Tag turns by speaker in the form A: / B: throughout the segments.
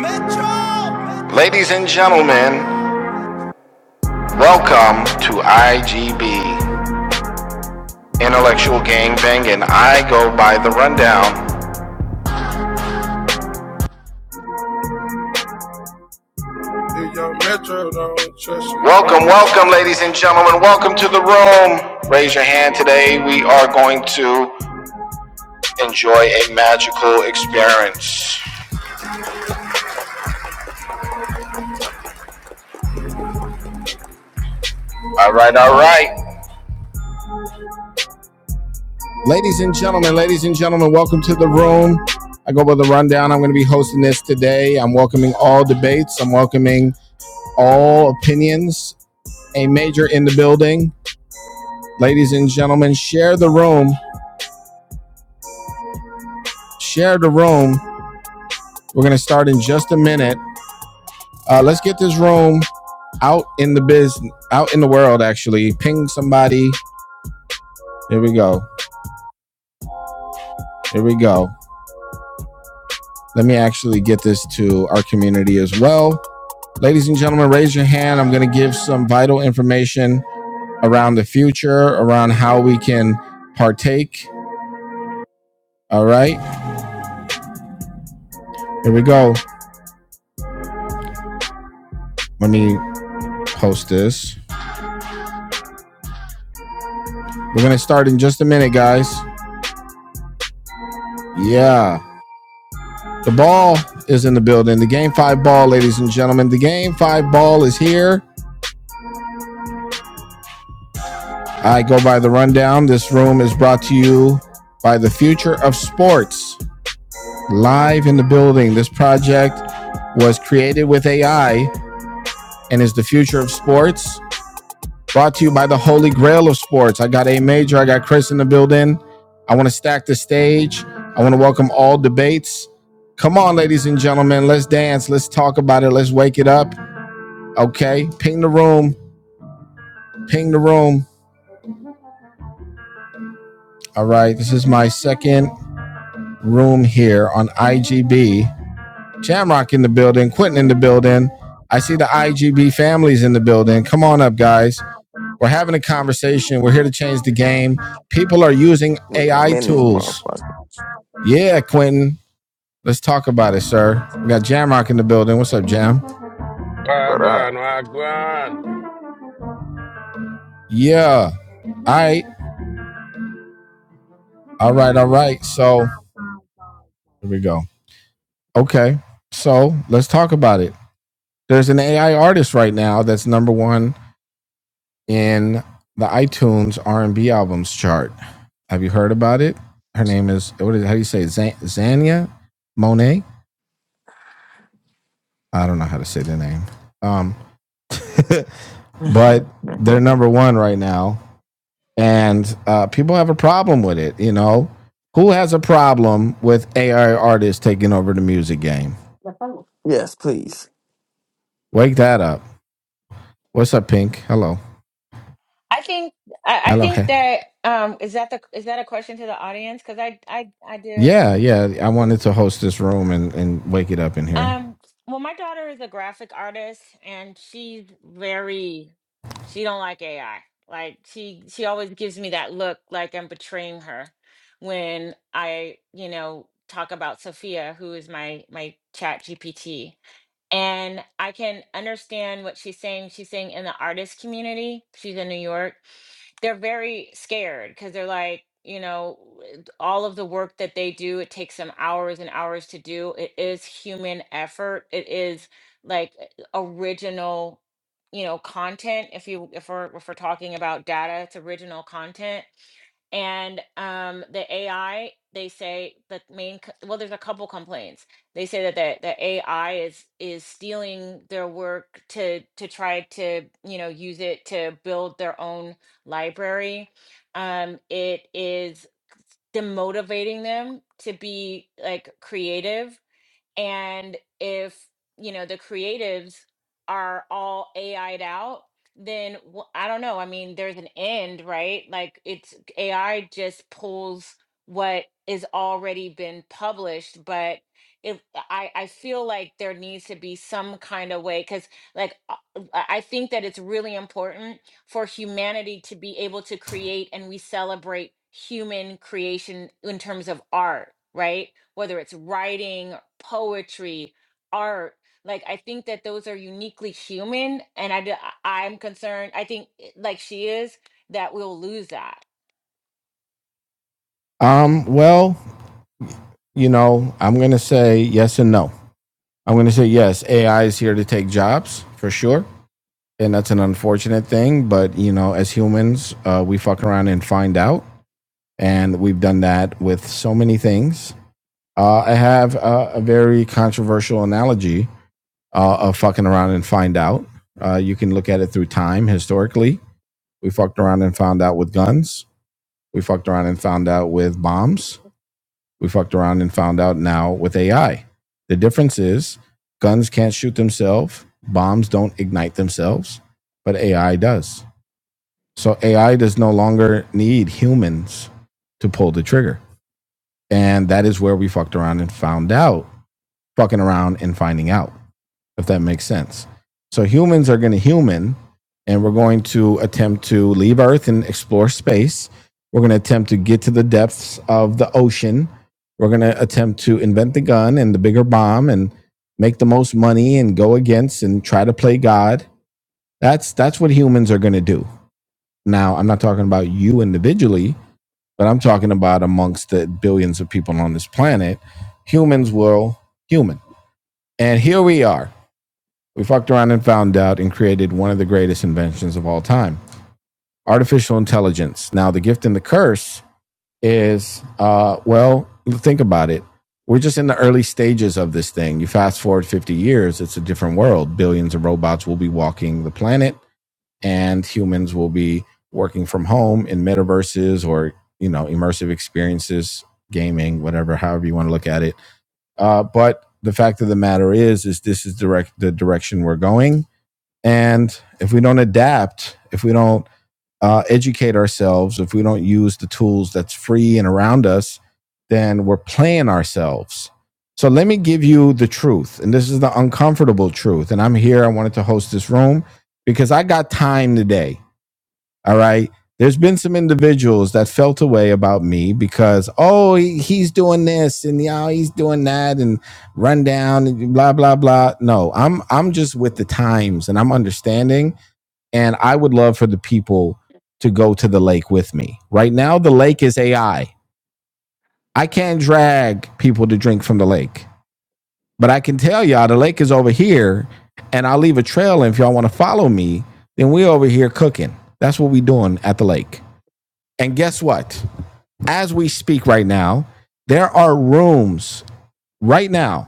A: Metro. Ladies and gentlemen, welcome to IGB, Intellectual Gangbang, and I go by the rundown. Welcome, welcome, ladies and gentlemen. Welcome to the room. Raise your hand today. We are going to enjoy a magical experience. All right, all right. Ladies and gentlemen, ladies and gentlemen, welcome to the room. I go by the rundown. I'm going to be hosting this today. I'm welcoming all debates. I'm welcoming all opinions. A major in the building. Ladies and gentlemen, share the room. Share the room. We're going to start in just a minute. Uh, let's get this room out in the biz, out in the world, actually. Ping somebody. Here we go. Here we go. Let me actually get this to our community as well. Ladies and gentlemen, raise your hand. I'm going to give some vital information around the future, around how we can partake. All right. Here we go. Let me post this. We're going to start in just a minute, guys. Yeah. The ball is in the building. The game five ball, ladies and gentlemen. The game five ball is here. I go by the rundown. This room is brought to you by the future of sports live in the building. This project was created with AI and is the future of sports. Brought to you by the Holy Grail of Sports. I got A Major. I got Chris in the building. I want to stack the stage. I want to welcome all debates. Come on, ladies and gentlemen. Let's dance. Let's talk about it. Let's wake it up. Okay. Ping the room. Ping the room. All right. This is my second room here on IGB. Shamrock in the building. Quentin in the building. I see the IGB families in the building. Come on up, guys. We're having a conversation. We're here to change the game.
B: Wait,
A: People are using
B: I'm
A: AI
B: in this
A: tools.
B: motherfucker.
A: Yeah, Quentin. Let's talk about it, sir. We got Jamrock in the building. What's up, Jam?
B: What
C: Wagwan,
B: up?
C: wagwan.
A: Yeah. All right. All right. All right. So here we go. Okay. So let's talk about it. There's an AI artist right now that's number one in the iTunes R&B albums chart. Have you heard about it? Her name is what is how do you say it? Zan- Zania Monet? I don't know how to say the name. Um, but
B: Mhm,
A: they're number one right now and uh, people have a problem with it. You know, who has a problem with AI artists taking over the music game?
B: mhm. yes, please.
A: Wake that up. What's up, Pink? Hello,
D: I think I, I
A: hello.
D: think
A: Hey.
D: that um is that the is that a question to the audience? Because I I I do. oh.
A: Yeah, yeah. I wanted to host this room and and wake it up in here.
D: Um. Well, my daughter is a graphic artist, and she's very she don't like AI. Like she she always gives me that look like I'm betraying her when I you know talk about Sophia, who is my my Chat GPT, and I can understand what she's saying. She's saying in the artist community. She's in New York they're very scared because they're like, you know, it- all of the work that they do, it takes them hours and hours to do. It is human effort. It is like uh, original, you know, content. If you if we're if we're talking about data, it's original content and um the AI they say the main c- well there's a couple complaints. They say that the, the AI is is stealing their work to to try to you know use it to build their own library. Um it is demotivating them to be like creative and if, you know, the creatives are all AI'd out, then wh- I don't know. I mean, there's an end, right? Like it's AI just pulls what is already been published, but if I, I feel like there needs to be some kind of way, because like uh, I I think that it's really important for humanity to be able to create and we celebrate human creation in terms of art, right? Whether it's writing, poetry, art, like I think that those are uniquely human and I d- I- I'm concerned, I think eh, like she is that we'll lose that.
A: Um, well, you know, I'm gonna say yes and no. I'm gonna say yes. AI is here to take jobs for sure, and that's an unfortunate thing. But you know, as humans, uh, we fuck around and find out. And we've done that with so many things. Uh, I have uh, a very controversial analogy uh, of fucking around and find out. Uh, you can look at it through time historically. We fucked around and found out with guns. We fucked around and found out with bombs. We fucked around and found out now with AI. The difference is guns can't shoot themselves, bombs don't ignite themselves, but AI does. So AI does no longer need humans to pull the trigger. And that is where we fucked around and found out fucking around and finding out, if that makes sense. So humans are going to human, and we're going to attempt to leave Earth and explore space. We're going to attempt to get to the depths of the ocean. We're going to attempt to invent the gun and the bigger bomb and make the most money and go against and try to play God. That's that's what humans are going to do. Now, I'm not talking about you individually, but I'm talking about amongst the billions of people on this planet. Humans will human. And here we are we fucked around and found out and created one of the greatest inventions of all time artificial intelligence. Now, the gift and the curse is, uh, well, think about it. We're just in the early stages of this thing. You fast forward 50 years, it's a different world. Billions of robots will be walking the planet, and humans will be working from home in metaverses or, you know, immersive experiences, gaming, whatever, however you want to look at it. Uh, but the fact of the matter is, is this is direct the direction we're going and if we don't adapt, if we don't uh, educate ourselves, if we don't use the tools that's free and around us, then we're playing ourselves. So let me give you the truth. And this is the uncomfortable truth. And I'm here. I wanted to host this room because I got time today. All right. There's been some individuals that felt away about me because, oh, he- he's doing this and yeah, he's doing that and run down and blah, blah, blah. No, I'm I'm just with the times and I'm understanding and I would love for the people to go to the lake with me. Right now, the lake is AI. I I can't drag people to drink from the lake, but I can tell y'all the lake is over here, and I'll leave a trail. And if y'all want to follow me, then we're over here cooking. That's what we're doing at the lake. And guess what? As we speak right now, there are rooms right now,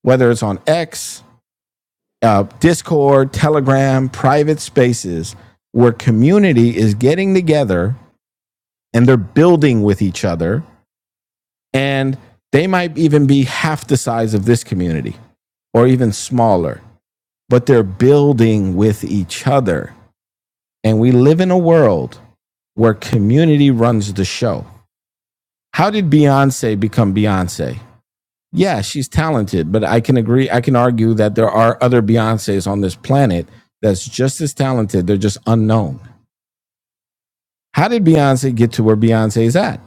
A: whether it's on X, uh, Discord, Telegram, private spaces, where community is getting together and they're building with each other. And they might even be half the size of this community or even smaller, but they're building with each other. And we live in a world where community runs the show. How did Beyonce become Beyonce? Yeah, she's talented, but I can agree, I can argue that there are other Beyoncés on this planet that's just as talented, they're just unknown. How did Beyonce get to where Beyonce is at?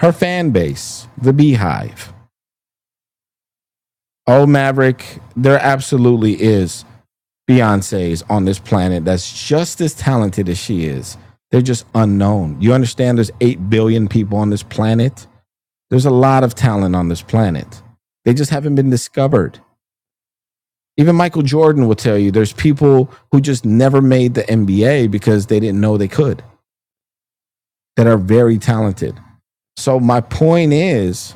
A: Her fan base, the beehive Oh, Maverick, there absolutely is Beyonce's on this planet that's just as talented as she is. They're just unknown. You understand there's 8 billion people on this planet? There's a lot of talent on this planet. They just haven't been discovered. Even Michael Jordan will tell you there's people who just never made the NBA because they didn't know they could that are very talented. So my point is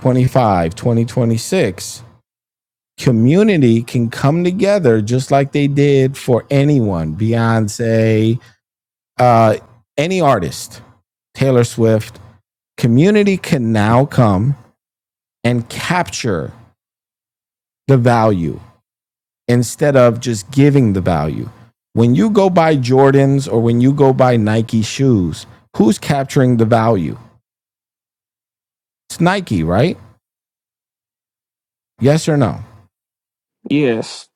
A: 25, 2026. community can come together just like they did for anyone beyonce uh, any artist taylor swift community can now come and capture the value instead of just giving the value when you go buy jordans or when you go buy nike shoes who's capturing the value it's nike right yes or no
B: Yes.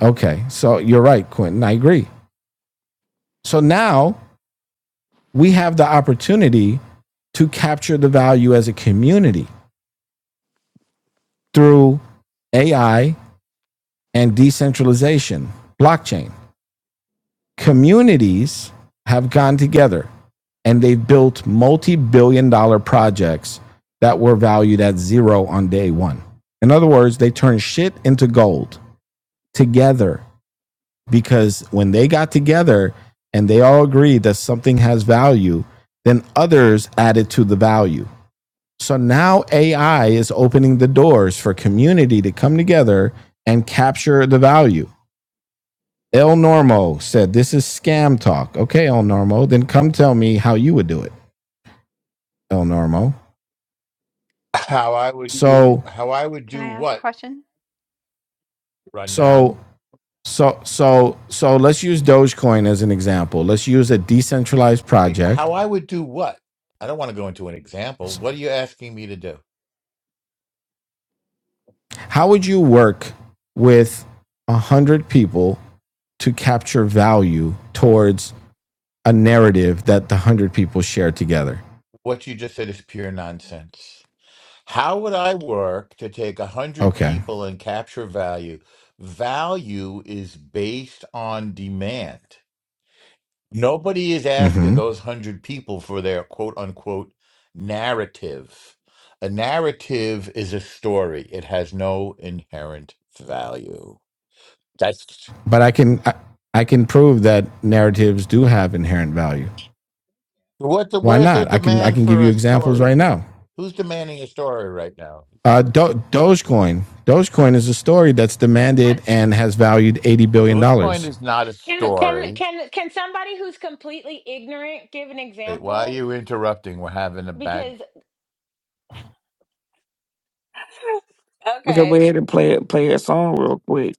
A: okay so you're right quentin i agree so now we have the opportunity to capture the value as a community through AI and decentralization, blockchain. Communities have gone together and they've built multi billion dollar projects that were valued at zero on day one. In other words, they turned shit into gold together because when they got together and they all agreed that something has value, then others added to the value So now AI is opening the doors for community to come together and capture the value. El Normo said, This is scam talk. Okay, El Normo, then come tell me how you would do it, El Normo.
E: How I would
F: Good.
E: do
A: So,
E: how I would
F: Can I
E: do
F: ask a
E: what
F: question?
E: rundown?
A: so, so, so, so let's use Dogecoin as an example. Let's use a decentralized
E: Wait,
A: project.
E: how I would do what? I don't want to go into an example. What are you asking me to do?
A: How would you work with a 100 people to capture value towards a narrative that the 100 people share together?
E: What you just said is pure nonsense. How would I work to take a hundred
A: Okay.
E: people and capture value? Value is based on demand. Nobody is asking
A: Mm-hmm.
E: those hundred people for their quote unquote narrative. A narrative is a story. It has no inherent value. That's
A: but I can I, I can prove that narratives do have inherent value.
E: what the
A: Why
E: where's the
A: not? I can I
E: demand
A: can give
E: for
A: you
E: a
A: examples right
E: story?
A: now.
E: Who's demanding a story right now?
A: Uh, Do- Dogecoin. Dogecoin is a story that's demanded and has valued eighty
E: Mm,
A: billion
E: Dogecoin
A: dollars.
E: is not a
D: Can can
E: story.
D: can can somebody who's completely ignorant give an
E: Wait, why are
D: example
E: you interrupting? We're having a back.
D: because
B: Look up
D: Okay.
B: ahead and play it play a song real quick.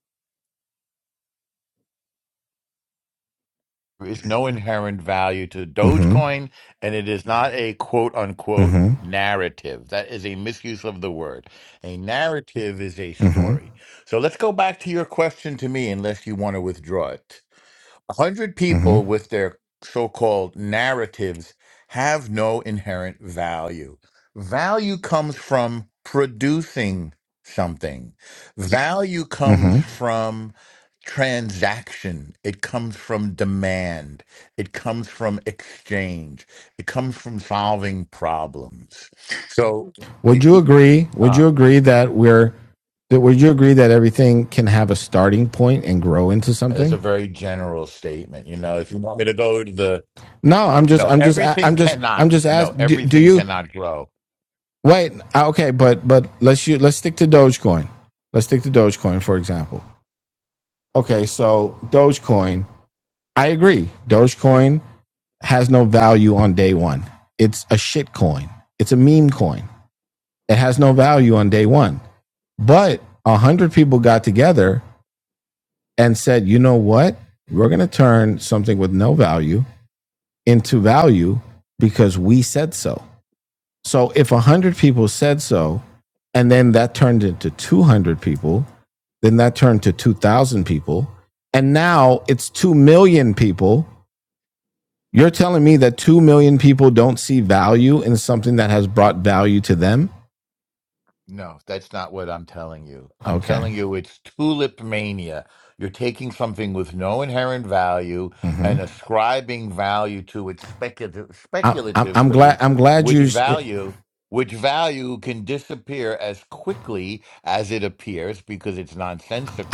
E: There is no inherent value to
A: Mm-hmm.
E: Dogecoin, and it is not a quote unquote
A: Mm-hmm.
E: narrative. That is a misuse of the word. A narrative is a
A: Mm-hmm.
E: story. So let's go back to your question to me, unless you want to withdraw it. 100
A: Mm-hmm.
E: people with their so called narratives have no inherent value. Value comes from producing something, value comes
A: Mm-hmm.
E: from transaction, it comes from demand, it comes from exchange, it comes from solving problems. So,
A: Would
E: it,
A: you
E: it-
A: agree? Would you
E: ah,
A: agree that we're that would you agree that everything can have a starting point and grow into
E: that's a
A: something?
E: very general statement. You know, if you want me to go to the
A: No, I'm just
E: No,
A: I'm just i
E: everything
A: I'm just I'm
E: cannot.
A: just
E: No,
A: asking. do, do
E: everything
A: you
E: cannot grow.
A: Wait, uh, okay, but but let's you let's stick to Dogecoin. Let's stick to Dogecoin, for example. Okay, so Dogecoin, I agree. Dogecoin has no value on day one. It's a shit coin. It's a meme coin. It has no value on day one. But a hundred people got together and said, you know what? We're gonna turn something with no value into value because we said so. So if 100 people said so, and then that turned into 200 people, then that turned to 2,000 people, and now it's 2 million people. You're telling me that 2 million people don't see value in something that has brought value to them?
E: No, that's not what I'm telling you. I'm
A: Okay.
E: telling you it's tulip mania. You're taking something with no inherent value
A: hmm
E: and ascribing value to it speculative,
A: I, I'm, I'm glad.
E: speculatively,
A: I'm glad
E: which
A: you.
E: value which value can disappear as quickly as it appears because it's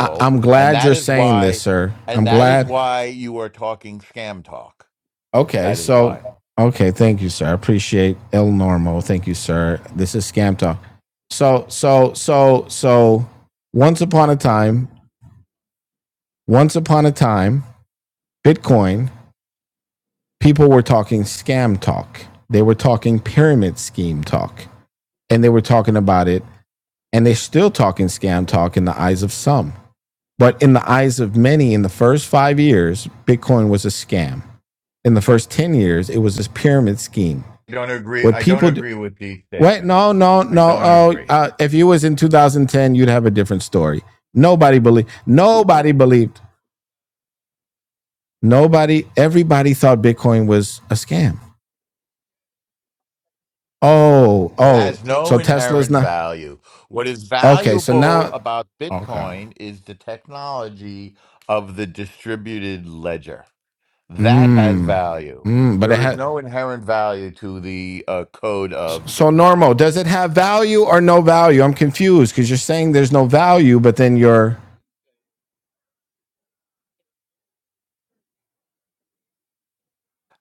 A: I, I'm
E: and
A: glad
E: that
A: you're
E: is
A: saying this,
E: why
A: sir.
E: and
A: I'm
E: that is
A: glad.
E: why you are talking scam talk.
A: Okay,
E: That is why.
A: so okay, thank you, sir. I appreciate El Normo. Thank you, sir. This is Scam Talk. So so so so once upon a time, once upon a time, Bitcoin, people were talking scam talk. They were talking pyramid scheme talk. And they were talking about it. And they're still talking scam talk in the eyes of some. But in the eyes of many, in the first five years, Bitcoin was a scam in the first 10 years, it was this pyramid scheme.
E: don't agree.
A: What
E: I don't
A: people do,
E: agree with these
A: Wait, no,
E: statements.
A: no,
E: I
A: no.
E: don't
A: Oh,
E: agree.
A: uh, if you was in 2010, you'd have a different story. Nobody believed. Nobody believed. Nobody. Everybody thought Bitcoin was a scam. Oh,
E: It
A: oh.
E: has no
A: So Tesla's
E: inherent
A: not.
E: value. What is
A: Okay. So
E: valuable
A: now,
E: about
A: Okay.
E: Bitcoin is the technology of the distributed ledger. That has
A: mm,
E: value.
A: mm, but it
E: There is
A: had
E: no inherent value to the uh, code of
A: So
E: Bitcoin.
A: normal. Does it have value or no value? I'm confused because you're saying there's no value, but then you're.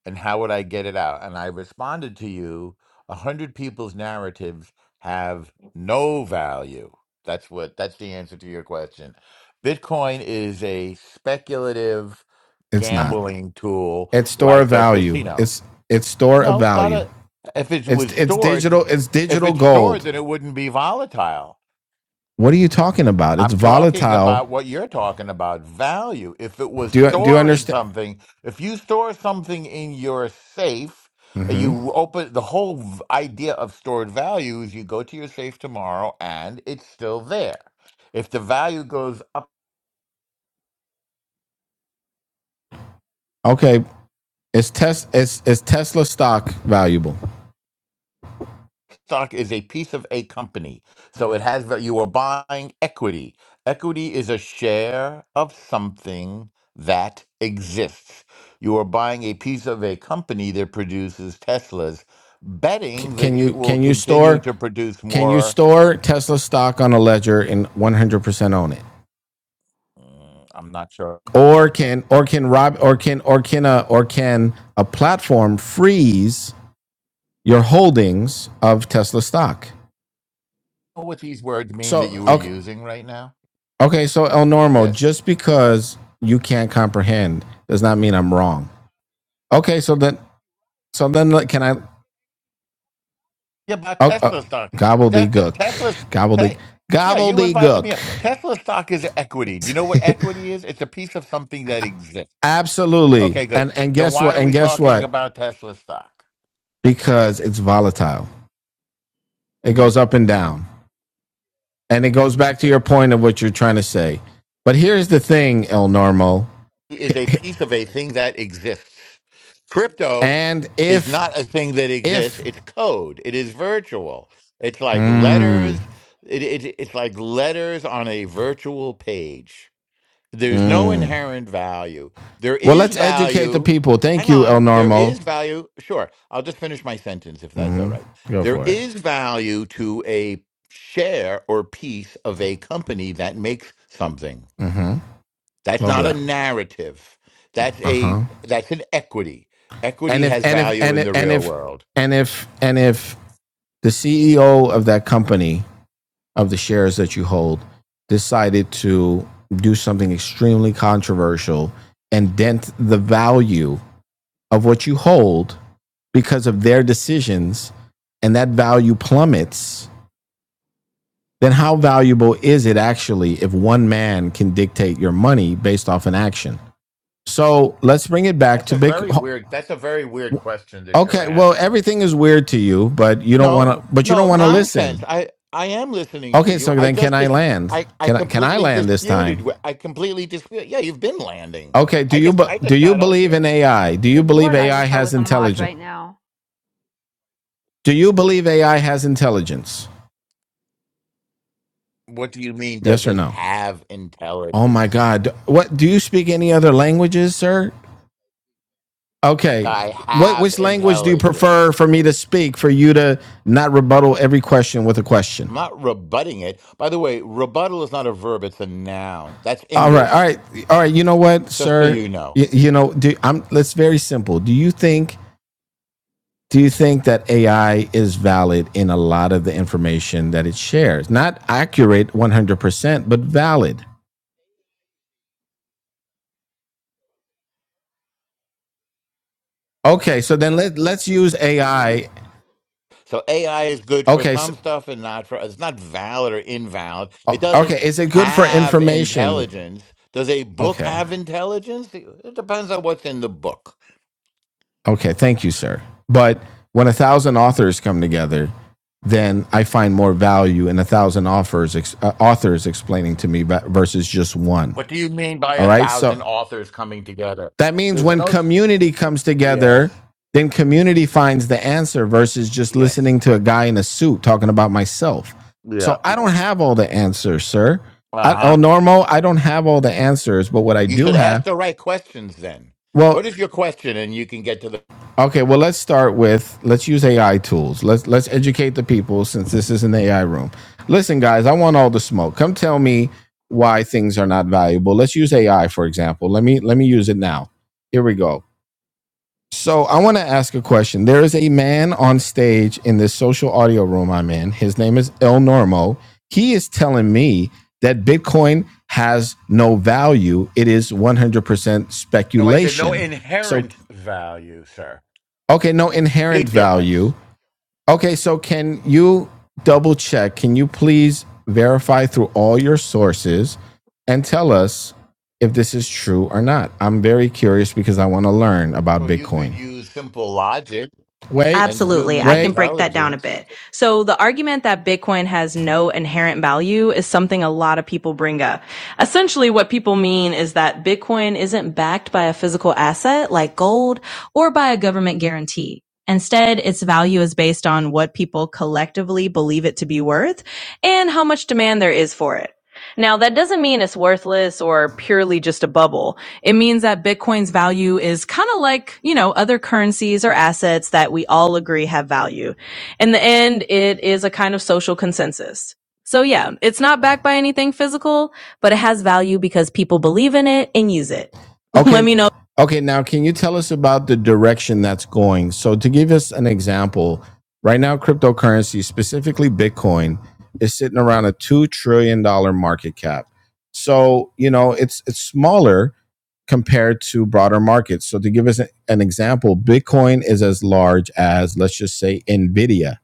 E: and how would I get it out? And I responded to you, a hundred people's narratives have no value. That's what that's the answer to your question. Bitcoin is a speculative
A: It's not.
E: gambling tool
A: It's store of
E: like a
A: value.
E: casino.
A: It's it's store of
E: No, it's not
A: value.
E: a if it
A: It's
E: was
A: it's
E: stored
A: digital. It's
E: if
A: digital
E: it's
A: gold.
E: stored then it wouldn't be volatile.
A: What are you talking about? It's
E: I'm talking
A: volatile.
E: about what you're talking about value. If it was
A: Do you, do you
E: storing
A: understand?
E: something, if you store something in your safe, uh,
A: hmm
E: you open the whole v- idea of stored value is you go to your safe tomorrow and it's still there. If the value goes up.
A: Okay, is Tes is is Tesla stock valuable?
E: stock is a piece of a company. So it has that you are buying equity. Equity is a share of something that exists. You are buying a piece of a company that produces Teslas,
A: C-
E: betting that
A: can
E: it
A: you
E: will
A: can you
E: continue
A: store
E: to produce
A: can you
E: more.
A: store Tesla stock on a ledger and 100% own it?
E: Mm, I'm not sure
A: Or can or can Rob or can or can a or can a platform freeze your holdings of Tesla stock?
E: Know what these words mean that you
A: So
E: were
A: okay
E: using right now.
A: okay so El Normo
E: Yes.
A: just because you can't comprehend does not mean I'm wrong. Okay, so then so then like, can I
E: Yeah, about
A: Oh, oh,
E: Tesla stock. Stec-
A: gobbledygook,
E: Tesla.
A: gobbledygook,
E: te- yeah, you invited me
A: gobbledygook.
E: up. Tesla stock is equity. Do you know what equity is? It's a piece of something that exists.
A: Absolutely.
E: Okay, good.
A: And and
E: Then
A: guess
E: why
A: what?
E: are
A: And
E: we
A: guess
E: talking
A: what?
E: about Tesla stock?
A: Because it's volatile. It goes up and down. And it goes back to your point of what you're trying to say. But here's the thing, El Normo.
E: It Is a piece of a thing that exists. Crypto
A: and
E: is
A: if
E: not a thing that exists.
A: if
E: It's code. It is virtual. It's like
A: mm,
E: letters. It, it, it's like letters on a virtual page. There's no
A: mm.
E: inherent value. There
A: well,
E: is
A: let's educate the
E: value.
A: people. Thank
E: Hang
A: you, El
E: on. There
A: Normo.
E: is value. Sure. I'll just finish my sentence if that's all
A: hmm
E: right.
A: Go
E: There
A: for it.
E: is value to a share or piece of a company that makes something.
A: hmm
E: That's
A: Love
E: not a
A: that.
E: narrative. That's
A: Uh huh.
E: a that's an equity.
A: And
E: Equity
A: if
E: has
A: and if
E: value
A: and
E: in
A: if
E: the
A: and
E: real
A: if
E: world.
A: and if and if the CEO of that company, of the shares that you hold, decided to do something extremely controversial and dent the value of what you hold because of their decisions and that value plummets, then how valuable is it actually if one man can dictate your money based off an action? So let's bring it back
E: That's
A: to
E: a
A: big.
E: very weird that's a very weird question that you're
A: Okay, well,
E: asking.
A: everything is weird to you, but you don't want
E: No,
A: to. But you don't
E: no
A: want to listen.
E: nonsense. I I am listening to
A: Okay,
E: you.
A: so
E: I
A: then can
E: just
A: I
E: dis-
A: land?
E: I I
A: Can I can I
E: completely
A: land this
E: disputed.
A: time?
E: wh- I completely dispute. Yeah, you've been landing.
A: Okay, do
E: I
A: you
E: just I
A: do
E: just
A: you
E: got up
A: believe in
E: there.
A: AI? Do you
F: Good
A: believe
F: Lord, I
A: AI
F: wish I
A: has
F: was a mod
A: intelligence?
F: right now.
A: Do you believe AI has intelligence?
E: What do you mean? Does
A: Yes or
E: it
A: no?
E: have
A: Oh my
E: intelligence?
A: god. What do you speak any other languages, sir? Okay.
E: I
A: What
E: have
A: which language do you
E: intelligence.
A: prefer for me to speak for you to not rebuttal every question with a question?
E: I'm not rebutting it. By the way, rebuttal is not a verb; it's a noun. That's
A: All right. All
E: English.
A: right. All right, you know what,
E: Just so
A: sir?
E: you know.
A: Y- you know, do, I'm let very simple. Do you think do you think that AI is valid in a lot of the information that it shares? Not accurate 100%, but valid. Okay, so then let, let's use AI.
E: So AI is good for
A: Okay, so,
E: some stuff and not for it's not valid or invalid. It
A: uh,
E: doesn't
A: okay, is it good for
E: have
A: information?
E: intelligence. Does a book
A: Okay.
E: have intelligence? It depends on what's in the book.
A: Okay, thank you, sir. But when a thousand authors come together, then I find more value in a thousand authors ex, uh, authors explaining to me versus just one.
E: What do you mean by
A: All
E: a
A: right, so
E: thousand authors coming together?
A: That means
E: There's
A: when
E: no s-
A: community comes together,
E: yes.
A: then community finds the answer versus just
E: Yes.
A: listening to a guy in a suit talking about myself.
E: Yeah.
A: So I don't have all the answers, sir. I, El
E: Uh-huh.
A: Normo, I don't have all the answers, but what I
E: You
A: do
E: should ask
A: have,
E: the right questions then. What
A: well,
E: is your question and you can get to the
A: okay, well let's start with let's use AI tools. Let's let's educate the people since this is an AI room. Listen, guys, I want all the smoke. Come tell me why things are not valuable. Let's use AI for example. Let me let me use it now. Here we go. So I want to ask a question. There is a man on stage in this social audio room I'm in. His name is El Normo. He is telling me that Bitcoin has no value. It is 100%
E: No, I said no
A: speculation. So
E: inherent value, sir.
A: okay, no inherent
E: Big difference.
A: value. Okay, so can you double check? Can you please verify through all your sources and tell us if this is true or not? I'm very curious because I want to learn about
E: So you could
A: Bitcoin.
E: use simple logic
A: Wait,
E: and
A: Absolutely. Wait.
E: human
A: I can break that down a
E: intelligence,
A: bit. So the argument that Bitcoin has no inherent value is something a lot of people bring up. Essentially, what people mean is that Bitcoin isn't backed by a physical asset like gold or by a government guarantee. Instead, its value is based on what people collectively believe it to be worth and how much demand there is for it. Now, that doesn't mean it's worthless or purely just a bubble. It means that Bitcoin's value is kind of like, you know, other currencies or assets that we all agree have value. In the end, it is a kind of social consensus. So yeah, it's not backed by anything physical, but it has value because people believe in it and use it. Okay. Let Okay. me know. Okay. Now, can you tell us about the direction that's going? So, to give us an example, right now, cryptocurrency, specifically Bitcoin, is sitting around a two trillion dollar market cap. So you know it's it's smaller, compared to broader markets. So to give us an example, Bitcoin is as large as let's just say Nvidia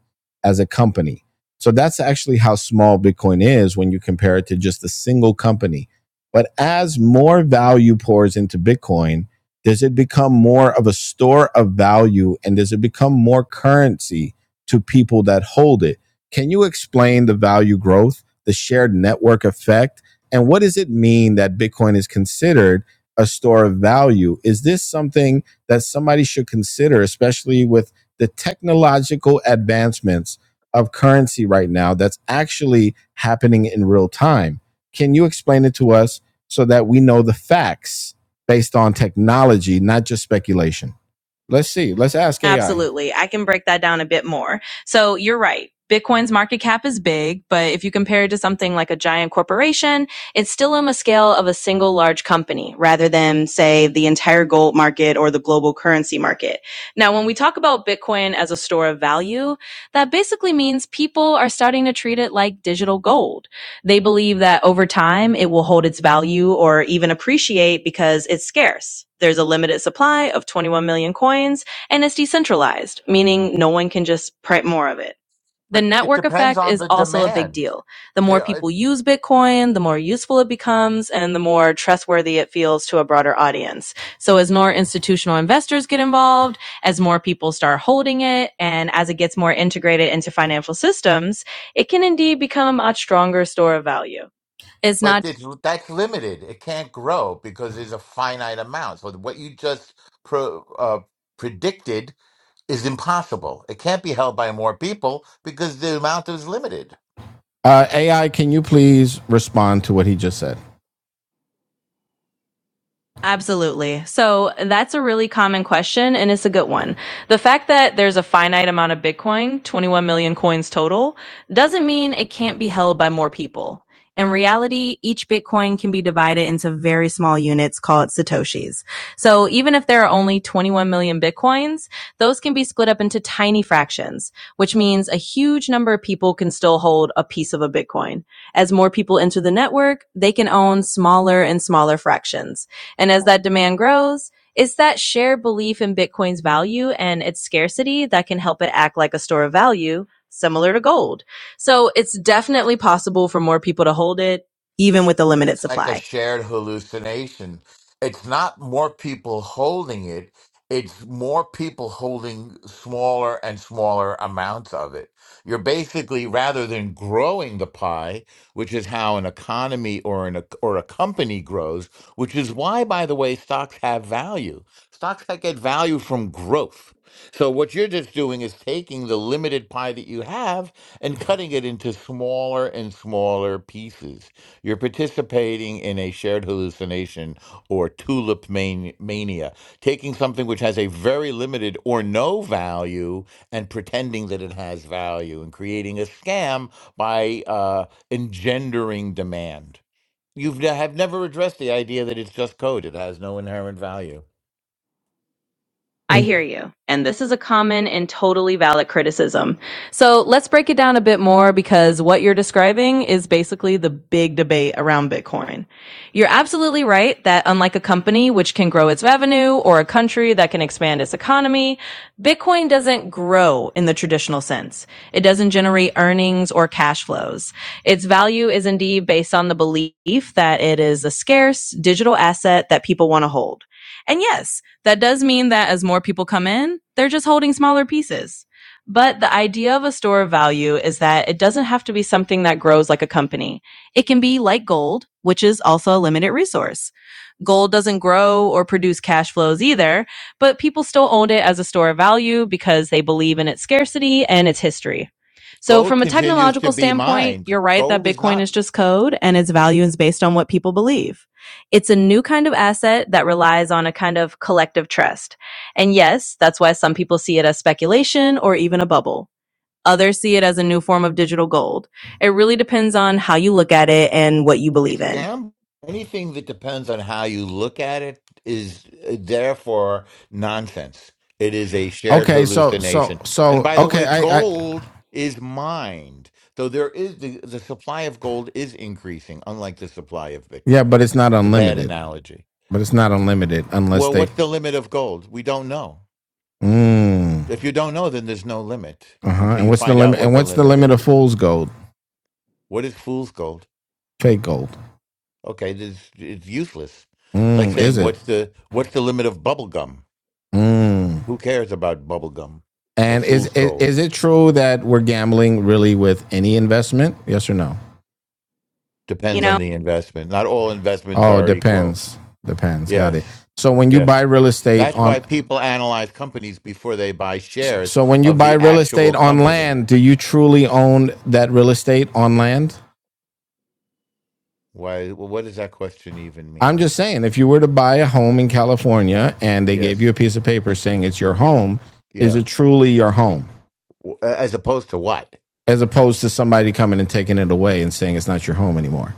A: as a company. So that's actually how small Bitcoin is when you compare it to just a single company. But as more value pours into Bitcoin, does it become more of a store of value and does it become more currency to people that hold it? Can you explain the value growth, the shared network effect, and what does it mean that Bitcoin is considered a store of value. Is this something that somebody should consider, especially with the technological advancements of currency right now that's actually happening in real time? Can you explain it to us so that we know the facts based on technology, not just speculation? Let's see. Let's ask AI. Absolutely. I can break that down a bit more. So you're right. Bitcoin's market cap is big, but if you compare it to something like a giant corporation, it's still on the scale of a single large company rather than, say, the entire gold market or the global currency market. Now, when we talk about Bitcoin as a store of value, that basically means people are starting to treat it like digital gold. They believe that over time it will hold its value or even appreciate because it's scarce. There's a limited supply of 21 million coins and it's decentralized, meaning no one can just print more of it. The
E: but it
A: network
E: depends
A: effect
E: on
A: is
E: the
A: also a big
E: demand.
A: deal. The more
E: It- it-
A: people use Bitcoin, the more useful it becomes and the more trustworthy it feels to a broader audience. So as more institutional investors get involved, as more people start holding it, and as it gets more integrated into financial systems, it can indeed become a stronger store of value. It's
E: but
A: not
E: it's, that's limited. It can't grow because there's a finite amount. So what you just pro, uh, predicted is impossible. It can't be held by more people because the amount is limited.
A: Uh, AI, can you please respond to what he just said? Absolutely. So that's a really common question and it's a good one. The fact that there's a finite amount of Bitcoin, 21 million coins total, doesn't mean it can't be held by more people. In reality, each Bitcoin can be divided into very small units called Satoshis. So even if there are only 21 million Bitcoins, those can be split up into tiny fractions, which means a huge number of people can still hold a piece of a Bitcoin. As more people enter the network, they can own smaller and smaller fractions. And as that demand grows, it's that shared belief in Bitcoin's value and its scarcity that can help it act like a store of value, similar to gold. So it's definitely possible for more people to hold it, even with a limited
E: It's like a
A: supply.
E: shared hallucination. It's not more people holding it, it's more people holding smaller and smaller amounts of it. You're basically, rather than growing the pie, which is how an economy or, an, or a company grows, which is why, by the way, stocks have value. Stocks that get value from growth. So, what you're just doing is taking the limited pie that you have and cutting it into smaller and smaller pieces you're participating in a shared hallucination or tulip man- mania, taking something which has a very limited or no value and pretending that it has value and creating a scam by uh, engendering demand. You've ne- have never addressed the idea that it's just code, it has no inherent value.
A: I hear you. And this is a common and totally valid criticism. So let's break it down a bit more because what you're describing is basically the big debate around Bitcoin. You're absolutely right that unlike a company which can grow its revenue or a country that can expand its economy, Bitcoin doesn't grow in the traditional sense. It doesn't generate earnings or cash flows. Its value is indeed based on the belief that it is a scarce digital asset that people want to hold. And yes, that does mean that as more people come in, they're just holding smaller pieces. But the idea of a store of value is that it doesn't have to be something that grows like a company. It can be like gold, which is also a limited resource. Gold doesn't grow or produce cash flows either, but people still own it as a store of value because they believe in its scarcity and its history. So
E: Gold
A: from a
E: continues to
A: technological
E: be
A: standpoint,
E: mined.
A: you're right that
E: Gold is
A: Bitcoin
E: not.
A: is just code and its value is based on what people believe. It's a new kind of asset that relies on a kind of collective trust. And yes, that's why some people see it as speculation or even a bubble. Others see it as a new form of digital gold. It really depends on how you look at it and what you believe
E: It's
A: in.
E: gambling. Anything that depends on how you look at it is uh, therefore nonsense. It is a shared
A: Okay, so so
E: hallucination. And
A: so
E: by the
A: okay,
E: way,
A: I I
E: gold is mined. So there is the, the supply of gold is increasing, unlike the supply of
A: yeah,
E: Bitcoin.
A: but it's not
E: It's a bad
A: unlimited.
E: analogy.
A: But it's not unlimited unless
E: Well,
A: they
E: what's the limit of gold? We don't know.
A: mm.
E: If you don't know, then there's no limit
A: Uh-huh.
E: until
A: And
E: you
A: what's the
E: find out
A: limit
E: what
A: and
E: the
A: what's the
E: limit
A: limit of
E: is.
A: fool's gold?
E: What is fool's gold?
A: Fake gold.
E: Okay, this it's useless. It's like
A: Mm, is
E: saying,
A: it?
E: what's the what's the limit of bubble gum?
A: Mm.
E: Who cares about bubble gum or
A: And is,
E: fool's
A: is
E: gold?
A: is it true that we're gambling really with any investment? Yes or no? You
E: Depends
A: know,
E: on the investment. Not all investments
A: Oh,
E: are equal.
A: depends. Depends. Got it.
E: Yes,
A: So when you buy
E: yes.
A: real estate
E: That's
A: on
E: why people analyze companies before they buy shares
A: so when you
E: of
A: buy
E: the
A: real estate
E: actual
A: on
E: company.
A: land, do you truly own that real estate on land?
E: Why? Well, what does that question even
A: I'm
E: mean?
A: just saying, if you were to buy a home in California and they gave you
E: Yes,
A: a piece of paper saying it's your home, is
E: yeah.
A: it truly your home?
E: W- As opposed to what?
A: As opposed to somebody coming and taking it away and saying it's not your home anymore.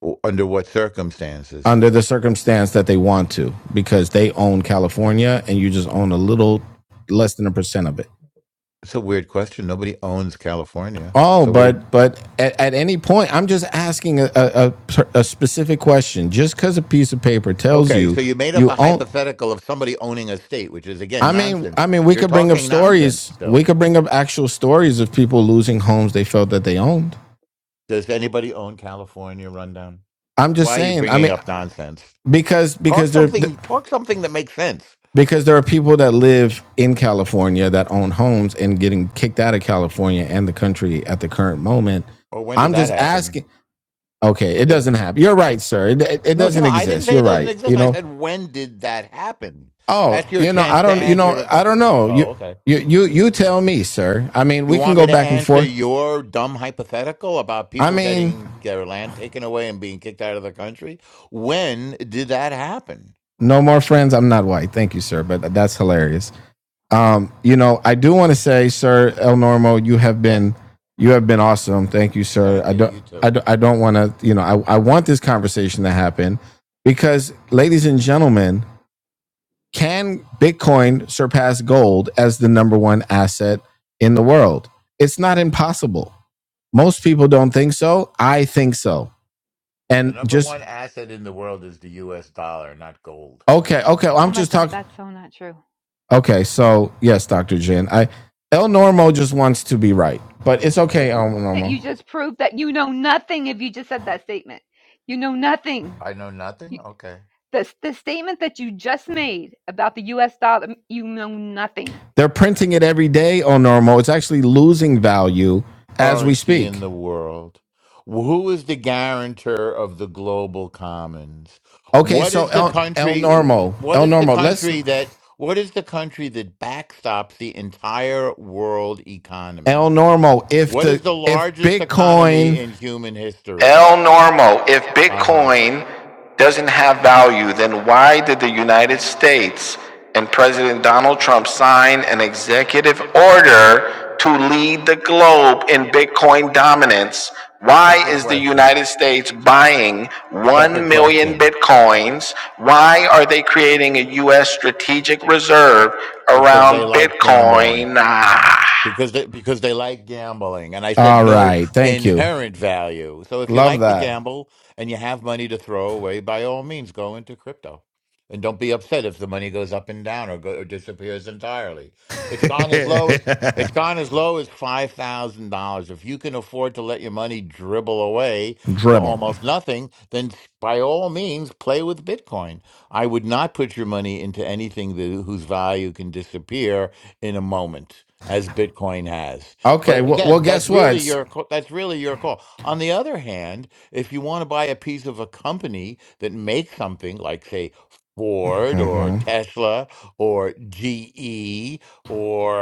E: W- Under what circumstances?
A: under the circumstance that they want to because they own California and you just own a little less than a percent of it.
E: It's a weird question. Nobody owns California,
A: Oh,
E: so what? do you?
A: but but at, at any point, I'm just asking a, a, a a specific question. Just because a piece of paper tells
E: Okay,
A: you
E: so you made up
A: you
E: a
A: own,
E: hypothetical of somebody owning a state, which is again
A: I mean,
E: nonsense.
A: I mean, we
E: You're
A: could bring up
E: talking nonsense
A: stories. We
E: still.
A: could bring up actual stories of people losing homes they felt that they owned.
E: Does anybody own California rundown?
A: I'm
E: Why
A: just
E: are you
A: saying. I
E: bringing
A: mean,
E: up nonsense?
A: because
E: Talk
A: because they're
E: something. Talk something that makes sense.
A: because there are people that live in California that own homes and getting kicked out of California and the country at the current moment.
E: Or when did
A: I'm
E: that
A: just
E: happen?
A: asking. Okay,
E: When
A: it
E: did?
A: doesn't happen. You're right, sir. It, it,
E: No, no,
A: doesn't
E: I didn't
A: exist.
E: say
A: You're
E: it doesn't
A: right.
E: exist.
A: You
E: I
A: know.
E: said when did that happen?
A: Oh,
E: That's your
A: you know.
E: chance
A: I
E: to
A: don't. You
E: answer
A: know.
E: a
A: I
E: question.
A: don't know.
E: Oh,
A: You.
E: okay.
A: You. You. You tell me, sir. I mean,
E: You
A: we can
E: want
A: go
E: me to
A: back and
E: answer
A: forth.
E: your dumb hypothetical about
A: I
E: people
A: mean,
E: getting their land taken away and being kicked out of the country? When did that happen?
A: no more friends. I'm not white. Thank you, sir. But that's hilarious. Um, you know, I do want to say, sir El Normo, you have
E: Yes.
A: been you have been awesome. Thank you, sir.
E: Thank
A: I
E: you.
A: don't
E: You
A: I
E: too.
A: don't, I don't want to, you know, I, I want this conversation to happen because ladies and gentlemen, can Bitcoin surpass gold as the number one asset in the world? It's not impossible. Most people don't think so. I think so.
E: The
A: And
E: number
A: just
E: one asset in the world is the US dollar, not gold.
A: okay, okay, well,
F: Oh
A: I'm
F: my
A: just talking
F: God, that's so not true.
A: Okay, so yes, Dr. Jin. I El Normo just wants to be right. But it's okay, El Normo.
F: You just proved that you know nothing if you just said that statement. You know nothing.
E: I know nothing?
F: You,
E: Okay.
F: the, the statement that you just made about the US dollar, you know nothing.
A: They're printing it every day, El Normo. It's actually losing value as we
E: Currency in
A: speak.
E: the world. Who is the guarantor of the global commons?
A: Okay,
E: What
A: so
E: is the
A: El El
E: country
A: Normo.
E: what
A: El
E: is the
A: Normo, let's
E: country that what is the country that backstops the entire world
A: El
E: economy?
A: Normo, if
E: What
A: the
E: is the
A: if
E: largest
A: Bitcoin
E: economy in human history?
A: El Normo, if
E: Uh huh.
A: Bitcoin doesn't have value, then why did the United States and President Donald Trump sign an executive order to lead the globe in Bitcoin dominance? Why
E: Separate
A: is the
E: question.
A: United States buying 1
E: Separate
A: million
E: question
A: Bitcoins? Why are they creating a U.S. strategic reserve
E: because they
A: around
E: like gambling.
A: Bitcoin? Ah.
E: because they, because they like gambling and i said
A: All
E: no
A: right. Thank you.
E: inherent value so if you
A: Love
E: like to
A: that.
E: gamble and you have money to throw away by all means go into crypto and don't be upset if the money goes up and down or, go, or disappears entirely it's gone as low as it's gone as low as $5000 if you can afford to let your money dribble away to
A: Dribble.
E: almost nothing then by all means play with bitcoin i would not put your money into anything that, whose value can disappear in a moment as Bitcoin has.
A: Okay.
E: But
A: Well, well
E: again, that's
A: guess
E: really
A: what?
E: your co- that's really your call. On the other hand, if you want to buy a piece of a company that makes something like say Ford
A: Mm
E: or Tesla or GE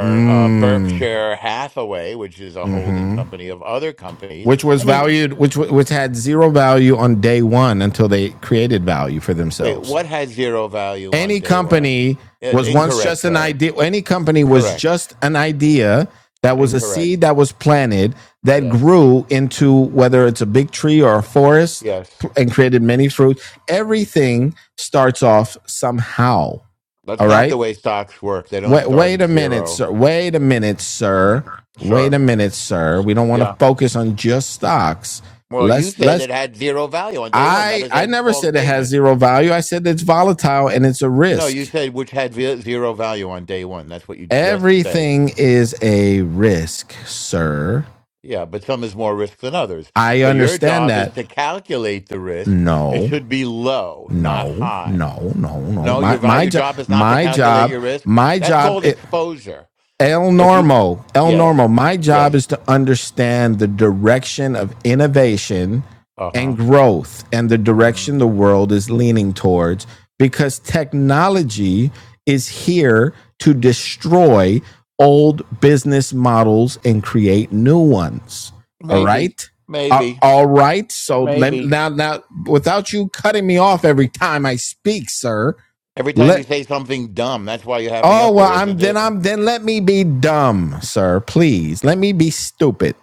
A: hmm.
E: uh,
A: Mm
E: Berkshire Hathaway, which is a
A: mm
E: holding
A: hmm.
E: company of other companies,
A: Which
E: I
A: was
E: mean,
A: valued, which which had zero value on day one until they created value for
E: wait,
A: themselves.
E: what has zero value on
A: Any
E: day one?
A: company
E: I-
A: was once
E: incorrect,
A: just an
E: sir.
A: idea. Any company was
E: Correct.
A: just an idea that was a seed
E: Incorrect.
A: that was planted that
E: Yes.
A: grew into whether it's a big tree or a forest
E: Yes.
A: and created many fruit. Everything starts off somehow.
E: That's
A: All
E: not
A: right.
E: the way stocks work. They don't
A: Wait,
E: start
A: wait
E: at
A: a minute,
E: zero.
A: sir. Wait a minute,
E: Mm,
A: sir. Wait
E: sure.
A: a minute, sir. We don't want to
E: Yeah.
A: focus on just stocks.
E: Well, you
A: Let's
E: said
A: let's.
E: it had zero value on day one. That
A: I
E: is
A: I
E: a
A: never
E: false
A: said it has
E: statement.
A: zero value. I said it's volatile and it's a
E: No, you
A: risk.
E: said which had ve- zero value on day one. That's what you just said.
A: Everything is a risk, sir.
E: Yeah, but some is more risk than others.
A: I
E: So your
A: understand
E: job is
A: that.
E: to calculate the risk. It
A: No,
E: should be low, not
A: no,
E: high.
A: no, no, no.
E: No,
A: My
E: your va-
A: my
E: your
A: job,
E: job is not to
A: my
E: calculate
A: job,
E: your risk.
A: my
E: That's called
A: job.
E: exposure.
A: El
E: If you,
A: Normo, El
E: yes,
A: Normo, my
E: yes,
A: job is to understand the direction of innovation
E: uh
A: and
E: huh,
A: growth and the
E: hmm
A: direction the world is leaning towards because technology is here to destroy old business models and create new ones. All
E: maybe,
A: right? Uh,
E: maybe.
A: All right. So let,
E: Maybe.
A: now, now, without you cutting me off every time I speak, sir,
E: Every time
A: Let.
E: you say something dumb, that's why you have me
A: Oh
E: up
A: well,
E: here,
A: I'm
E: isn't
A: then
E: it?
A: I'm then let me be dumb, sir. Please let me be stupid.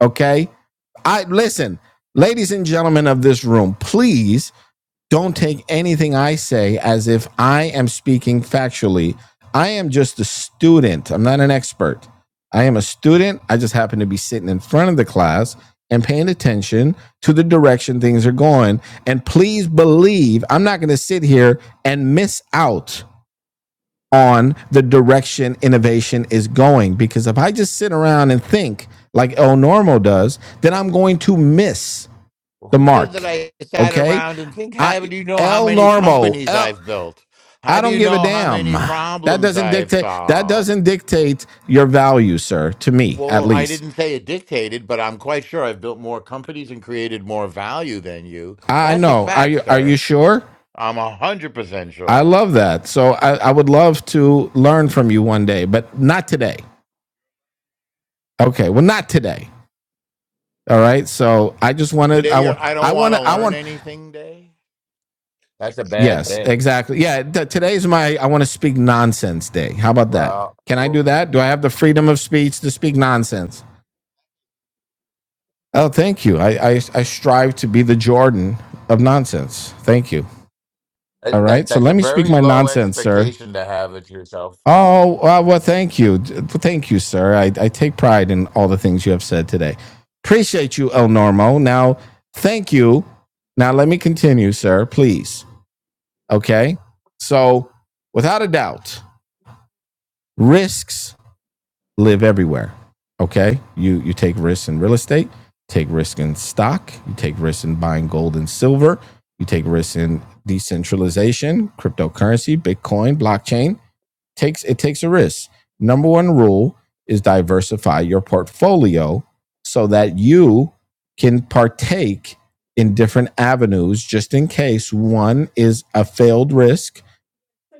A: Okay. I listen, ladies and gentlemen of this room. Please don't take anything I say as if I am speaking factually. I am just a student. I'm not an expert. I am a student. I just happen to be sitting in front of the class and paying attention to the direction things are going. And please believe I'm not going to sit here and miss out on the direction innovation is going. Because if I just sit around and think like El Normo does, then I'm going to miss
E: Well,
A: the
E: who said that
A: mark.
E: I sat
A: Okay.
E: around and think, how
A: I
E: do you know how
A: El
E: many
A: Normo,
E: companies
A: El,
E: I've built? How
A: I
E: do
A: don't
E: you
A: give a
E: know how
A: damn.
E: many
A: That
E: problems
A: doesn't
E: I've
A: dictate that
E: solved?
A: doesn't dictate your value, sir, to me at
E: Well, I
A: least.
E: didn't say it dictated, but I'm quite sure I've built more companies and created more value than you.
A: I
E: That's a
A: know. Are
E: fact,
A: you are you
E: sir.
A: sure?
E: I'm 100%
A: I
E: sure.
A: love that. So I, I would love to learn from you one day, but not today. Okay. Well, not today. All right. So I just want to, I
E: Today,
A: want,
E: you're, I
A: I
E: don't want
A: want
E: to
A: to, I
E: learn
A: want,
E: anything day. That's a bad
A: yes,
E: day.
A: exactly. Yeah. T- today's my, I want to speak nonsense day. How about that? Can I
E: Well,
A: do that? Do I have the freedom of speech to speak nonsense? Oh, thank you. I, I, I strive to be the Jordan of nonsense. Thank you.
E: That
A: All
E: that-
A: right. So
E: that's a
A: let me speak
E: very
A: my
E: low
A: nonsense, sir.
E: expectation to have of yourself.
A: Oh, uh, well, thank you. D- well, Thank you, sir. I, I take pride in all the things you have said today. Appreciate you, El Normo. Now, thank you. Now, let me continue, sir, please. Okay. So without a doubt, risks live everywhere. Okay. You you take risks in real estate, take risk in stock, you take risks in buying gold and silver, you take risks in decentralization, cryptocurrency, Bitcoin, blockchain. Takes it takes a risk. Number one rule is diversify your portfolio so that you can partake in different avenues just in case one is a failed risk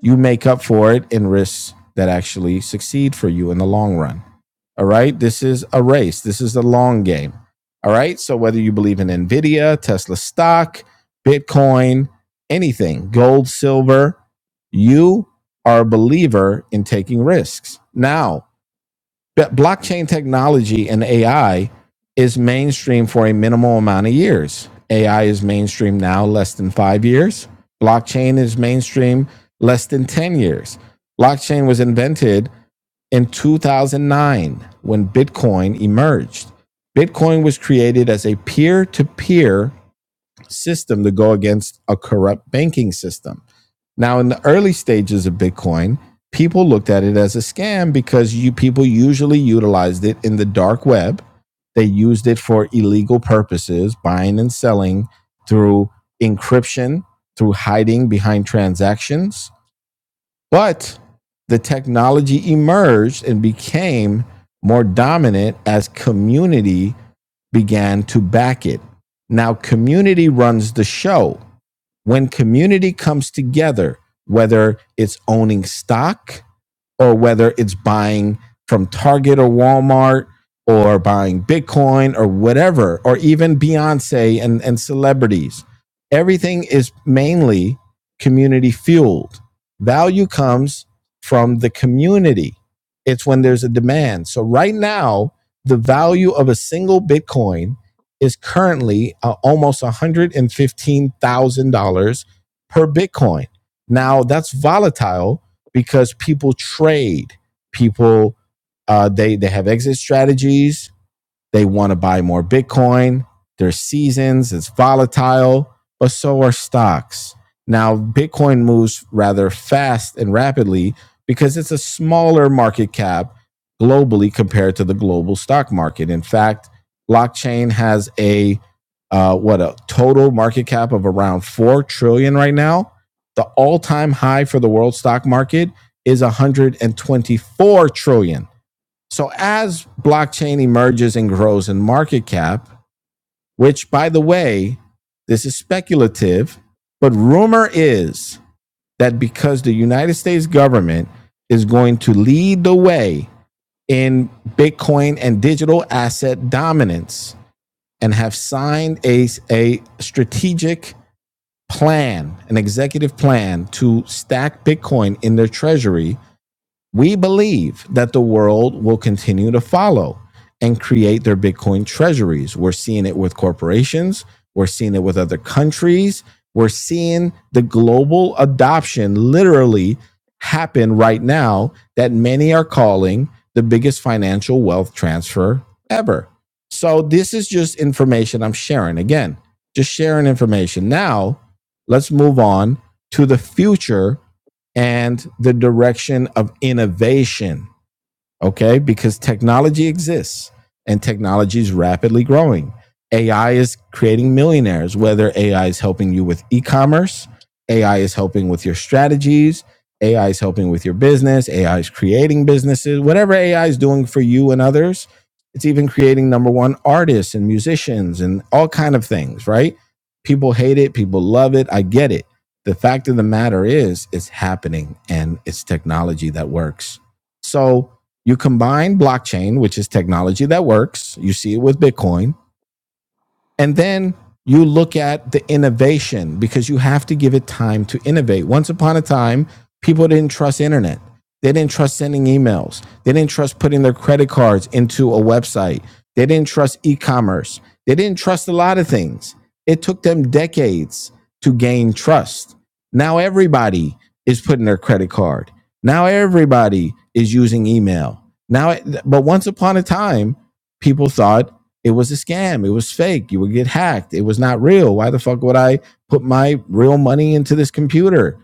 A: you make up for it in risks that actually succeed for you in the long run. All right. This is a race, this is a long game. All right. So, whether you believe in NVIDIA, Tesla stock, Bitcoin, anything, gold, silver, you are a believer in taking risks. Now, blockchain technology and AI is mainstream for a minimal amount of years. AI is mainstream now, less than five years. Blockchain is mainstream, less than 10 years. Blockchain was invented in 2009 when Bitcoin emerged. Bitcoin was created as a peer to peer system to go against a corrupt banking system now, in the early stages of Bitcoin, people looked at it as a scam because you people usually utilized it in the dark web. They used it for illegal purposes, buying and selling through encryption, through hiding behind transactions. But the technology emerged and became more dominant as community began to back it. Now, community runs the show when community comes together, whether it's owning stock, or whether it's buying from Target or Walmart or buying Bitcoin or whatever, or even Beyonce and, and celebrities. Everything is mainly community fueled. Value comes from the community, it's when there's a demand. So, right now, the value of a single Bitcoin is currently uh, almost $115,000 per Bitcoin. Now, that's volatile because people trade people uh, they they have exit strategies they want to buy more Bitcoin. There's seasons, it's volatile, but so are stocks. Now, Bitcoin moves rather fast and rapidly because it's a smaller market cap globally compared to the global stock market. In fact, blockchain has a uh, what a total market cap of around four trillion dollars right now. The all-time high for the world stock market is 124 trillion. dollars. So as blockchain emerges and grows in market cap, which by the way, this is speculative, but rumor is that because the United States government is going to lead the way in Bitcoin and digital asset dominance and have signed a, a strategic plan, an executive plan to stack Bitcoin in their treasury we believe that the world will continue to follow and create their Bitcoin treasuries. We're seeing it with corporations, we're seeing it with other countries, we're seeing the global adoption literally happen right now that many are calling the biggest financial wealth transfer ever. So, this is just information I'm sharing. Again, just sharing information. Now, let's move on to the future and the direction of innovation okay? Because technology exists and technology is rapidly growing. AI is creating millionaires, whether AI is helping you with e commerce, AI is helping with your strategies, AI is helping with your business, AI is creating businesses, whatever AI is doing for you and others. It's even creating number one artists and musicians and all kind of things, right? People hate it, people love it. I get it. The fact of the matter is, it's happening and it's technology that works. So, you combine blockchain, which is technology that works, you see it with Bitcoin, and then you look at the innovation because you have to give it time to innovate. Once upon a time, people didn't trust internet. They didn't trust sending emails. They didn't trust putting their credit cards into a website. They didn't trust e-commerce. They didn't trust a lot of things. It took them decades to gain trust. Now everybody is putting their credit card. Now everybody is using email. Now but once upon a time, people thought it was a scam. It was fake. You would get hacked. It was not real. Why the fuck would I put my real money into this computer?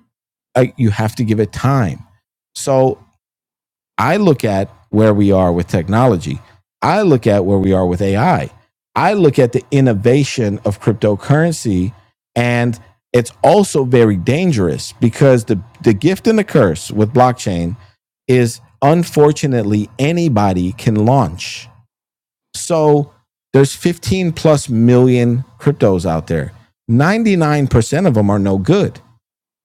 A: I, you have to give it time. So I look at where we are with technology. I look at where we are with AI. I I look at the innovation of cryptocurrency and it's also very dangerous because the, the gift and the curse with blockchain is unfortunately anybody can launch so there's 15 plus million cryptos out there. 99% of them are no good.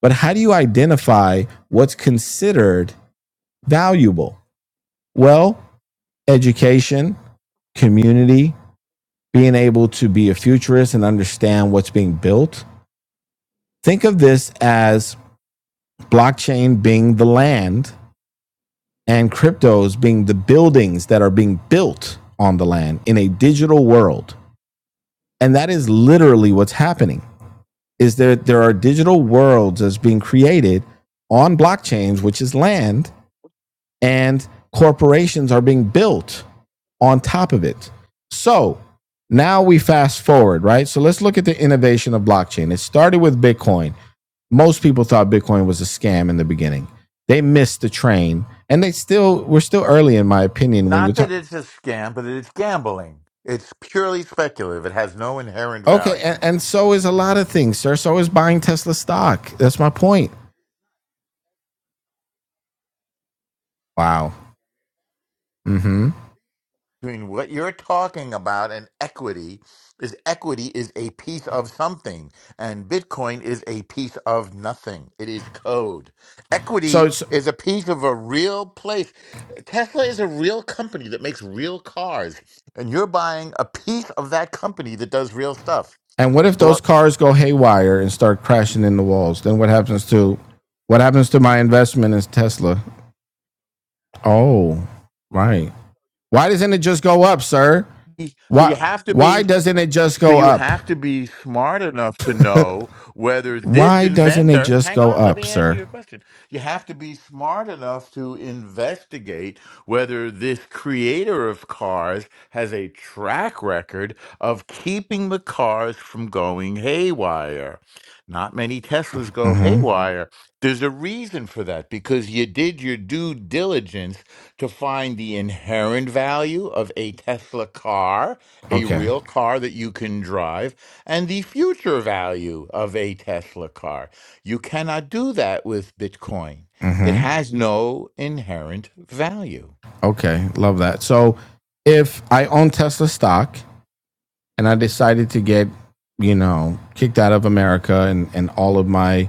A: But how do you identify what's considered valuable? Well, education, community, being able to be a futurist and understand what's being built. Think of this as blockchain being the land and cryptos being the buildings that are being built on the land in a digital world. And that is literally what's happening is there there are digital worlds that's being created on blockchains, which is land, and corporations are being built on top of it. So now we fast forward, right? So let's look at the innovation of blockchain. It started with Bitcoin. Most people thought Bitcoin was a scam in the beginning. They missed the train, and they still we're still early, in my opinion. When you are
E: Not that
A: talking,
E: it's a scam, but it's gambling. It's purely speculative. It has no inherent
A: okay,
E: value.
A: and, and so is a lot of things, sir. So is buying Tesla stock. That's my point. Wow. Mm-hmm.
E: Between what you're talking about and equity is equity is a piece of something, and Bitcoin is a piece of nothing. It is code.
A: So
E: Equity is a piece of a real place. Tesla is a real company that makes real cars, and you're buying a piece of that company that does real stuff.
A: And what if those cars go haywire and start crashing into walls? Then what happens to what happens to my investment in Tesla? Oh, right. Why doesn't it just go up, sir?
E: so you
A: Why
E: have to
A: why
E: be
A: doesn't it just
E: so
A: go
E: you
A: up?
E: have to be smart enough to know whether this
A: Why doesn't it
E: inventor
A: just
E: hang
A: go
E: on let
A: up,
E: me answer
A: sir?
E: your question you have to be smart enough to investigate whether this creator of cars has a track record of keeping the cars from going haywire not many teslas go
A: Mm-hmm.
E: haywire there's a reason for that because you did your due diligence to find the inherent value of a tesla car a
A: Okay.
E: real car that you can drive, and the future value of a Tesla car. You cannot do that with Bitcoin. It
A: Mm-hmm.
E: has no inherent value.
A: Okay. Love that. So if I own Tesla stock and I decided to get, you know, kicked out of America and, and all of my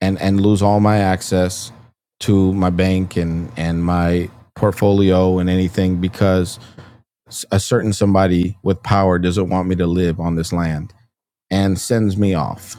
A: and and lose all my access to my bank and and my portfolio and anything because a certain somebody with power doesn't want me to live on this land and sends me off.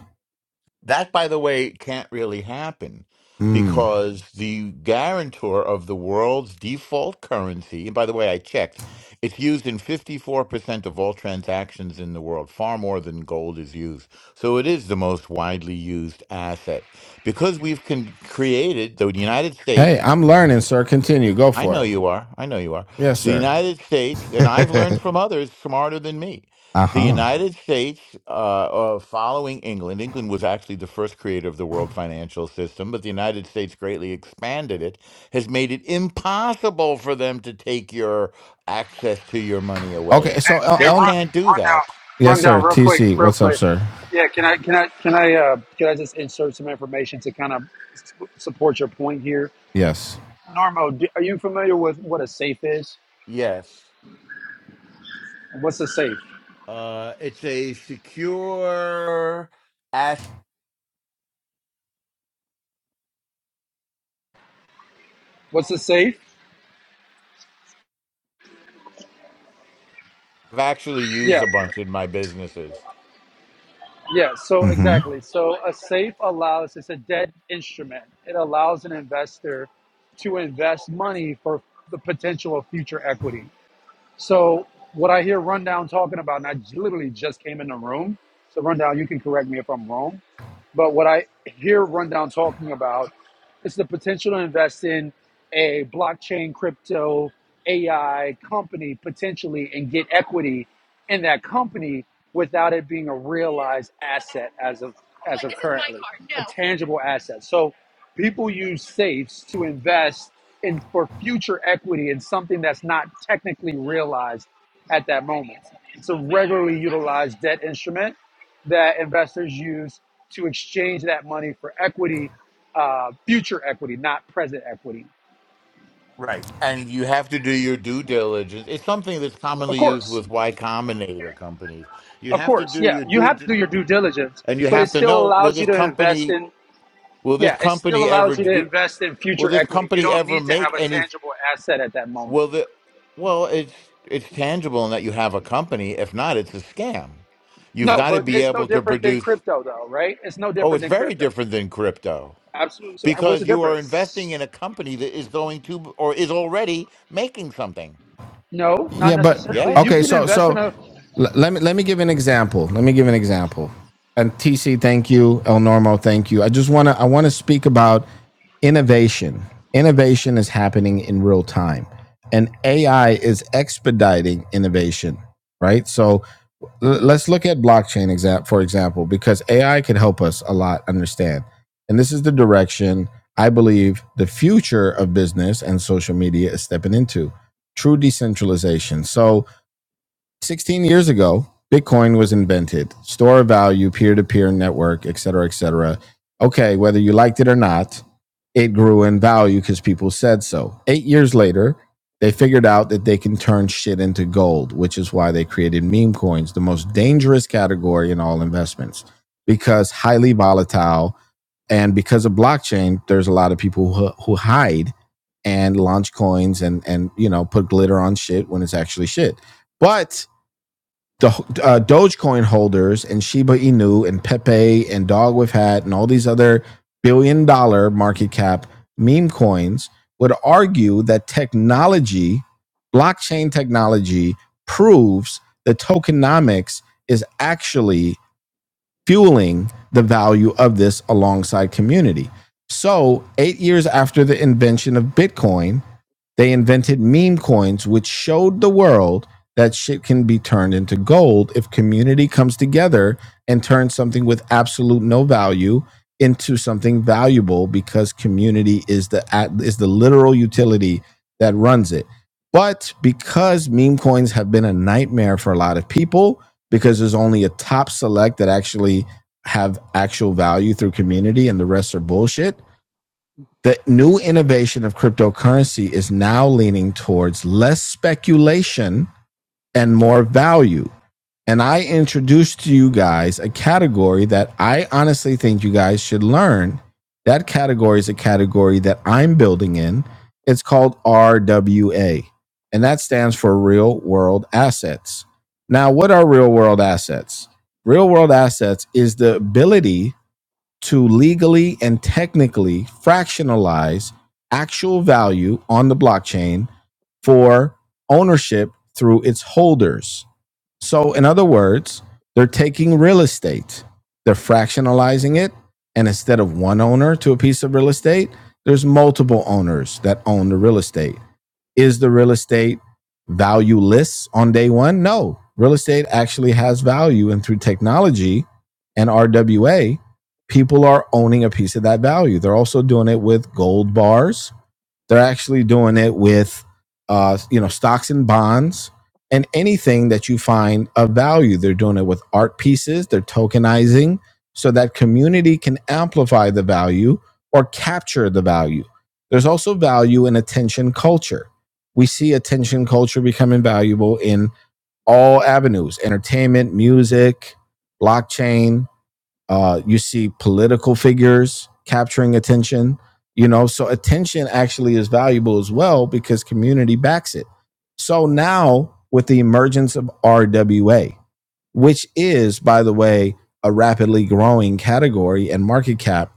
E: That, by the way, can't really happen
A: Mm.
E: because the guarantor of the world's default currency, and by the way, I checked, it's used in 54% of all transactions in the world, far more than gold is used. So it is the most widely used asset. Because we've con- created the United States.
A: Hey, I'm learning, sir. Continue. Go
E: I
A: for
E: know
A: it.
E: you are. I know you are.
A: Yes,
E: The
A: sir.
E: United States, and I've learned from others smarter than me.
A: Uh
E: The
A: huh.
E: United States, uh, uh, following England, England was actually the first creator of the world financial system, but the United States greatly expanded it, has made it impossible for them to take your access to your money
A: Okay.
E: away.
A: So, El,
G: Hey,
E: They
G: run,
A: El,
E: can't do
G: run
E: that.
G: down,
A: yes,
G: run
A: sir.
G: down, real quick,
A: TC,
G: real
A: what's up,
G: quick.
A: sir?
G: Yeah, can I, can I, can I, uh, can I just insert some information to kind of s- support your point here?
A: Yes.
G: Normo, do, are you familiar with what a safe is?
E: Yes.
G: What's a safe?
E: Uh, it's a secure asset.
G: What's a safe?
E: I've actually
G: Yeah,
E: used a bunch in my businesses.
G: yeah. So
A: Mm hmm.
G: exactly. So a safe allows it's a debt instrument. It allows an investor to invest money for the potential of future equity. So what I hear Rundown talking about, and I j- literally just came in the room. So Rundown, you can correct me if I'm wrong, but what I hear Rundown talking about it's the potential to invest in a blockchain, crypto, AI company potentially and get equity in that company without it being a realized asset as of as of currently, a tangible asset. So people use safes to invest in for future equity in something that's not technically realized at that moment. It's a regularly utilized debt instrument that investors use to exchange that money for equity, uh, future equity, not present equity.
E: Right. And you have to do your due diligence. It's something that's
G: Of
E: commonly used
G: course,
E: with Y Combinator companies. You
G: of
E: have to
G: course,
E: do
G: yeah,
E: your
G: you
E: due
G: have to
E: di-
G: do your due diligence,
E: and you
G: but it
E: have to
G: still
E: know will
G: allows you
E: this
G: to invest
E: company
G: in,
E: will this
G: yeah, it still
E: company ever
G: allows you to
E: do
G: invest in
E: will
G: future
E: this
G: equity. You
E: company
G: don't
E: ever
G: need to
E: make
G: have a
E: any
G: tangible asset at that moment.
E: will the well it's it's tangible in that you have a company. If not, it's a scam. You've
G: No,
E: got to
G: but
E: be
G: it's no
E: able to
G: different than
E: produce
G: crypto, though, right? It's no
E: oh,
G: different
E: it's
G: than
E: very
G: crypto.
E: different than crypto
G: Absolutely. So, what's the
E: because you are
G: difference?
E: investing in a company that is going to or is already making something.
G: No, not
A: Yeah, but
G: necessarily. You
A: okay.
E: Yes?
G: can
A: So
G: invest in
A: so
G: a.
A: l- let me let me give an example. Let me give an example. And TC, thank you. El Normo, thank you. I just wanna I want to speak about innovation. Innovation is happening in real time, and AI is expediting innovation. Right. So let's look at blockchain exa- for example because ai can help us a lot understand and this is the direction i believe the future of business and social media is stepping into true decentralization so 16 years ago, Bitcoin was invented. Store of value, peer to peer network, et cetera, et cetera. Okay, whether you liked it or not, it grew in value because people said so. Eight years later, they figured out that they can turn shit into gold, which is why they created meme coins, the most dangerous category in all investments because highly volatile. And because of blockchain, there's a lot of people who, who hide and launch coins and, and, you know, put glitter on shit when it's actually shit. But the uh, Dogecoin holders and Shiba Inu and Pepe and Dog with Hat and all these other billion dollar market cap meme coins would argue that technology, blockchain technology, proves that tokenomics is actually fueling the value of this alongside community. So, eight years after the invention of Bitcoin, they invented meme coins, which showed the world that shit can be turned into gold if community comes together and turns something with absolute no value into something valuable because community is the is the literal utility that runs it. But because meme coins have been a nightmare for a lot of people, because there's only a top select that actually have actual value through community and the rest are bullshit the new innovation of cryptocurrency is now leaning towards less speculation and more value. And I introduced to you guys a category that I honestly think you guys should learn. That category is a category that I'm building in. It's called RWA, and that stands for real world assets. Now, what are real world assets? Real world assets is the ability to legally and technically fractionalize actual value on the blockchain for ownership through its holders. So, in other words, they're taking real estate, they're fractionalizing it. And instead of one owner to a piece of real estate, there's multiple owners that own the real estate. Is the real estate valueless on day one? No. Real estate actually has value. And through technology and RWA, people are owning a piece of that value. They're also doing it with gold bars they're actually doing it with, uh, you know, stocks and bonds and anything that you find of value. They're doing it with art pieces. They're tokenizing so that community can amplify the value or capture the value. There's also value in attention culture. We see attention culture becoming valuable in all avenues: entertainment, music, blockchain, uh, you see political figures capturing attention, you know, so attention actually is valuable as well because community backs it. So now, with the emergence of RWA, which is, by the way, a rapidly growing category and market cap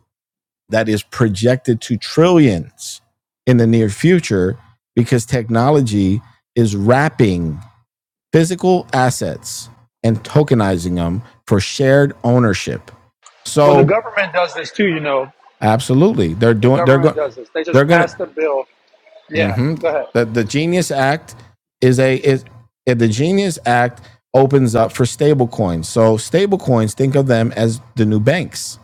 A: that is projected to trillions in the near future because technology is wrapping physical assets and tokenizing them for shared ownership.
G: Well, the
A: So
G: government does this too, you know.
A: Absolutely, they're
G: The
A: doing. They're going.
G: government does this. They
A: They're
G: just
A: gonna.
G: pass the bill. Yeah,
A: hmm
G: go ahead.
A: The the Genius Act is a is eh, the Genius Act opens up for stable coins. So stable coins, think of them as the new banks.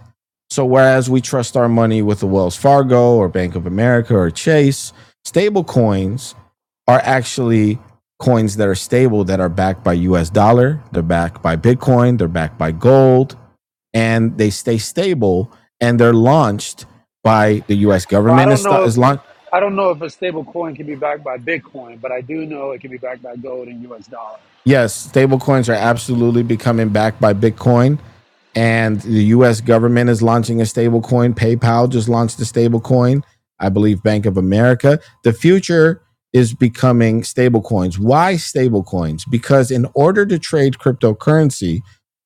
A: So whereas we trust our money with the Wells Fargo or Bank of America or Chase, stable coins are actually coins that are stable that are backed by US dollar, they're backed by Bitcoin, they're backed by gold, and they stay stable and they're launched by the U.S.
G: Well, I
A: government is,
G: don't
A: sta-
G: know if
A: is launched
G: I don't know if a stable coin can be backed by Bitcoin, but I do know it can be backed by gold and U.S. dollar.
A: yes, stable coins are absolutely becoming backed by Bitcoin. And the US government is launching a stable coin. PayPal just launched a stable coin, I believe Bank of America. The future is becoming stable coins. Why stable coins? Because in order to trade cryptocurrency,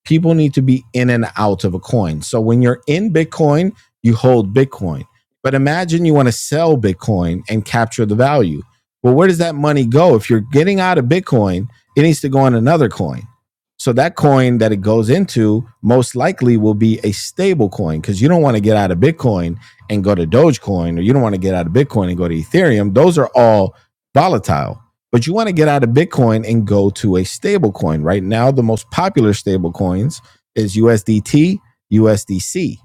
A: people need to be in and out of a coin. So when you're in Bitcoin, you hold Bitcoin. But imagine you want to sell Bitcoin and capture the value. Well, where does that money go? If you're getting out of Bitcoin, it needs to go in another coin. So that coin that it goes into most likely will be a stable coin because you don't want to get out of Bitcoin and go to Dogecoin, or you don't want to get out of Bitcoin and go to Ethereum. Those are all volatile. But you want to get out of Bitcoin and go to a stable coin. Right now, the most popular stable coins is USDT, USDC.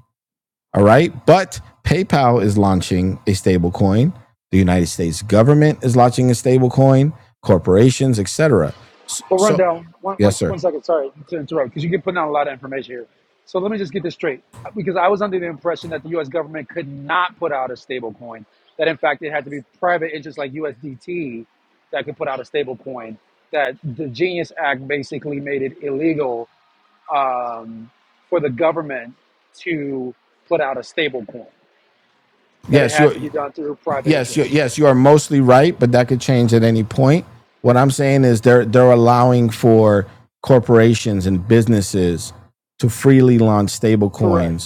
A: All right. But PayPal is launching a stable coin. The United States government is launching a stable coin. corporations, etc. So,
G: Well, run
A: so,
G: down one, one,
A: yes,
G: one
A: sir.
G: second. Sorry to interrupt because you get putting out a lot of information here. So let me just get this straight because I was under the impression that the U.S. government could not put out a stable coin. That in fact it had to be private interests like USDT that could put out a stable coin. That the Genius Act basically made it illegal um, for the government to put out a stable coin, that it
A: Yes,
G: had
A: you're.
G: to be done through private
A: Yes, you're,
G: interest.
A: yes, you are mostly right, but that could change at any point. What I'm saying is they're they're allowing for corporations and businesses to freely launch stable
G: Correct.
A: coins.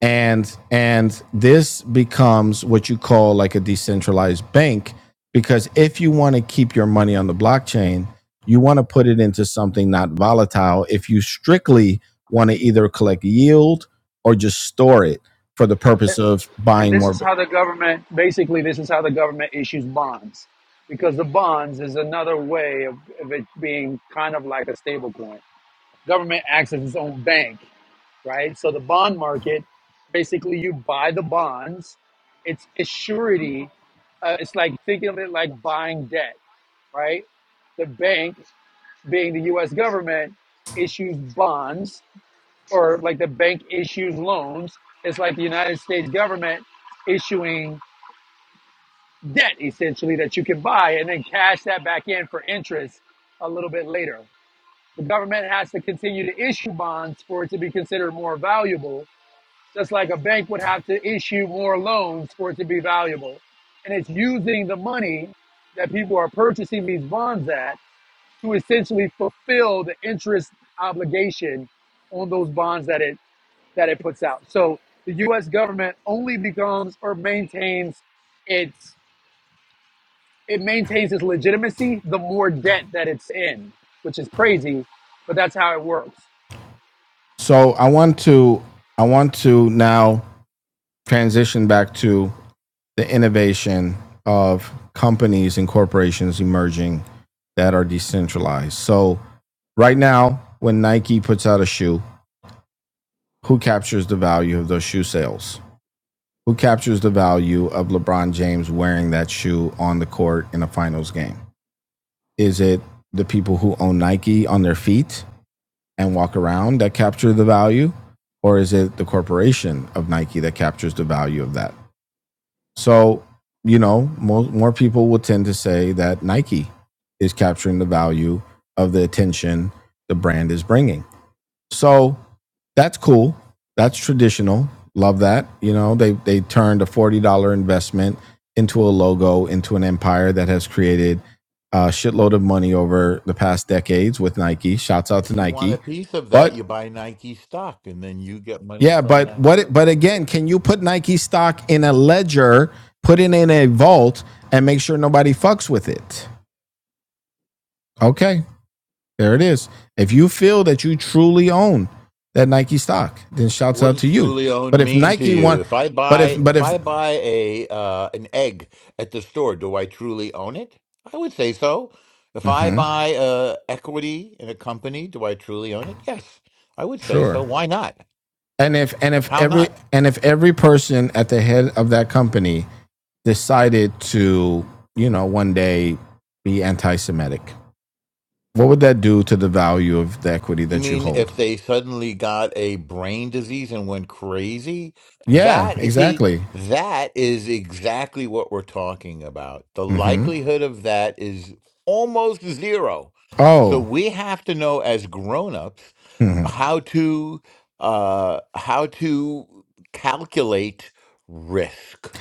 A: and and this becomes what you call like a decentralized bank because if you want to keep your money on the blockchain you want to put it into something not volatile if you strictly want to either collect yield or just store it for the purpose of
G: And
A: buying
G: this
A: more
G: is how the government, basically, this is how the government issues bonds, because the bonds is another way of, of it being kind of like a stable coin. Government acts as its own bank, right? So the bond market, basically, you buy the bonds, it's a surety. Uh, it's like thinking of it like buying debt, right? The bank being the U.S. government, issues bonds or like the bank issues loans. It's like the United States government issuing debt essentially that you can buy and then cash that back in for interest a little bit later. The government has to continue to issue bonds for it to be considered more valuable, just like a bank would have to issue more loans for it to be valuable. And it's using the money that people are purchasing these bonds at to essentially fulfill the interest obligation on those bonds that it that it puts out. So the U.S. government only becomes or maintains its it maintains its legitimacy the more debt that it's in, which is crazy, but that's how it works.
A: so i want to i want to now transition back to the innovation of companies and corporations emerging that are decentralized so Right now, when Nike puts out a shoe, who captures the value of those shoe sales? Who captures the value of LeBron James wearing that shoe on the court in a finals game? Is it the people who own Nike on their feet and walk around that capture the value? Or is it the corporation of Nike that captures the value of that? So, you know, more, more people will tend to say that Nike is capturing the value of the attention the brand is bringing. So that's cool. That's traditional. Love that. You know, they they turned a forty dollar investment into a logo, into an empire that has created a shitload of money over the past decades with Nike. Shouts out to
E: If you want a
A: Nike.
E: piece of that,
A: But
E: you buy Nike stock and then you get money
A: yeah,
E: from
A: but
E: that
A: what?
E: too.
A: But again, can you put Nike stock in a ledger, put it in a vault, and make sure nobody fucks with it? Okay, There it is. If you feel that you truly own that Nike stock, then shouts
E: What
A: out
E: does
A: to you.
E: truly
A: But
E: owned
A: if
E: mean to
A: Nike
E: you?
A: want,
E: If I
A: but if
E: buy
A: but
E: if
A: if
E: I buy a uh, an egg at the store, do I truly own it? I would say so. If I
A: hmm
E: buy uh, equity in a company, do I truly own it? Yes, I would say so.
A: sure,
E: Why not?
A: and if and if
E: How
A: every
E: not?
A: and if every person at the head of that company decided to, you know, one day be anti-Semitic, what would that do to the value of the equity
E: You
A: that you
E: mean
A: hold?
E: if they suddenly got a brain disease and went crazy?
A: Yeah,
E: That, you see,
A: exactly.
E: that is exactly what we're talking about. The
A: hmm
E: likelihood of that is almost zero. So
A: Oh,
E: we have to know as grown-ups
A: hmm
E: how to uh, how to calculate risk.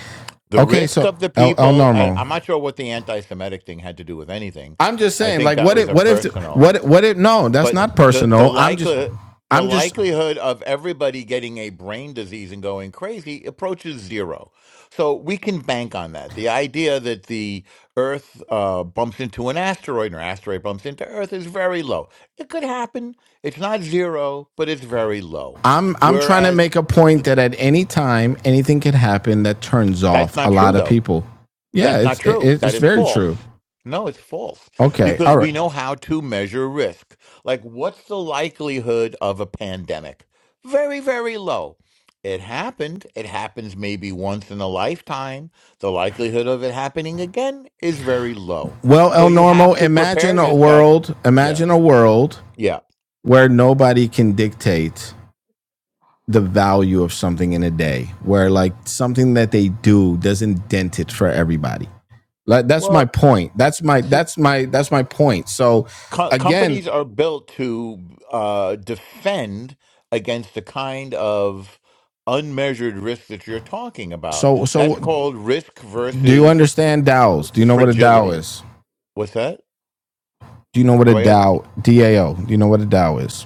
E: The
A: okay.
E: risk
A: So
E: of the
A: El El
E: people, I,
A: Normo,
E: I'm not sure what the anti-Semitic thing had to do with anything.
A: I'm just
E: I
A: saying,
E: think
A: like,
E: that
A: what
E: was
A: if,
E: a
A: what if,
E: personal
A: what, what if? No, that's
E: but
A: not
E: the the
A: personal. I'm just,
E: likely the
A: I'm just,
E: likelihood of everybody getting a brain disease and going crazy approaches zero. So we can bank on that. The idea that the Earth uh, bumps into an asteroid or asteroid bumps into Earth is very low. It could happen. It's not zero, but it's very low.
A: I'm, I'm trying to
E: Whereas
A: make a point
E: th-
A: that at any time anything could happen that turns
E: that's
A: off a
E: not
A: lot
E: true,
A: of
E: though.
A: people. Yeah,
E: That's not
A: it's, it,
E: true. That
A: it's
E: is
A: very true.
E: false. No, it's false
A: Okay,
E: because
A: all right.
E: we know how to measure risk. Like, what's the likelihood of a pandemic? Very, very low. It happened. It happens maybe once in a lifetime. The likelihood of it happening again is very low.
A: Well,
E: So
A: El
E: you have
A: Normo,
E: to prepare
A: imagine a
E: yourself.
A: world,
E: Yeah.
A: imagine a world
E: Yeah.
A: where nobody can dictate the value of something in a day, where like something that they do doesn't dent it for everybody. Like that's my
E: Well,
A: point. That's my
E: see,
A: that's my that's my point. So
E: co-
A: again,
E: companies are built to uh, defend against the kind of unmeasured risk that you're talking about.
A: so so
E: That's called risk
A: do you
E: versus
A: understand DAOs? Do you know what a DAO
E: fragility.
A: is?
E: What's that?
A: Do you know what a
E: Do I?
A: DAO DAO? Do you know what a DAO is?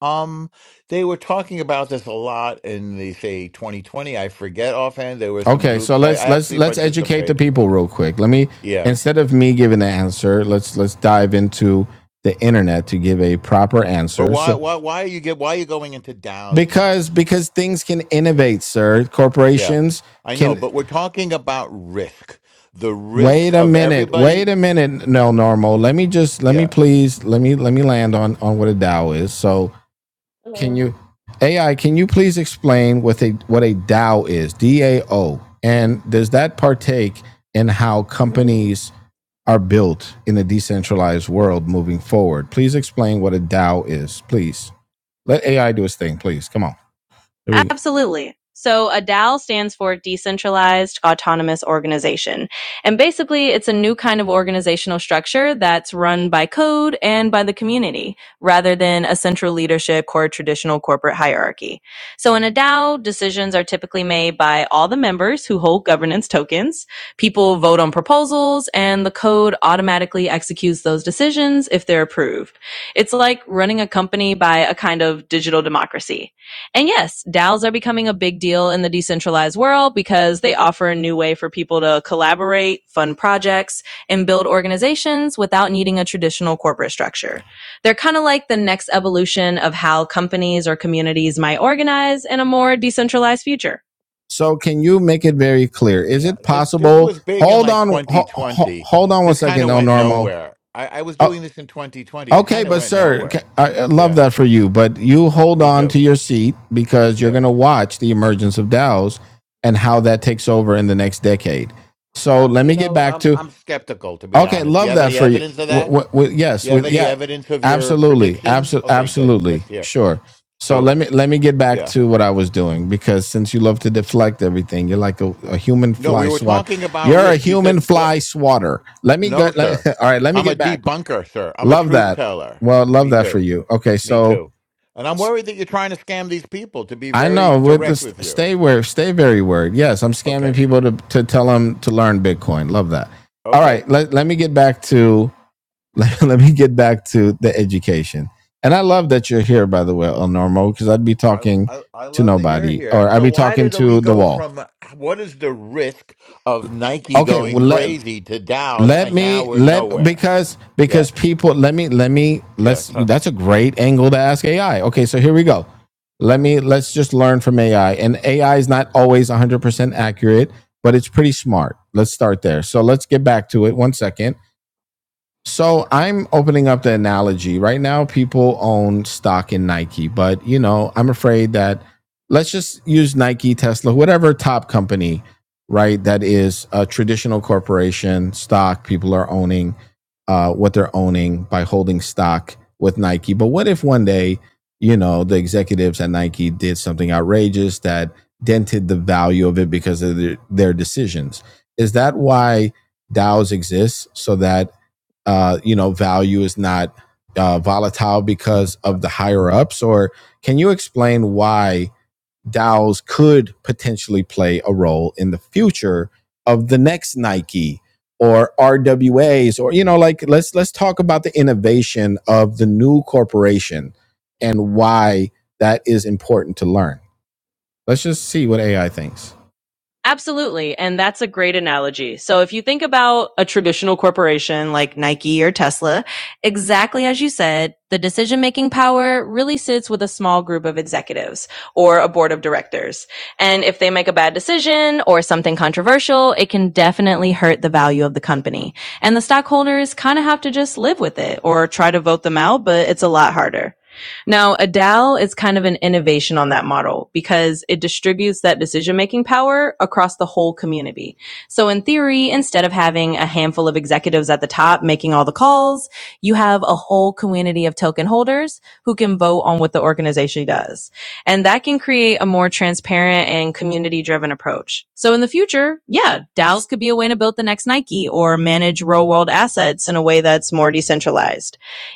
E: Um, they were talking about this a lot in the say 2020. I forget offhand. There were some
A: Okay, so
E: groups I,
A: let's
E: I
A: let's
E: actually
A: let's educate the
E: participating in
A: people
E: it.
A: real quick. Let me
E: Yeah,
A: instead of me giving the answer, let's let's dive into the internet to give a proper
E: but
A: answer.
E: why?
A: So
E: Why? Why are you get? Why are you going into DAOs now?
A: because because things can innovate, sir.
E: Yeah,
A: Corporations
E: I know,
A: can
E: but we're talking about risk. The
A: Wait
E: risk
A: a
E: of
A: minute. Wait
E: everybody.
A: a minute, no normal. Let me just let me
E: Yeah,
A: please let me let me land on on what a DAO is. So can you AI, can you please explain what a what a DAO is? D A O. And does that partake in how companies are built in a decentralized world moving forward? Please explain what a DAO is, please. Let AI do its thing, please. Come on. Absolutely. So a DAO stands for Decentralized Autonomous Organization. And basically, it's a new kind of organizational structure that's run by code and by the community rather than a central leadership or traditional corporate hierarchy. So in a DAO, decisions are typically made by all the members who hold governance tokens. People vote on proposals and the code automatically executes those decisions if they're approved. It's like running a company by a kind of digital democracy. And yes, DAOs are becoming a big deal in the decentralized world because they offer a new way for people to collaborate, fund projects, and build organizations without needing a traditional corporate structure. They're kind of like the next evolution of how companies or communities might organize in a more decentralized future. So can you make it very clear? Is
E: yeah.
A: it
E: This this
A: possible?
E: was big in
A: Hold
E: like
A: on, ho- ho-
E: 2020.
A: hold on one
E: This kind
A: second,
E: of
A: El
E: went
A: Normo.
E: nowhere. I, I was
A: Uh,
E: doing this in 2020. It
A: Okay,
E: kind of
A: but
E: went
A: sir,
E: nowhere.
A: ca- I I love
E: Yeah,
A: that for you. But you hold
E: me
A: on to
E: too.
A: your seat because you're
E: Yeah.
A: going to watch the emergence of DAOs and how that takes over in the next decade. So
E: Uh,
A: let me
E: you
A: get
E: know,
A: back
E: I'm
A: to
E: I'm skeptical to be
A: okay.
E: honest. Do you
A: Love
E: have
A: that
E: any
A: for you.
E: evidence of
A: W-
E: that?
A: w- w-
E: Do
A: yes,
E: you
A: we,
E: have any
A: yeah,
E: evidence of your
A: absolutely,
E: prediction?
A: absolutely,
E: Okay, good. Let's
A: absolutely,
E: hear.
A: sure. So
E: So,
A: let me let me get back
E: yeah.
A: to what I was doing because since you love to deflect everything, you're like a, a human
E: No, we
A: fly
E: were
A: swatter.
E: talking about
A: You're a
E: risk. You said
A: human
E: what
A: fly swatter. Let me go.
E: No,
A: let-
E: sir.
A: all right, let me
E: I'm a
A: get back.
E: debunker, sir. I'm a
A: Love
E: truth
A: that.
E: teller.
A: Well, love
E: Me
A: that for
E: too.
A: you. Okay,
E: Me
A: so
E: too. And I'm
A: I
E: worried that you're trying to scam these people, to be
A: know
E: very
A: with the
E: direct with
A: st-
E: you.
A: stay where stay very word. Yes, I'm scamming
E: Okay.
A: people to to tell them to learn Bitcoin. Love that. All
E: Okay.
A: right, let let me get back to let, let me get back to the education. And I love that you're here, by the way, El Normo, because I'd be
E: I,
A: talking
E: I, I
A: to
E: love that you're
A: nobody or
E: here.
A: I'd
E: So,
A: be
E: why
A: talking
E: did we
A: to the
E: go
A: wall.
E: from what is the risk of Nike
A: Okay,
E: going
A: well, let,
E: crazy to Dow's
A: let
E: and now
A: me
E: we're
A: let
E: nowhere?
A: because
E: Yeah.
A: because people let me let me
E: Yeah.
A: let's
E: Tough.
A: that's a great angle to ask ai okay so here we go let me let's just learn from ai and ai is not always 100% accurate but it's pretty smart let's start there so let's get back to it one second so I'm opening up the analogy. Right now, people own stock in Nike, but you know, I'm afraid that let's just use Nike, Tesla, whatever top company, right? That is a traditional corporation stock. People are owning uh, what they're owning by holding stock with Nike. But what if one day, you know, the executives at Nike did something outrageous that dented the value of it because of their, their decisions? Is that why DAOs exist so that uh, you know, value is not uh, volatile because of the higher ups? Or can you explain why DAOs could potentially play a role in the future of the next Nike or RWAs or you know, like let's let's talk about the innovation of the new corporation and why that is important to learn. Let's just see what AI thinks. Absolutely. And that's a great analogy. So if you think about a traditional corporation like Nike or Tesla, exactly as you said, the decision making power really sits with a small group of executives or a board of directors. And if they make a bad decision or something controversial, it can definitely hurt the value of the company. And the stockholders kind of have to just live with it or try to vote them out, but it's a lot harder. Now, ADAL is kind of an innovation on that model because it distributes that decision making power across the whole community. So in theory, instead of having a handful of executives at the top making all the calls, you have a whole community of token holders who can vote on what the organization does. And that can create a more transparent and community driven approach. So in the future, yeah, DAOs could be a way to build the next Nike or manage real world assets in a way that's more decentralized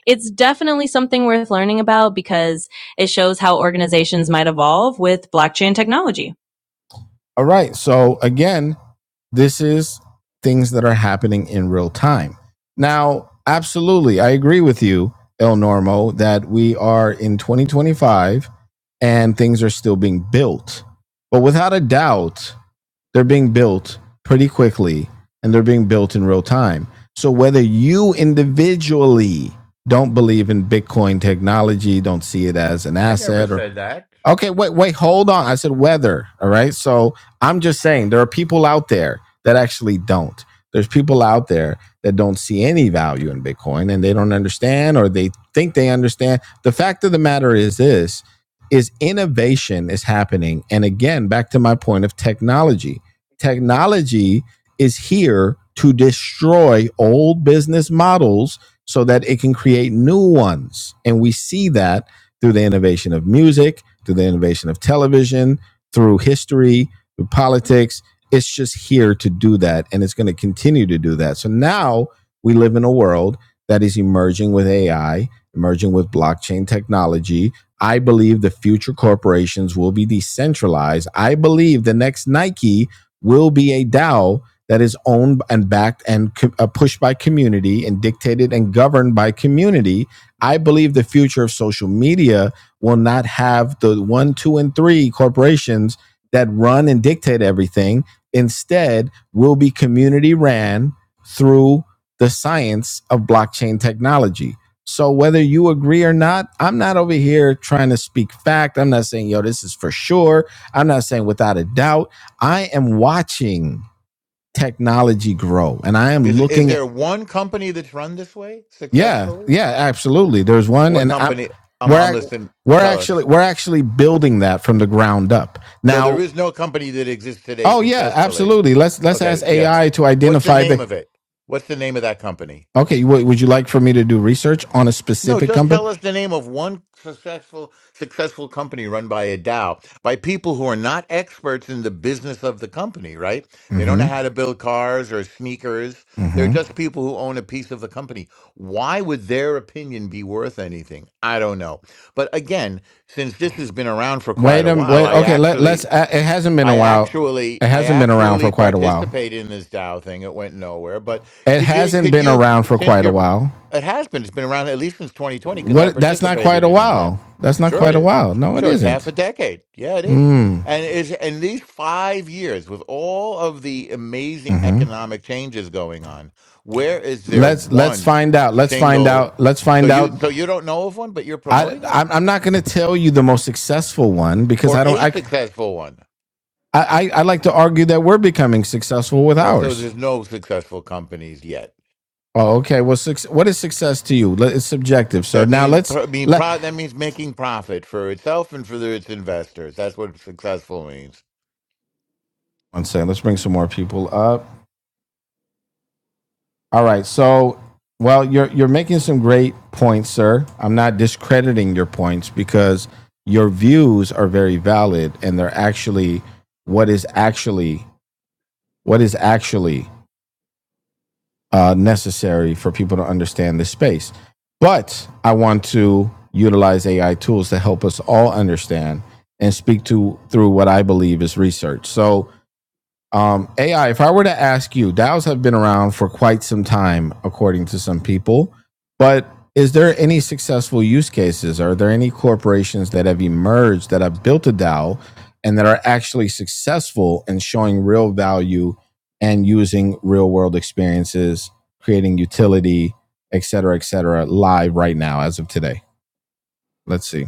A: it's definitely something worth learning about because it shows how organizations might evolve with blockchain technology. All right. So again, this is things that are happening in real time. Now, absolutely, I agree with you, El Normo, that we are in 2025 and things are still being built. But without a doubt, they're being built pretty quickly and they're being built in real time. So whether you individually don't believe in Bitcoin technology, don't see it as an
E: I never
A: asset, or
E: said that.
A: Okay, wait, wait, hold on. I said weather. All right. So I'm just saying there are people out there that actually don't. There's people out there that don't see any value in Bitcoin and they don't understand or they think they understand. The fact of the matter is this is innovation is happening. And again, back to my point of technology. Technology is here to destroy old business models so that it can create new ones. And we see that through the innovation of music through the innovation of television, through history, through politics. It's just here to do that, and it's going to continue to do that. So now we live in a world that is emerging with AI, emerging with blockchain technology. I believe the future corporations will be decentralized. I believe the next Nike will be a DAO that is owned and backed and co- uh, pushed by community and dictated and governed by community. I believe the future of social media will not have the one, two, and three corporations that run and dictate everything. Instead, will be community ran through the science of blockchain technology. So, whether you agree or not, I'm not over here trying to speak fact. I'm not saying, yo, this is for sure. I'm not saying without a doubt. I am watching technology grow and I am
E: Is, is
A: looking
E: there one company that's run this way
A: yeah,
E: successfully?
A: yeah,
E: Wh-
A: absolutely. There's one,
E: What
A: and I'm
E: company? I'm,
A: we're
E: I'm listening.
A: we're
E: Tell us.
A: actually we're actually building that from the ground up
E: So there
A: now.
E: is no company that exists today
A: Oh yeah,
E: successfully.
A: absolutely. Let's let's ask
E: Okay, yeah.
A: AI to
E: What's the
A: identify
E: name
A: the.
E: of it? What's the name of that company?
A: Okay, w- would you like for me to do research on a
E: No,
A: specific
E: just
A: company?
E: tell us the name of one successful successful company run by a Dow, by people who are not experts in the business of the company, right? They don't know
A: Mm-hmm.
E: how to build cars or sneakers. They're
A: Mm-hmm.
E: just people who own a piece of the company. Why would their opinion be worth anything? I don't know. But again, since this has been around for quite
A: Wait a
E: a while,
A: wait.
E: I
A: Okay, let
E: actually
A: let's. Uh, it hasn't been a
E: I
A: while.
E: actually,
A: It
E: I
A: hasn't been around for
E: actually
A: quite a while.
E: participated in this Dow thing. It went nowhere. But
A: It
E: could you,
A: hasn't
E: could
A: been
E: you,
A: around for
E: since
A: quite a
E: you're,
A: while.
E: it has been, it's been around at least since 2020 because I
A: What? That's not quite
E: participated
A: a
E: in in
A: while.
E: them.
A: That's not
E: Sure, it
A: quite a
E: is.
A: while. No, it
E: Sure, it's half
A: isn't.
E: a decade. Yeah, it is.
A: Mm.
E: And is and these five years with all of the amazing
A: Mm-hmm.
E: economic changes going on, where is there
A: Let's let's
E: one
A: find out. Let's find
E: single?
A: out. Let's
E: So
A: find
E: you,
A: out.
E: so you don't know of one, but you're
A: I
E: promoting it
A: I'm, I'm not going to tell you the most successful one because
E: or
A: I don't.
E: a
A: I,
E: successful one.
A: I I like to argue that we're becoming successful with
E: Well, so
A: ours.
E: there's no successful companies yet.
A: Oh, okay. Well, suc what is success to you? Let- It's subjective, sir.
E: That
A: Now
E: means,
A: let's
E: pro- mean,
A: let
E: pro, that means making profit for itself and for the, its investors. That's what successful means.
A: one second. Let's bring some more people up. All right. So, well, you're you're making some great points, sir. I'm not discrediting your points because your views are very valid and they're actually what is actually what is actually uh, necessary for people to understand this space. But I want to utilize AI tools to help us all understand and speak to through what I believe is research. So um, AI, if I were to ask you, DAOs have been around for quite some time, according to some people, but is there any successful use cases? Are there any corporations that have emerged that have built a DAO and that are actually successful in showing real value and using real world experiences, creating utility, et cetera, et cetera, live right now as of today? Let's see.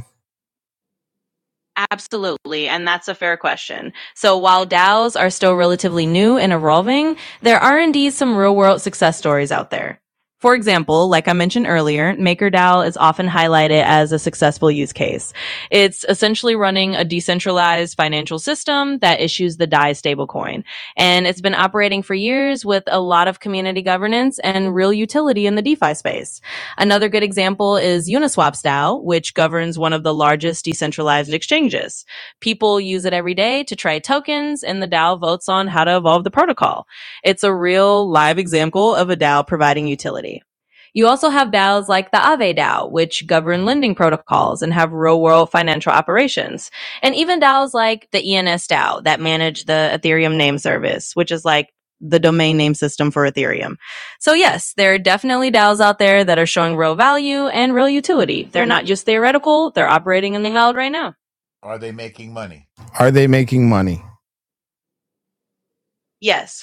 A: Absolutely, and that's a fair question. So while DAOs are still relatively new and evolving, there are indeed some real world success stories out there. For example, like I mentioned earlier, MakerDAO is often highlighted as a successful use case. It's essentially running a decentralized financial system that issues the DAI stablecoin. And it's been operating for years with a lot of community governance and real utility in the DeFi space. Another good example is Uniswap DAO, which governs one of the largest decentralized exchanges. People use it every day to trade tokens, and the DAO votes on how to evolve the protocol. It's a real live example of a DAO providing utility. You also have DAOs like the Aave DAO, which govern lending protocols and have real world financial operations. And even DAOs like the ENS DAO that manage the Ethereum name service, which is like the domain name system for Ethereum. So yes, there are definitely DAOs out there that are showing real value and real utility. They're not just theoretical, they're operating in the cloud right now.
E: Are they making money?
A: Are they making money?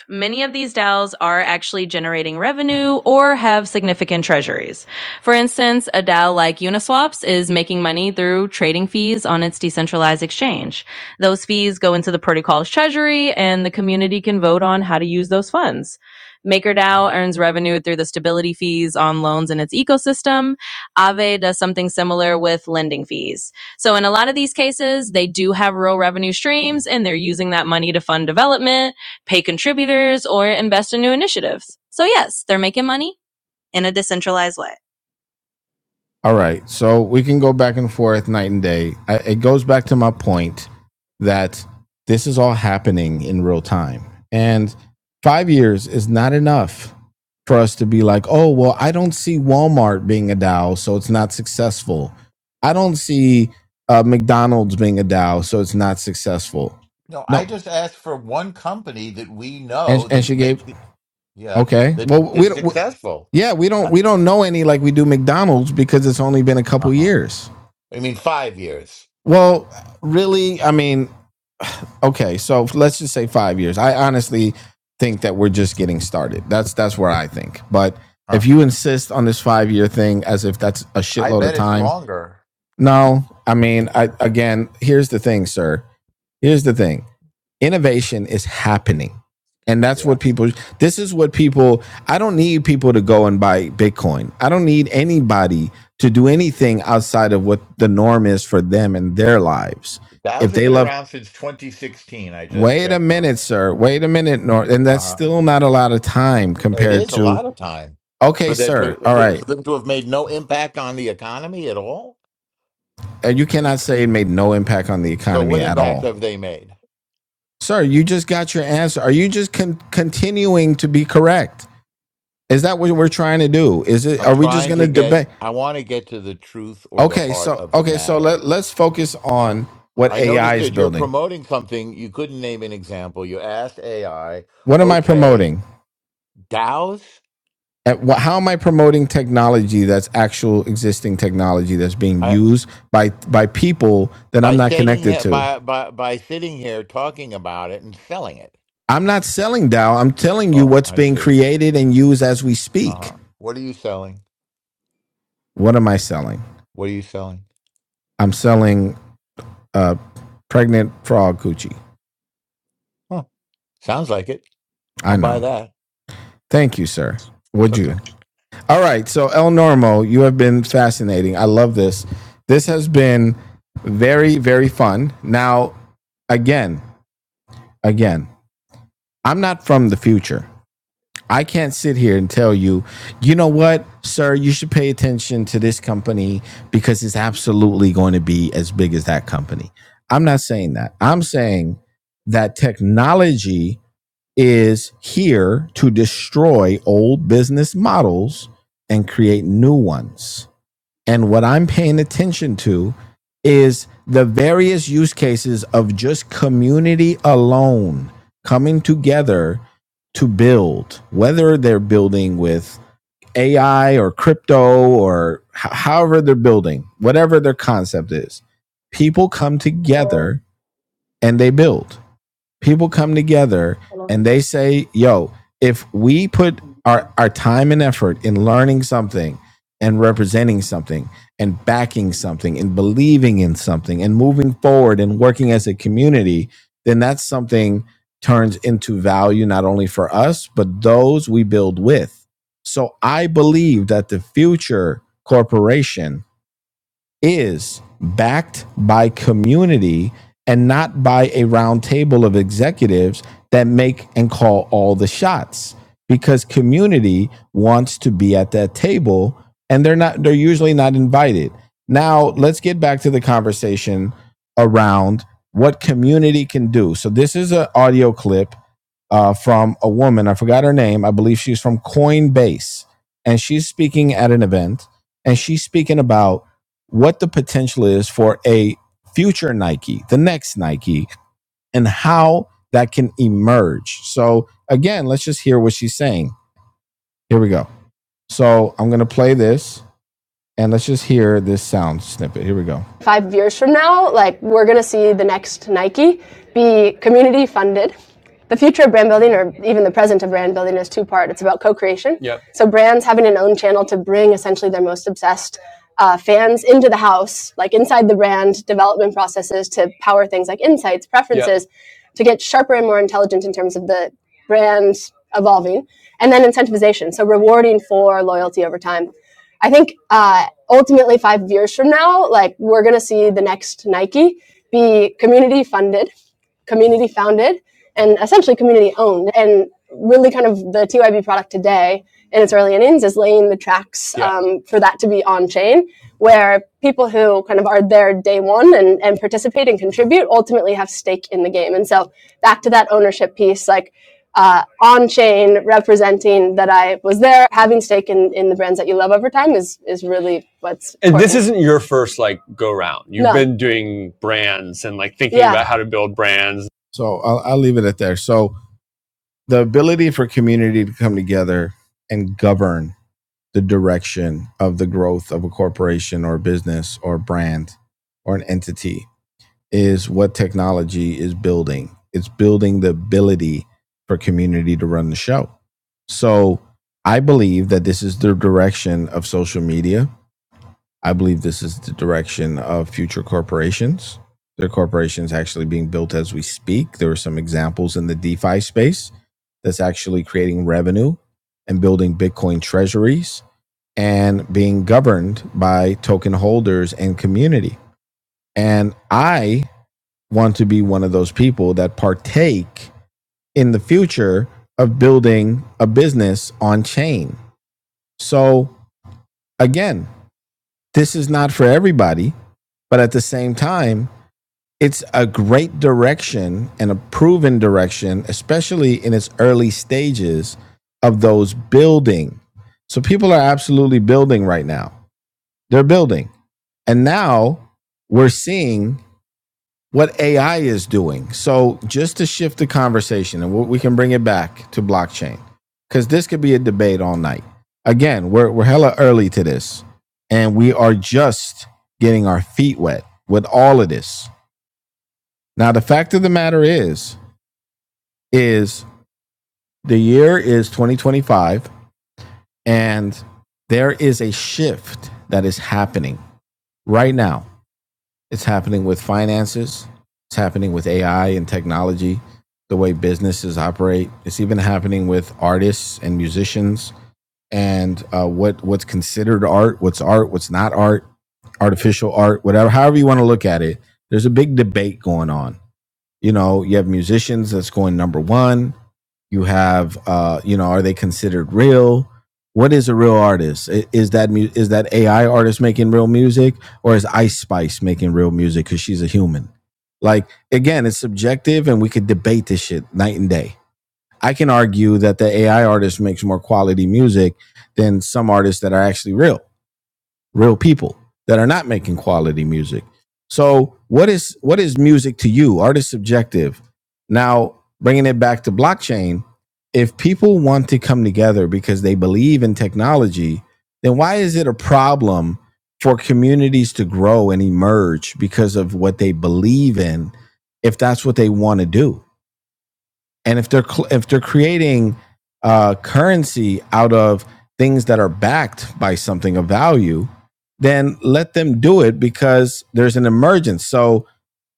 A: Yes, many of these DAOs are actually generating revenue or have significant treasuries. For instance, a DAO like Uniswaps is making money through trading fees on its decentralized exchange. Those fees go into the protocol's treasury and the community can vote on how to use those funds. MakerDAO earns revenue through the stability fees on loans in its ecosystem. Aave does something similar with lending fees. So in a lot of these cases, they do have real revenue streams and they're using that money to fund development pay contributors, or invest in new initiatives. So, yes, they're making money in a decentralized way. All right. So we can go back and forth night and day. I, it goes back to my point that this is all happening in real time. And five years is not enough for us to be like, oh, well, I don't see Walmart being a DAO, so it's not successful. I don't see uh, McDonald's being a DAO, so it's not successful.
E: No, I
A: No.
E: just asked for one company that we
A: And,
E: know
A: and
E: that
A: she gave
E: makes it, yeah,
A: Okay.
E: that
A: Well, we
E: that's
A: do
E: successful.
A: yeah, we don't. We don't know any like we do McDonald's because it's only been a
E: Uh
A: couple
E: huh.
A: years.
E: I mean, five years.
A: Well, really, I mean, okay. So let's just say five years. I honestly think that we're just getting started. That's that's where I think. But if
E: Huh.
A: you insist on this five year thing as if that's a
E: I
A: shitload of
E: bet it's
A: time,
E: longer.
A: no. I mean, I again, here's the thing, sir. Here's the thing innovation is happening and that's
E: Yeah.
A: what people this is what people i don't need people to go and buy bitcoin i don't need anybody to do anything outside of what the norm is for them and their lives
E: DAOs
A: if
E: have
A: they
E: been
A: love
E: around since 2016. I just
A: wait a
E: checked on
A: minute
E: it.
A: sir wait a minute nor and that's
E: Uh,
A: still not a lot of time
E: it
A: compared
E: is a
A: to
E: lot of time
A: okay
E: for them
A: sir
E: to
A: all
E: for,
A: right
E: for them to have made no impact on the economy at all.
A: and you cannot say it made no impact on the
E: So,
A: economy
E: what
A: at
E: impact
A: all
E: have they made?
A: sir you just got your answer are you just con- continuing to be correct Is that what we're trying to do? Is it?
E: I'm
A: Are we just
E: trying
A: going to
E: to get.
A: debate?
E: I want to get to the truth or the
A: Okay,
E: heart
A: so
E: of the
A: okay, so
E: matter.
A: let let's focus on what
E: I
A: AI
E: noticed
A: is
E: that you're
A: building.
E: promoting something. You couldn't name an example. You asked AI.
A: What am I
E: Okay,
A: promoting?
E: DAOs.
A: At what, how am I promoting technology that's actual existing technology that's being
E: I,
A: used by by people that
E: by
A: I'm not
E: stating
A: connected
E: here,
A: to?
E: by by by sitting here talking about it and selling it.
A: I'm not selling Dow. I'm telling you
E: Oh,
A: what's
E: I
A: being
E: see.
A: created and used as we speak.
E: Uh-huh. What are you selling?
A: What am I selling?
E: What are you selling?
A: I'm selling uh, pregnant frog coochie.
E: Huh. Sounds like it.
A: I
E: I'll buy
A: know.
E: that.
A: Thank you, sir.
E: It's
A: Would you?
E: okay.
A: All right. So, El Normo, you have been fascinating. I love this. This has been very, very fun. Now, again, again, I'm not from the future. I can't sit here and tell you, you know what, sir, you should pay attention to this company because it's absolutely going to be as big as that company. I'm not saying that. I'm saying that technology is here to destroy old business models and create new ones. And what I'm paying attention to is the various use cases of just community alone coming together to build, whether they're building with AI or crypto or h- however they're building, whatever their concept is. People come together and they build people come together and they say, yo, if we put our, our time and effort in learning something and representing something and backing something and believing in something and moving forward and working as a community, then that's something turns into value not only for us, but those we build with. So I believe that the future corporation is backed by community and not by a round table of executives that make and call all the shots because community wants to be at that table and they're not they're usually not invited now let's get back to the conversation around what community can do so this is an audio clip uh, from a woman. I forgot her name. I believe she's from Coinbase. And she's speaking at an event and she's speaking about what the potential is for a future Nike, the next Nike, and how that can emerge. So, again, let's just hear what she's saying. Here we go. So, I'm going to play this. And let's just hear this sound snippet. Here we go. five years from now, like we're gonna see the next Nike be community funded. The future of brand building, or even the present of brand building, is two part. It's about co-creation. Yep. So brands having an own channel to bring essentially their most obsessed uh, fans into the house, like inside the brand development processes to power things like insights, preferences, yep. to get sharper and more intelligent in terms of the brand evolving, and then incentivization. So rewarding for loyalty over time. I think uh, ultimately five years from now, like we're gonna see the next Nike be community funded, community founded, and essentially community owned. And really, kind of the TYB product today in its early innings is laying the tracks Yeah. um, for that to be on chain, where people who kind of are there day one and, and participate and contribute ultimately have stake in the game. And so back to that ownership piece, like uh, on chain representing that I was there, having stake in, in the brands that you love over time is is really what's. important. And this isn't your first like go round. You've No. been doing brands and like thinking Yeah. about how to build brands. So I'll, I'll leave it at there. So the ability for community to come together and govern the direction of the growth of a corporation or business or brand or an entity is what technology is building. It's building the ability for community to run the show. So I believe that this is the direction of social media. I believe this is the direction of future corporations. There are corporations actually being built as we speak. There are some examples in the DeFi space that's actually creating revenue and building Bitcoin treasuries and being governed by token holders and community. And I want to be one of those people that partake in the future of building a business on chain. So, again, this is not for everybody, but at the same time, it's a great direction and a proven direction, especially in its early stages of those building. So, people are absolutely building right now. They're building. And now we're seeing what AI is doing. So, just to shift the conversation, and we can bring it back to blockchain, because this could be a debate all night. Again, we're, we're hella early to this, and we are just getting our feet wet with all of this. Now, the fact of the matter is, is the year is 2025, and there is a shift that is happening right now It's happening with finances. It's happening with AI and technology, the way businesses operate. It's even happening with artists and musicians and uh, what what's considered art, what's art, what's not art, artificial art, whatever, however you want to look at it. There's a big debate going on. You know, you have musicians that's going number one. You have, uh, you know, are they considered real? What is a real artist? Is that mu- is that AI artist making real music, or is Ice Spice making real music because she's a human? Like again, it's subjective, and we could debate this shit night and day. I can argue that the AI artist makes more quality music than some artists that are actually real real people that are not making quality music. So what is what is music to you? Art is subjective. Now bringing it back to blockchain, if people want to come together because they believe in technology, then why is it a problem for communities to grow and emerge because of what they believe in if that's what they want to do? And if they're cl- if they're creating uh, currency out of things that are backed by something of value, then let them do it because there's an emergence. So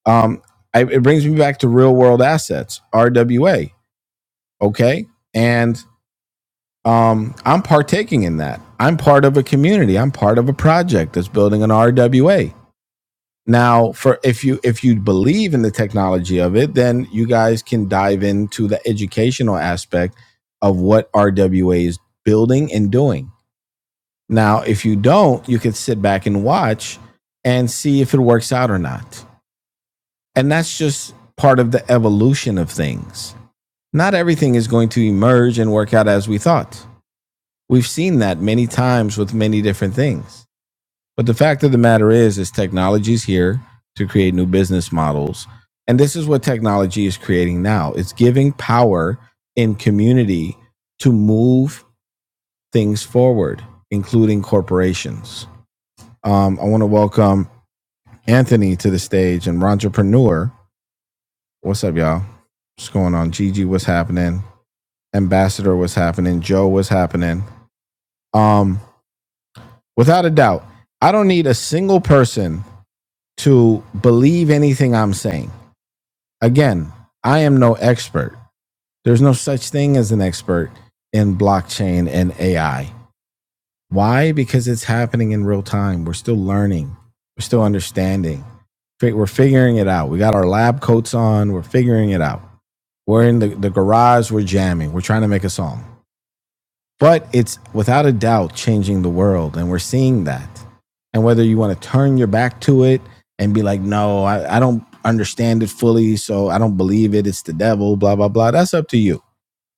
A: um, I, it brings me back to real world assets, RWA. Okay, and um, I'm partaking in that. I'm part of a community. I'm part of a project that's building an RWA. Now, for if you if you believe in the technology of it, then you guys can dive into the educational aspect of what RWA is building and doing. Now, if you don't, you can sit back and watch and see if it works out or not. And that's just part of the evolution of things. Not everything is going to emerge and work out as we thought. We've seen that many times with many different things. But the fact of the matter is, is technology's here to create new business models. And this is what technology is creating now. It's giving power in community to move things forward, including corporations. Um, I want to welcome Anthony to the stage and entrepreneur. What's up, y'all? What's going on? Gigi, what's happening? Ambassador, what's happening? Joe, what's happening? Um, without a doubt, I don't need a single person to believe anything I'm saying. again, I am no expert. There's no such thing as an expert in blockchain and AI. Why? Because it's happening in real time. We're still learning, we're still understanding. We're figuring it out. We got our lab coats on, we're figuring it out. We're in the, the garage, we're jamming, we're trying to make a song. But it's without a doubt changing the world. And we're seeing that. And whether you want to turn your back to it and be like, no, I, I don't understand it fully. So I don't believe it. It's the devil, blah, blah, blah. That's up to you.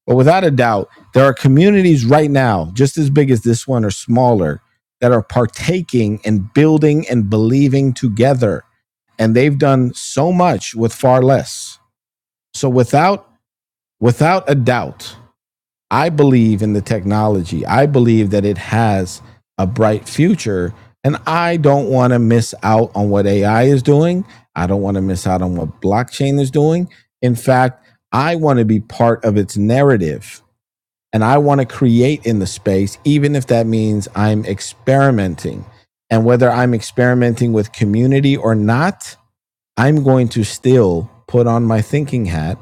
A: But without a doubt, there are communities right now, just as big as this one or smaller, that are partaking and building and believing together. And they've done so much with far less. So without without a doubt, I believe in the technology. I believe that it has a bright future. And I don't want to miss out on what AI is doing. I don't want to miss out on what blockchain is doing. In fact, I want to be part of its narrative and I want to create in the space, even if that means I'm experimenting. And whether I'm experimenting with community or not, I'm going to still put on my thinking hat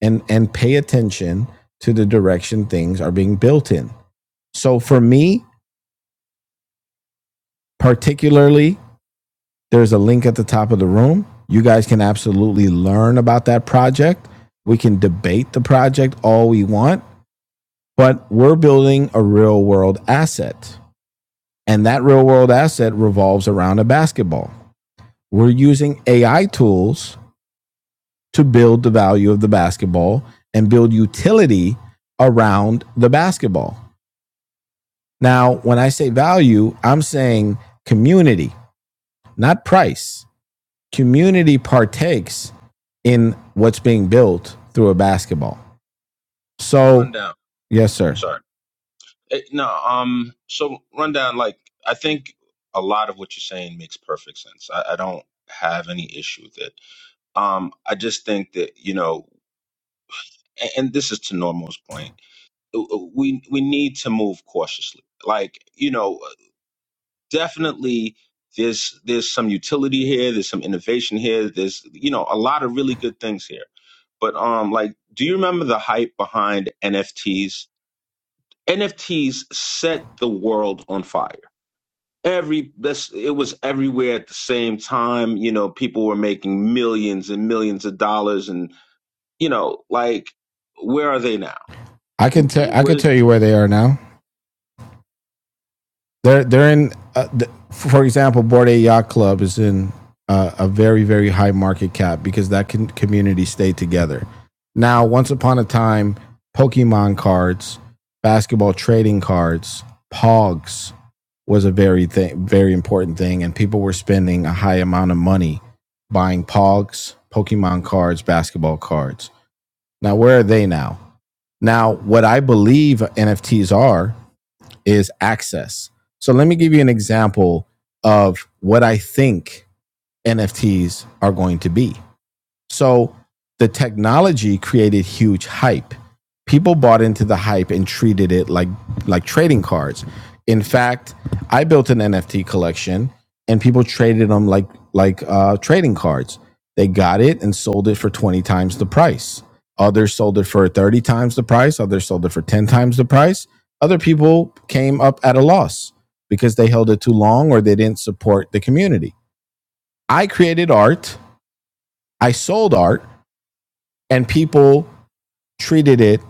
A: and and pay attention to the direction things are being built in. So for me, particularly, there's a link at the top of the room. You guys can absolutely learn about that project. We can debate the project all we want, but we're building a real world asset. And that real world asset revolves around a basketball. We're using AI tools to build the value of the basketball and build utility around the basketball. Now, when I say value, I'm saying community, not price. Community partakes in what's being built through a basketball.
H: The
A: So,
H: rundown.
A: yes,
H: I'm
A: sir.
H: sorry. Eh, No, um, so rundown. Like, I think a lot of what you're saying makes perfect sense. I, I don't have any issue with it. Um, I just think that you know, and, and this is to Normal's point. uh, uh, We we need to move cautiously. Like, you know, uh, definitely. There's there's some utility here. There's some innovation here. There's you know a lot of really good things here. But um, like, do you remember the hype behind NFTs? NFTs set the world on fire. Every this it was everywhere at the same time. You know, people were making millions and millions of dollars, and you know, like where are they now?
A: I can tell I can
H: Where's
A: tell you where they are now. they're they're in. Uh, the, for example, Board A Yacht Club is in uh, a very very high market cap because that can community stay together. Now, once upon a time, Pokemon cards, basketball trading cards, Pogs was a very thing, very important thing, and people were spending a high amount of money buying Pogs, Pokemon cards, basketball cards. Now, where are they now? Now, what I believe NFTs are is access. So let me give you an example of what I think NFTs are going to be. So the technology created huge hype. People bought into the hype and treated it like like trading cards. In fact, I built an NFT collection and people traded them like like uh, trading cards. They got it and sold it for 20 times the price. Others sold it for 30 times the price. Others sold it for 10 times the price. Other people came up at a loss because they held it too long or they didn't support the community. I created art. I sold art and people treated it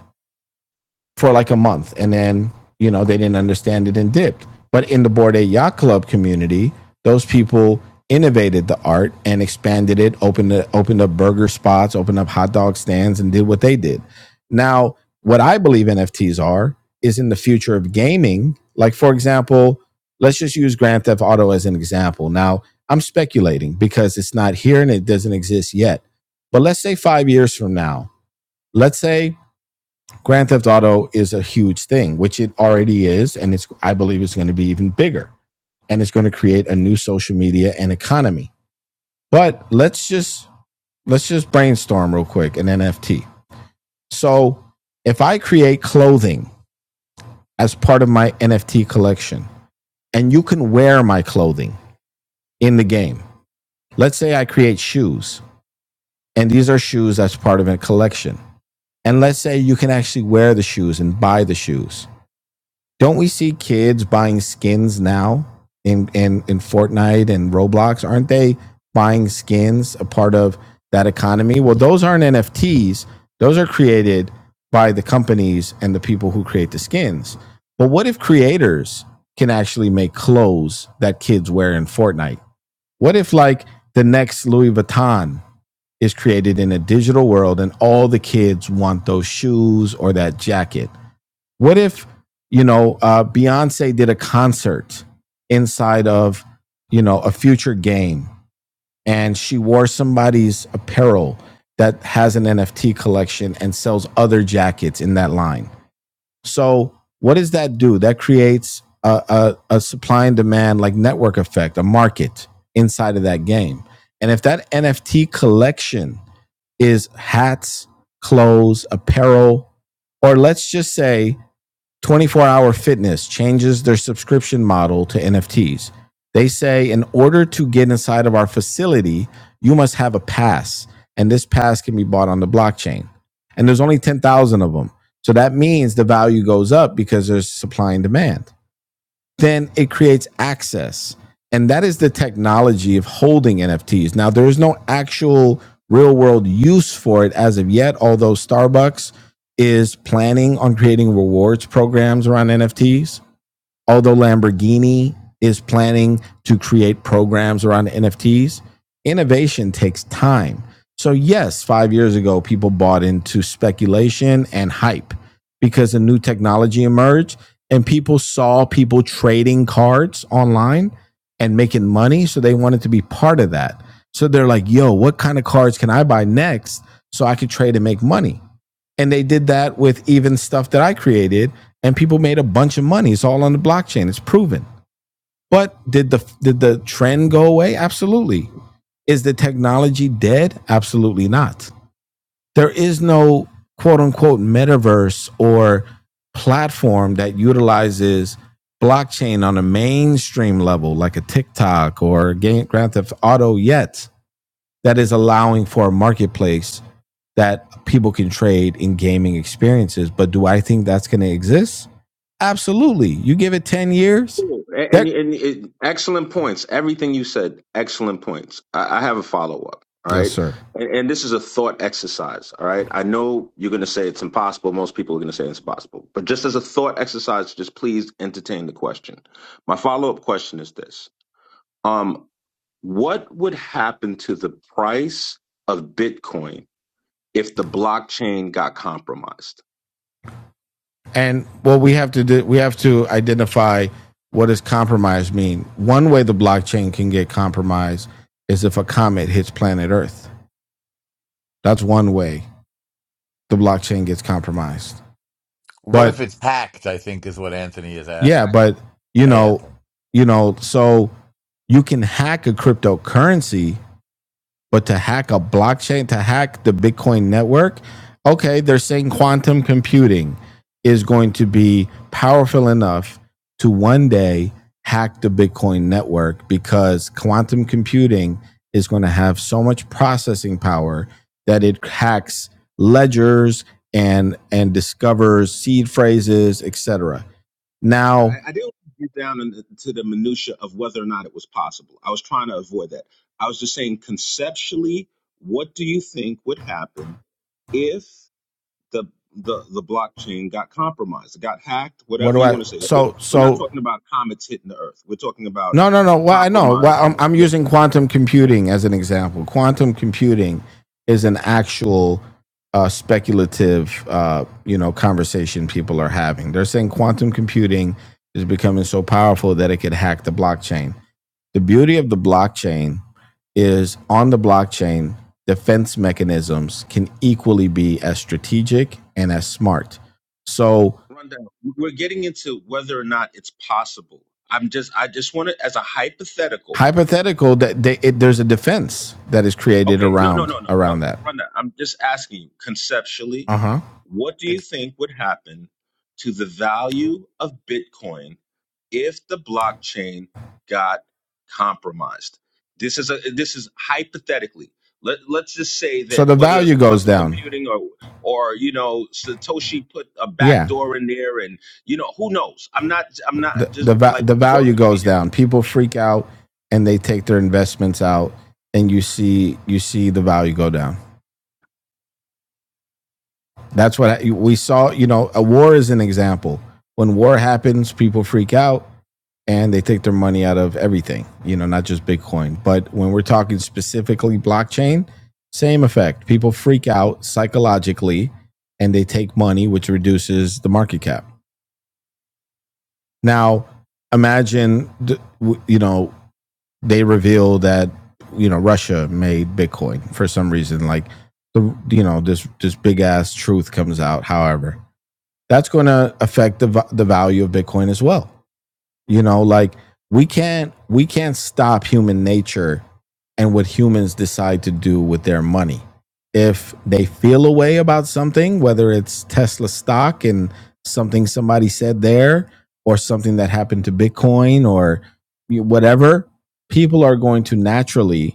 A: for like a month and then you know they didn't understand it and dipped but in the board a yacht club community those people innovated the art and expanded it opened it opened up burger spots opened up hot dog stands and did what they did now what i believe nfts are is in the future of gaming like for example let's just use grand theft auto as an example now i'm speculating because it's not here and it doesn't exist yet but let's say five years from now let's say Grand Theft Auto is a huge thing, which it already is, and it's I believe it's going to be even bigger, and it's going to create a new social media and economy. But let's just let's just brainstorm real quick an NFT. So if I create clothing as part of my NFT collection, and you can wear my clothing in the game. Let's say I create shoes, and these are shoes as part of a collection. And let's say you can actually wear the shoes and buy the shoes don't we see kids buying skins now in in in Fortnite and Roblox? Aren't they buying skins a part of that economy? Well, those aren't NFTs. Those are created by the companies and the people who create the skins. But what if creators can actually make clothes that kids wear in Fortnite? What if like the next Louis Vuitton is created in a digital world and all the kids want those shoes or that jacket? What if, you know, uh, Beyonce did a concert inside of, you know, a future game and she wore somebody's apparel that has an NFT collection and sells other jackets in that line? So, what does that do? That creates a, a, a supply and demand, like network effect, a market inside of that game. And if that NFT collection is hats, clothes, apparel, or let's just say 24 Hour Fitness changes their subscription model to NFTs. They say in order to get inside of our facility, you must have a pass, and this pass can be bought on the blockchain. And there's only 10,000 of them. So that means the value goes up because there's supply and demand then it creates access. And that is the technology of holding NFTs. Now, there is no actual real world use for it as of yet, although Starbucks is planning on creating rewards programs around NFTs although Lamborghini is planning to create programs around NFTs, innovation takes time. So, yes, five years ago, people bought into speculation and hype because a new technology emerged and people saw people trading cards online and making money. So, they wanted to be part of that. So, they're like, yo, what kind of cards can I buy next so I could trade and make money? and they did that with even stuff that I created, and people made a bunch of money. It's all on the blockchain. It's proven. But did the did the trend go away? Absolutely. Is the technology dead? Absolutely not. There is no quote unquote metaverse or platform that utilizes blockchain on a mainstream level, like a TikTok or Grand Theft Auto, yet that is allowing for a marketplace that people can trade in gaming experiences. But do I think that's going to exist? Absolutely. You give it 10 years,
H: and
A: that
H: and it, excellent points. Everything you said, excellent points. I, I have a follow up. All
A: Yes,
H: right,
A: sir.
H: and, and this is a thought exercise. All right, I know you're going to say it's impossible. Most people are going to say it's impossible, but just as a thought exercise, just please entertain the question. My follow up question is this um, what would happen to the price of Bitcoin if the blockchain got compromised?
A: and what we have to do we have to identify what does compromise mean. One way the blockchain can get compromised is if a comet hits planet Earth. That's one way the blockchain gets compromised.
E: What
A: But
E: if it's hacked? I think is what Anthony is
A: yeah,
H: I,
E: asking.
A: but you
E: Hey,
A: know,
E: Anthony.
A: you know, so you can hack a cryptocurrency But to hack a blockchain, to hack the Bitcoin network, okay, they're saying quantum computing is going to be powerful enough to one day hack the Bitcoin network because quantum computing is going to have so much processing power that it hacks ledgers and and discovers seed phrases, et cetera.
H: I
A: Now,
H: didn't get down into the minutia of whether or not it was possible. I was trying to avoid that. I was just saying conceptually, what do you think would happen if the the the blockchain got compromised, got hacked,
A: what
H: whatever
A: do
H: you
A: I
H: want to say? But
A: so
H: we're not
A: so
H: talking about comets hitting the Earth. We're talking about
A: No, no, no. Well, I know. Well,
H: compromise.
A: I'm, I'm using quantum computing as an example. Quantum computing is an actual uh, speculative, uh, you know, conversation people are having. They're saying quantum computing is becoming so powerful that it could hack the blockchain. The beauty of the blockchain is on the blockchain, defense mechanisms can equally be as strategic and as smart. So
H: rundown. We're getting into whether or not it's possible. I'm just, I just want to, as a hypothetical,
A: hypothetical that they, it, there's a defense that is created
H: Okay, no, no,
A: around
H: no, no, no.
A: around that.
H: Run that. I'm just asking you conceptually,
A: Uh huh.
H: what do you think would happen to the value of Bitcoin if the blockchain got compromised? This is a this is hypothetically. Let, let's just say
A: So
H: that
A: the
H: whether it's
A: value goes
H: quantum
A: down.
H: computing or or you know Satoshi put a
A: Yeah,
H: backdoor in there and you know who knows. I'm not I'm not
A: the the
H: just
A: va-
H: like
A: the
H: work
A: value
H: with me
A: goes
H: here.
A: down. People freak out and they take their investments out, and you see you see the value go down. That's what I, we saw. You know, a war is an example. When war happens, people freak out and they take their money out of everything. You know, not just Bitcoin, but when we're talking specifically blockchain, same effect. People freak out psychologically and they take money, which reduces the market cap. Now, imagine, you know, they reveal that, you know, Russia made Bitcoin for some reason. Like, the, you know, this, this big ass truth comes out, however. That's going to affect the, the value of Bitcoin as well you know like we can't we can't stop human nature and what humans decide to do with their money if they feel a way about something whether it's tesla stock and something somebody said there or something that happened to bitcoin or whatever people are going to naturally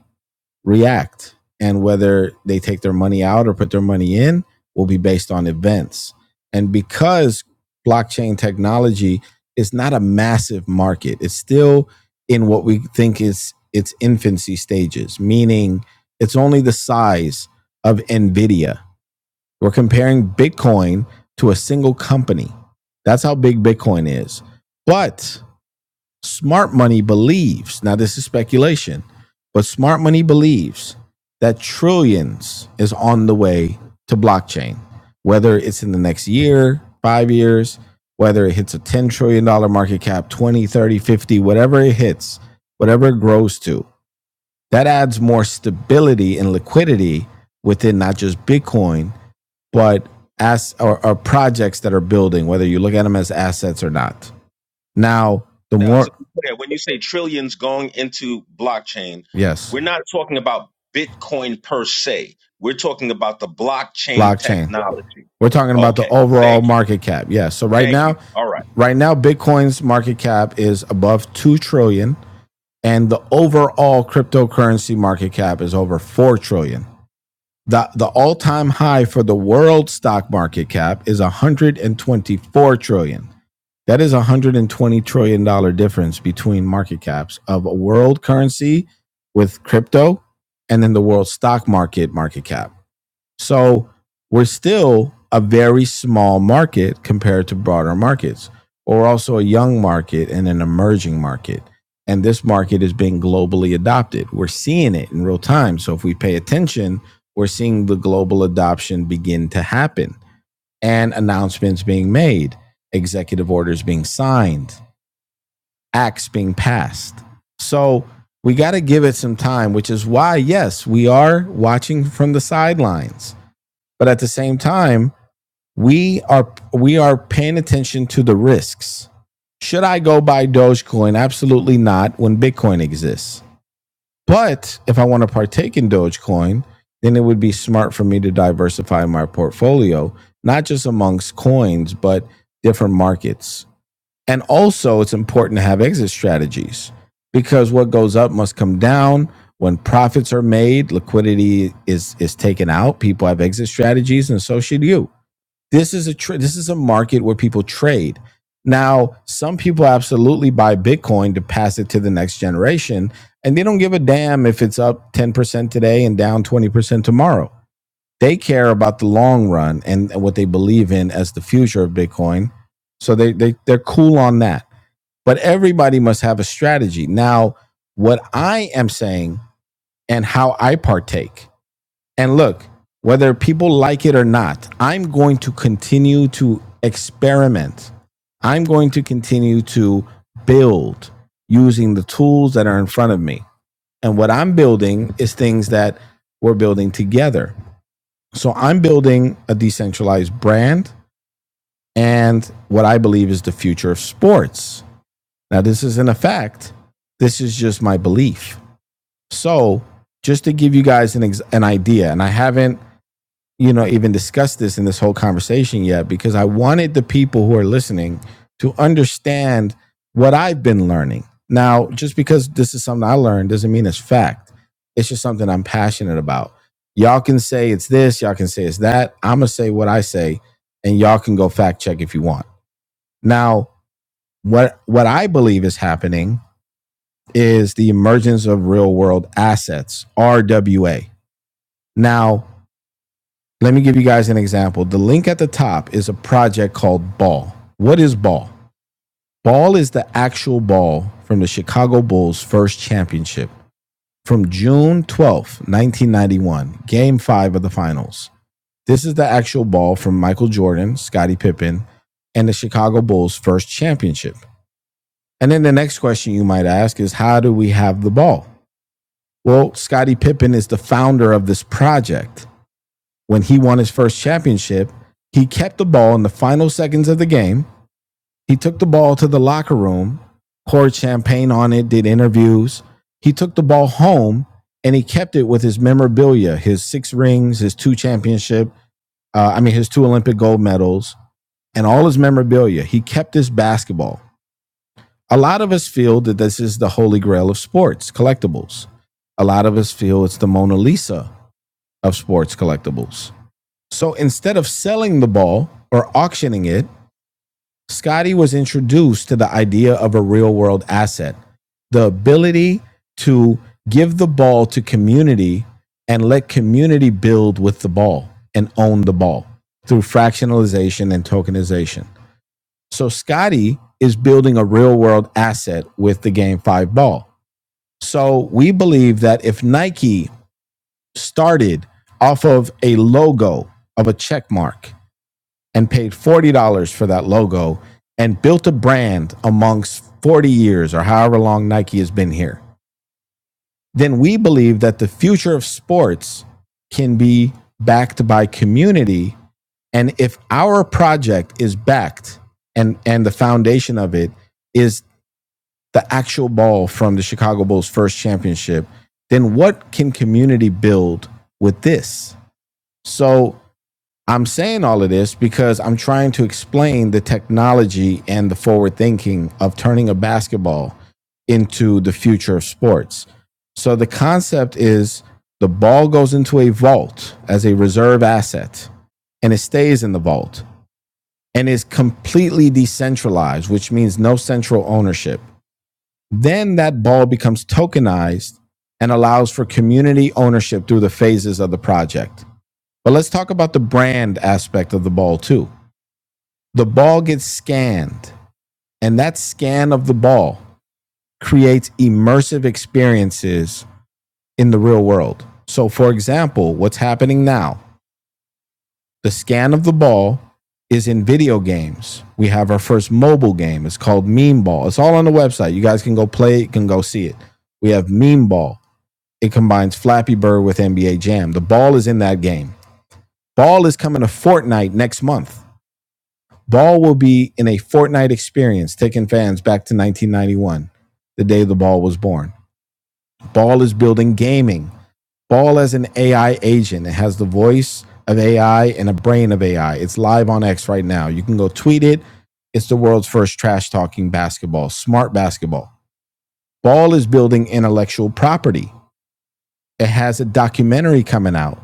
A: react and whether they take their money out or put their money in will be based on events. And because blockchain technology is not a massive market, it's still in what we think is its infancy stages, meaning it's only the size of Nvidia. We're comparing Bitcoin to a single company. That's how big Bitcoin is. But Smart money believes, now this is speculation, but smart money believes that trillions is on the way to blockchain, whether it's in the next year, five years, whether it hits a $10 trillion dollars market cap, 20, 30, 50, whatever it hits, whatever it grows to, that adds more stability and liquidity within not just Bitcoin, but as or, or projects that are building, whether you look at them as assets or not. Now, the
H: down to
A: more,
H: be clear, when you say trillions going into blockchain,
A: yes.
H: we're not talking about Bitcoin per se. We're talking about the blockchain
A: blockchain.
H: technology.
A: We're talking about the
H: Okay.
A: overall
H: Thank you.
A: market cap. Yeah. So right
H: Thank you.
A: now,
H: All right.
A: right now, Bitcoin's market cap is above two trillion, dollars, and the overall cryptocurrency market cap is over four trillion. dollars. The the all time high for the world stock market cap is 124 trillion. dollars. That is a 120 trillion dollar difference between market caps of a world currency with crypto and then the world stock market market cap. So we're still a very small market compared to broader markets. But we're also a young market and an emerging market. And this market is being globally adopted. We're seeing it in real time. So if we pay attention, we're seeing the global adoption begin to happen and announcements being made, executive orders being signed, acts being passed. So we got to give it some time, which is why, yes, we are watching from the sidelines but at the same time, we are we are paying attention to the risks. Should I go buy Dogecoin? Absolutely not when Bitcoin exists. But if I want to partake in Dogecoin, then it would be smart for me to diversify my portfolio, not just amongst coins, but different markets. And also, it's important to have exit strategies because what goes up must come down. When profits are made, liquidity is, is taken out. People have exit strategies, and so should you. This is a tra- this is a market where people trade. Now, some people absolutely buy Bitcoin to pass it to the next generation, and they don't give a damn if it's up 10% today and down 20% tomorrow. They care about the long run and what they believe in as the future of Bitcoin. So they, they they're cool on that. But everybody must have a strategy. Now, what I am saying and how I partake and look, whether people like it or not, I'm going to continue to experiment. I'm going to continue to build using the tools that are in front of me. And what I'm building is things that we're building together. So I'm building a decentralized brand and what I believe is the future of sports. Now, this isn't a fact, this is just my belief. So, just to give you guys an, ex- an idea, and I haven't you know, even discussed this in this whole conversation yet because I wanted the people who are listening to understand what I've been learning. Now, just because this is something I learned doesn't mean it's fact. It's just something I'm passionate about. Y'all can say it's this, y'all can say it's that. I'm going to say what I say and y'all can go fact check if you want. Now, what what I believe is happening is the emergence of real world assets, RWA. Now, Let me give you guys an example. The link at the top is a project called Ball. What is Ball? Ball is the actual ball from the Chicago Bulls' first championship from June twelfth, nineteen 1991, game five of the finals. This is the actual ball from Michael Jordan, Scottie Pippen, and the Chicago Bulls' first championship. And then the next question you might ask is how do we have the ball? Well, Scottie Pippen is the founder of this project. when he won his first championship, he kept the ball in the final seconds of the game. He took the ball to the locker room, poured champagne on it, did interviews. He took the ball home and he kept it with his memorabilia, his six rings, his two championship, uh, I mean, his two Olympic gold medals, and all his memorabilia. He kept his basketball. A lot of us feel that this is the holy grail of sports collectibles. A lot of us feel it's the Mona Lisa of sports collectibles. So instead of selling the ball or auctioning it, Scotty was introduced to the idea of a real world asset the ability to give the ball to community and let community build with the ball and own the ball through fractionalization and tokenization. So Scotty is building a real world asset with the Game 5 ball. So we believe that if Nike started off of a logo of a check mark and paid $40 for that logo and built a brand amongst 40 years or however long Nike has been here, then we believe that the future of sports can be backed by community. And if our project is backed and, and the foundation of it is the actual ball from the Chicago Bulls first championship, then what can community build with this? So I'm saying all of this because I'm trying to explain the technology and the forward thinking of turning a basketball into the future of sports. So the concept is the ball goes into a vault as a reserve asset and it stays in the vault and is completely decentralized, which means no central ownership. Then that ball becomes tokenized and allows for community ownership through the phases of the project. But let's talk about the brand aspect of the ball too the ball gets scanned, and that scan of the ball creates immersive experiences in the real world. So, for example, what's happening now, the scan of the ball is in video games. We have our first mobile game. It's called Meme Ball. It's all on the website. You guys can go play it, can go see it. We have Meme Ball. It combines Flappy Bird with NBA Jam. The ball is in that game. Ball is coming to Fortnite next month. Ball will be in a Fortnite experience, taking fans back to 1991, the day the ball was born. Ball is building gaming. Ball as an AI agent. It has the voice of AI and a brain of AI. It's live on X right now. You can go tweet it. It's the world's first trash talking basketball, smart basketball. Ball is building intellectual property it has a documentary coming out.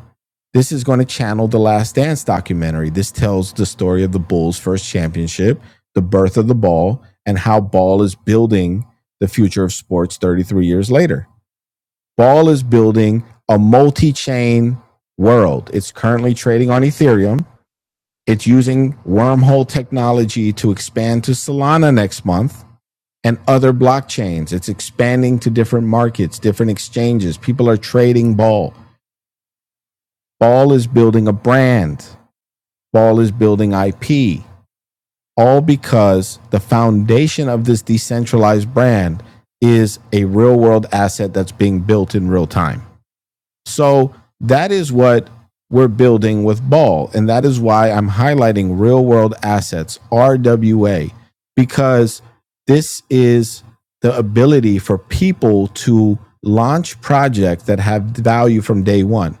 A: This is going to channel the Last Dance documentary. This tells the story of the Bulls' first championship, the birth of the ball, and how ball is building the future of sports 33 years later. Ball is building a multi chain world. It's currently trading on Ethereum. It's using wormhole technology to expand to Solana next month and other blockchains. It's expanding to different markets, different exchanges. People are trading ball. Ball is building a brand. Ball is building IP. All because the foundation of this decentralized brand is a real world asset that's being built in real time. So that is what we're building with Ball. And that is why I'm highlighting real world assets, RWA, because this is the ability for people to launch projects that have value from day one.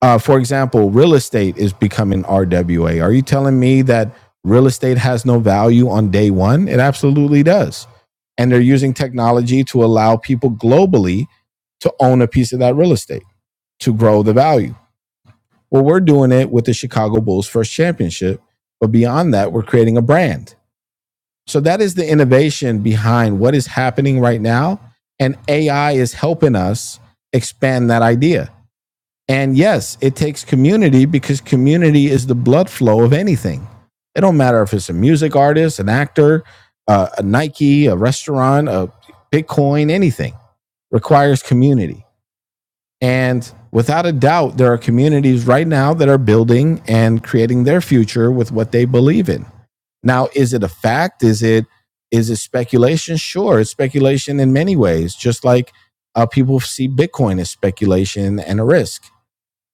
A: Uh, for example, real estate is becoming RWA. Are you telling me that real estate has no value on day one? It absolutely does. And they're using technology to allow people globally to own a piece of that real estate to grow the value. Well, we're doing it with the Chicago Bulls first championship, but beyond that, we're creating a brand. So that is the innovation behind what is happening right now. And AI is helping us expand that idea and yes, it takes community because community is the blood flow of anything. It don't matter if it's a music artist, an actor, uh, a Nike, a restaurant, a Bitcoin, anything requires community. And without a doubt, there are communities right now that are building and creating their future with what they believe in. Now, is it a fact? Is it is it speculation? Sure, it's speculation in many ways. Just like uh, people see Bitcoin as speculation and a risk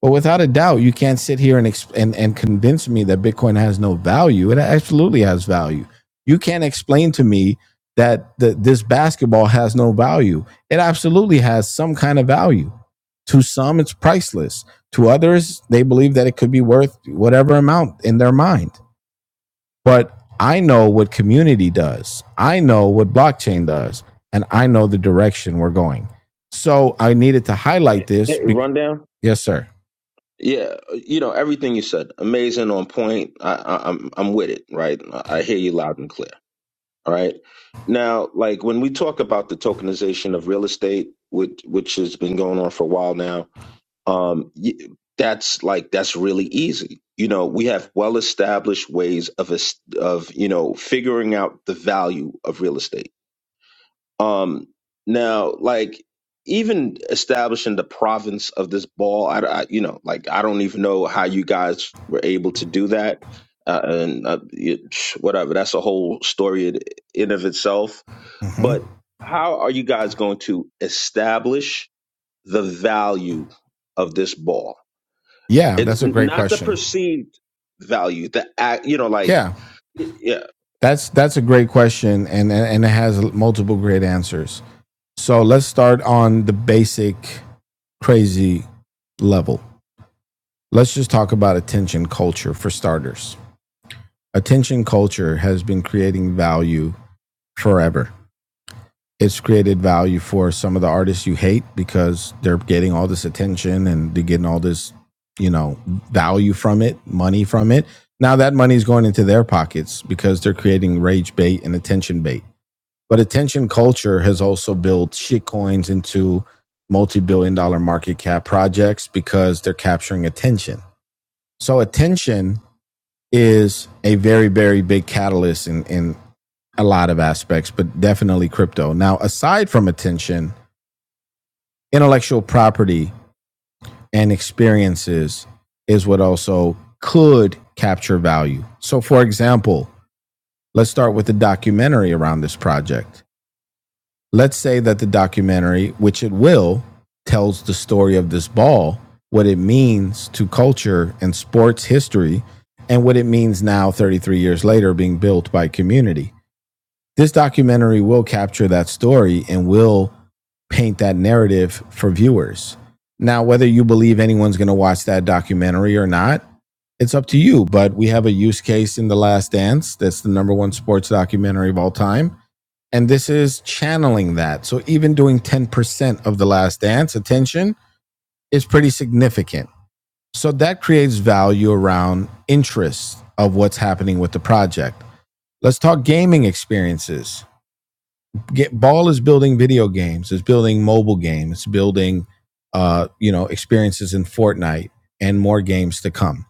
A: but without a doubt, you can't sit here and, exp- and and convince me that Bitcoin has no value. It absolutely has value. You can't explain to me that the, this basketball has no value. It absolutely has some kind of value. To some, it's priceless. To others, they believe that it could be worth whatever amount in their mind. But I know what community does. I know what blockchain does, and I know the direction we're going. So I needed to highlight this.
H: Hey,
A: Be-
H: rundown.
A: yes, sir.
H: Yeah, you know everything you said. Amazing, on point. I, I, I'm I'm with it. Right, I I hear you loud and clear. All right. Now, like when we talk about the tokenization of real estate, which which has been going on for a while now, um, y- that's like that's really easy. You know, we have well established ways of es- of you know figuring out the value of real estate. Um, now, like even establishing the province of this ball, I, I- you know, like I don't even know how you guys were able to do that. Uh, and uh, it, whatever, that's a whole story in, in of itself.
A: Mm-hmm.
H: But how are you guys going to establish the value of this ball?
A: Yeah,
H: It's
A: that's a great
H: not the
A: question.
H: perceived value. The act, you know, like
A: Yeah,
H: y- yeah.
A: that's that's a great question, and and, it has multiple great answers. So let's start on the basic crazy level. Let's just talk about attention culture for starters. Attention culture has been creating value forever. it's created value for some of the artists you hate because they're getting all this attention and they're getting all this, you know, value from it, money from it. Now that money is going into their pockets because they're creating rage bait and attention bait. But attention culture has also built shit coins into multi billion dollar market cap projects because they're capturing attention. So attention is a very, very big catalyst in, in a lot of aspects, but definitely crypto. Now, aside from attention, intellectual property and experiences is what also could capture value. So, for example, let's start with the documentary around this project. Let's say that the documentary, which it will, tells the story of this ball, what it means to culture and sports history, and what it means now, 33 years later, being built by community this documentary will capture that story and will paint that narrative for viewers. Now, whether you believe anyone's going to watch that documentary or not, it's up to you. But we have a use case in The Last Dance that's the number one sports documentary of all time. And this is channeling that. So even doing 10% of The Last Dance attention is pretty significant. So that creates value around interest of what's happening with the project. Let's talk gaming experiences get ball is building video games is building mobile games it's building uh you know experiences in fortnite and more games to come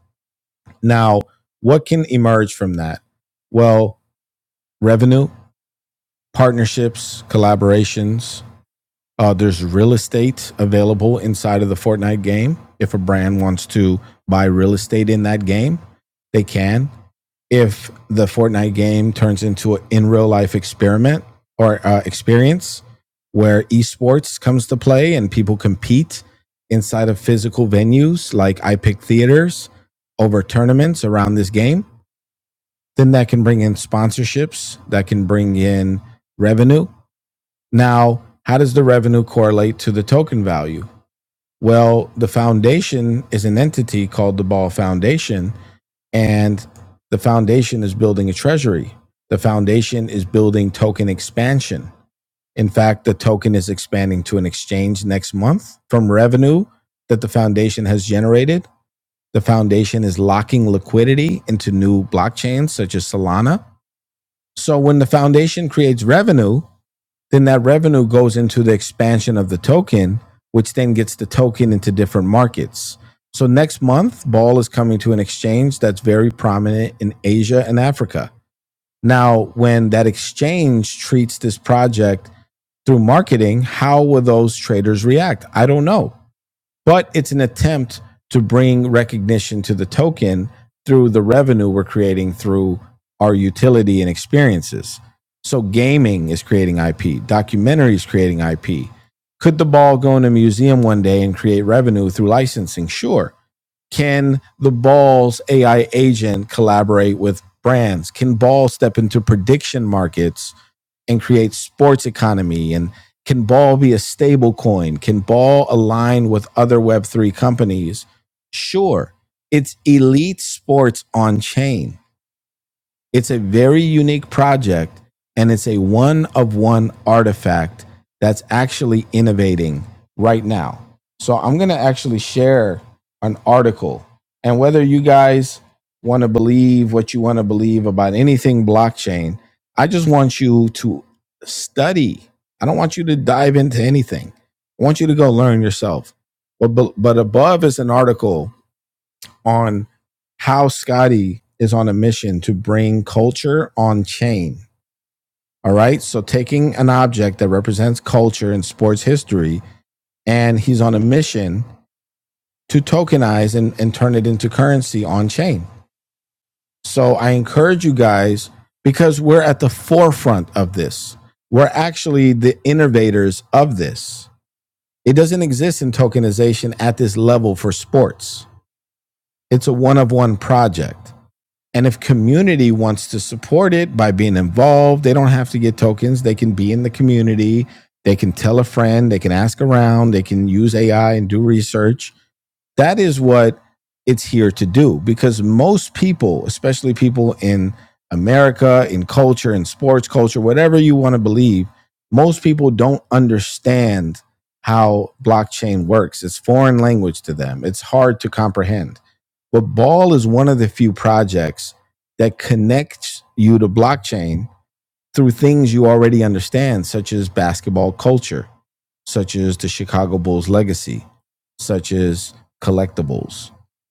A: now what can emerge from that well revenue partnerships collaborations uh, there's real estate available inside of the fortnite game if a brand wants to buy real estate in that game they can if the Fortnite game turns into an in real life experiment or uh, experience where esports comes to play and people compete inside of physical venues like I pick theaters over tournaments around this game, then that can bring in sponsorships, that can bring in revenue. Now, how does the revenue correlate to the token value? Well, the foundation is an entity called the Ball Foundation and the foundation is building a treasury. The foundation is building token expansion. In fact, the token is expanding to an exchange next month from revenue that the foundation has generated. The foundation is locking liquidity into new blockchains such as Solana so when the foundation creates revenue, then that revenue goes into the expansion of the token, which then gets the token into different markets. So next month, Ball is coming to an exchange that's very prominent in Asia and Africa. Now, when that exchange treats this project through marketing, how will those traders react? I don't know but it's an attempt to bring recognition to the token through the revenue we're creating through our utility and experiences. So gaming is creating IP, documentaries creating IP. Could the ball go in a museum one day and create revenue through licensing? Sure. Can the Ball's AI agent collaborate with brands? Can Ball step into prediction markets and create sports economy? And can Ball be a stable coin? Can Ball align with other Web3 companies? Sure. It's elite sports on chain it's a very unique project and it's a one of one artifact that's actually innovating right now. So I'm going to actually share an article and whether you guys want to believe what you want to believe about anything blockchain, I just want you to study. I don't want you to dive into anything. I want you to go learn yourself. But but above is an article on how Scotty is on a mission to bring culture on chain. All right. So taking an object that represents culture and sports history, and he's on a mission to tokenize and, and turn it into currency on chain. So I encourage you guys because we're at the forefront of this. We're actually the innovators of this. It doesn't exist in tokenization at this level for sports. It's a one of one project. And if community wants to support it by being involved, they don't have to get tokens. They can be in the community. They can tell a friend. They can ask around. They can use AI and do research. That is what it's here to do because most people, especially people in America, in culture, in sports culture, whatever you want to believe, most people don't understand how blockchain works. It's foreign language to them, it's hard to comprehend. But Ball is one of the few projects that connects you to blockchain through things you already understand, such as basketball culture, such as the Chicago Bulls legacy, such as collectibles,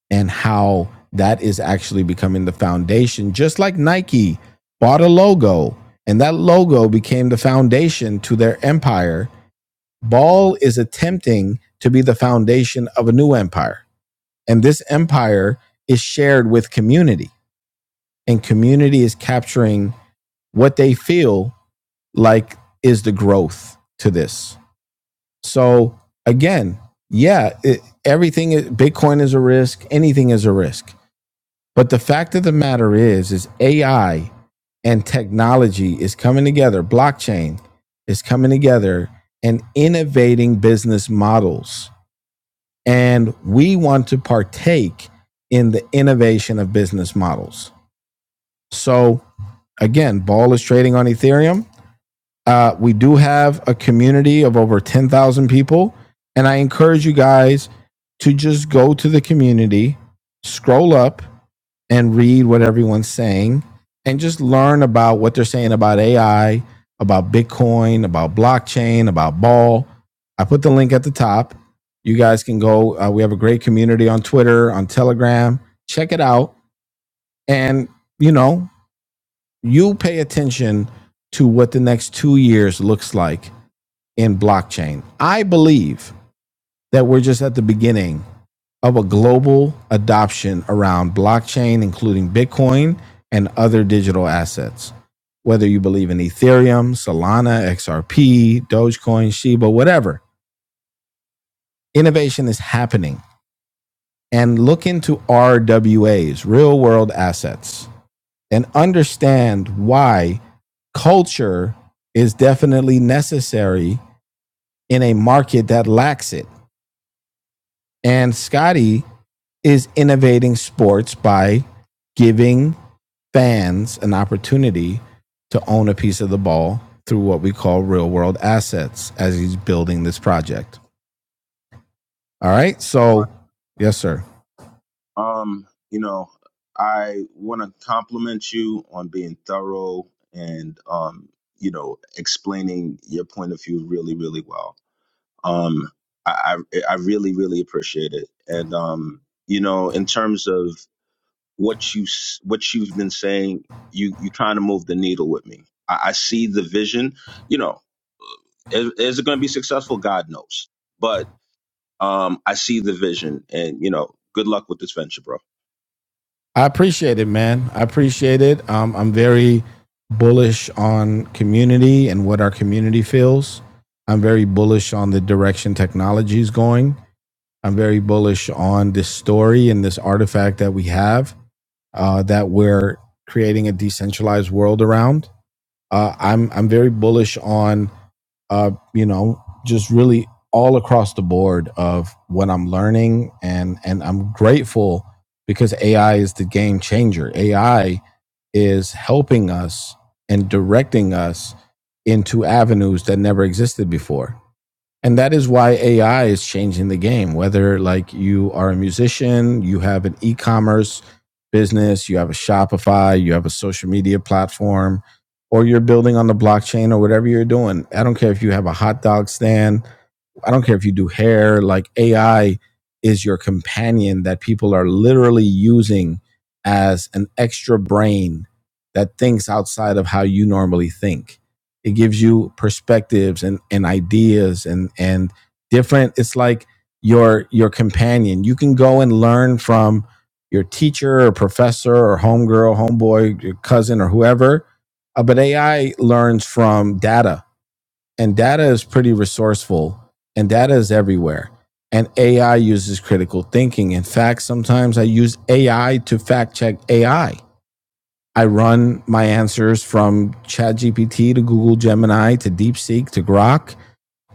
A: and how that is actually becoming the foundation, just like Nike bought a logo and that logo became the foundation to their empire. Ball is attempting to be the foundation of a new empire and this empire is shared with community, and community is capturing what they feel like is the growth to this. So, again, yeah, it, everything is, Bitcoin is a risk, anything is a risk. But the fact of the matter is is AI and technology is coming together, blockchain is coming together and innovating business models and we want to partake in the innovation of business models. So, again, Ball is trading on Ethereum. Uh, we do have a community of over 10,000 people. And I encourage you guys to just go to the community, scroll up, and read what everyone's saying, and just learn about what they're saying about AI, about Bitcoin, about blockchain, about ball. I put the link at the top. You guys can go. Uh, we have a great community on Twitter, on Telegram. Check it out. And, you know, you pay attention to what the next two years looks like in blockchain. I believe that we're just at the beginning of a global adoption around blockchain, including Bitcoin and other digital assets. Whether you believe in Ethereum, Solana, XRP, Dogecoin, Shiba, whatever, innovation is happening. And look into RWAs, real world assets, and understand why culture is definitely necessary in a market that lacks it. And Scotty is innovating sports by giving fans an opportunity to own a piece of the ball through what we call real world assets as he's building this project. All right.
H: Hey, Ryan.
A: So, yes, sir.
H: Um, you know, I want to compliment you on being thorough and um, you know, explaining your point of view really, really well. Um, I I, I really, really appreciate it. And um, you know, in terms of what you s- what you've been saying, you you kind of moved the needle with me. I, I see the vision. You know, is, is it going to be successful? God knows. But Um, I see the vision, and you know, good luck with this venture, bro.
A: I appreciate it, man. I appreciate it. Um, I'm very bullish on community and what our community feels. I'm very bullish on the direction technology is going. I'm very bullish on this story and this artifact that we have. uh, that we're creating a decentralized world around. Uh, I'm I'm very bullish on uh, you know just really all across the board of what I'm learning and and I'm grateful because AI is the game changer. AI is helping us and directing us into avenues that never existed before and that is why AI is changing the game. Whether like you are a musician, you have an e-commerce business, you have a Shopify, you have a social media platform, or you're building on the blockchain or whatever you're doing. I don't care if you have a hot dog stand I don't care if you do hair, like AI is your companion that people are literally using as an extra brain that thinks outside of how you normally think. It gives you perspectives and, and ideas and and different it's like your your companion. You can go and learn from your teacher or professor or homegirl, homeboy, your cousin or whoever. Uh, but AI learns from data and data is pretty resourceful and data is everywhere and ai uses critical thinking in fact sometimes i use ai to fact check ai i I run my answers from chatgpt to google gemini to deepseek to grok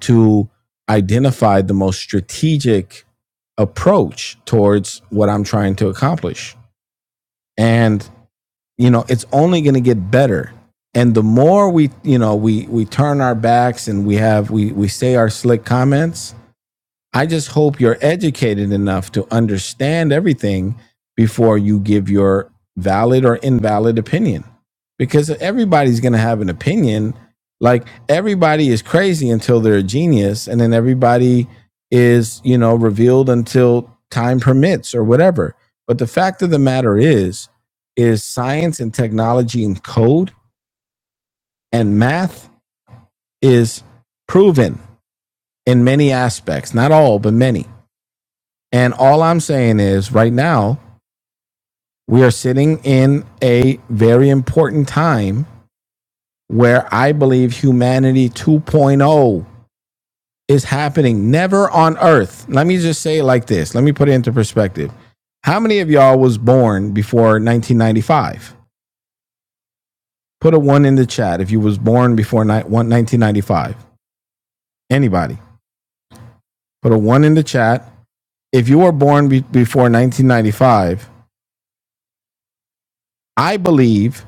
A: to identify the most strategic approach towards what i'm trying to accomplish and you know it's only going to get better and the more we you know we we turn our backs and we have we we say our slick comments I just hope you're educated enough to understand everything before you give your valid or invalid opinion. Because everybody's going to have an opinion. Like everybody is crazy until they're a genius, and then everybody is, you know, revealed until time permits or whatever. But the fact of the matter is, is science and technology and code and math is proven in many aspects, not all, but many And all I'm saying is, right now, we are sitting in a very important time where I believe humanity 2.0 is happening. Never on earth. Let me just say it like this. Let me put it into perspective. How many of y'all was born before 1995? Put a one in the chat if you was born before 1995. Anybody? Put a one in the chat. If you were born be- before 1995, I believe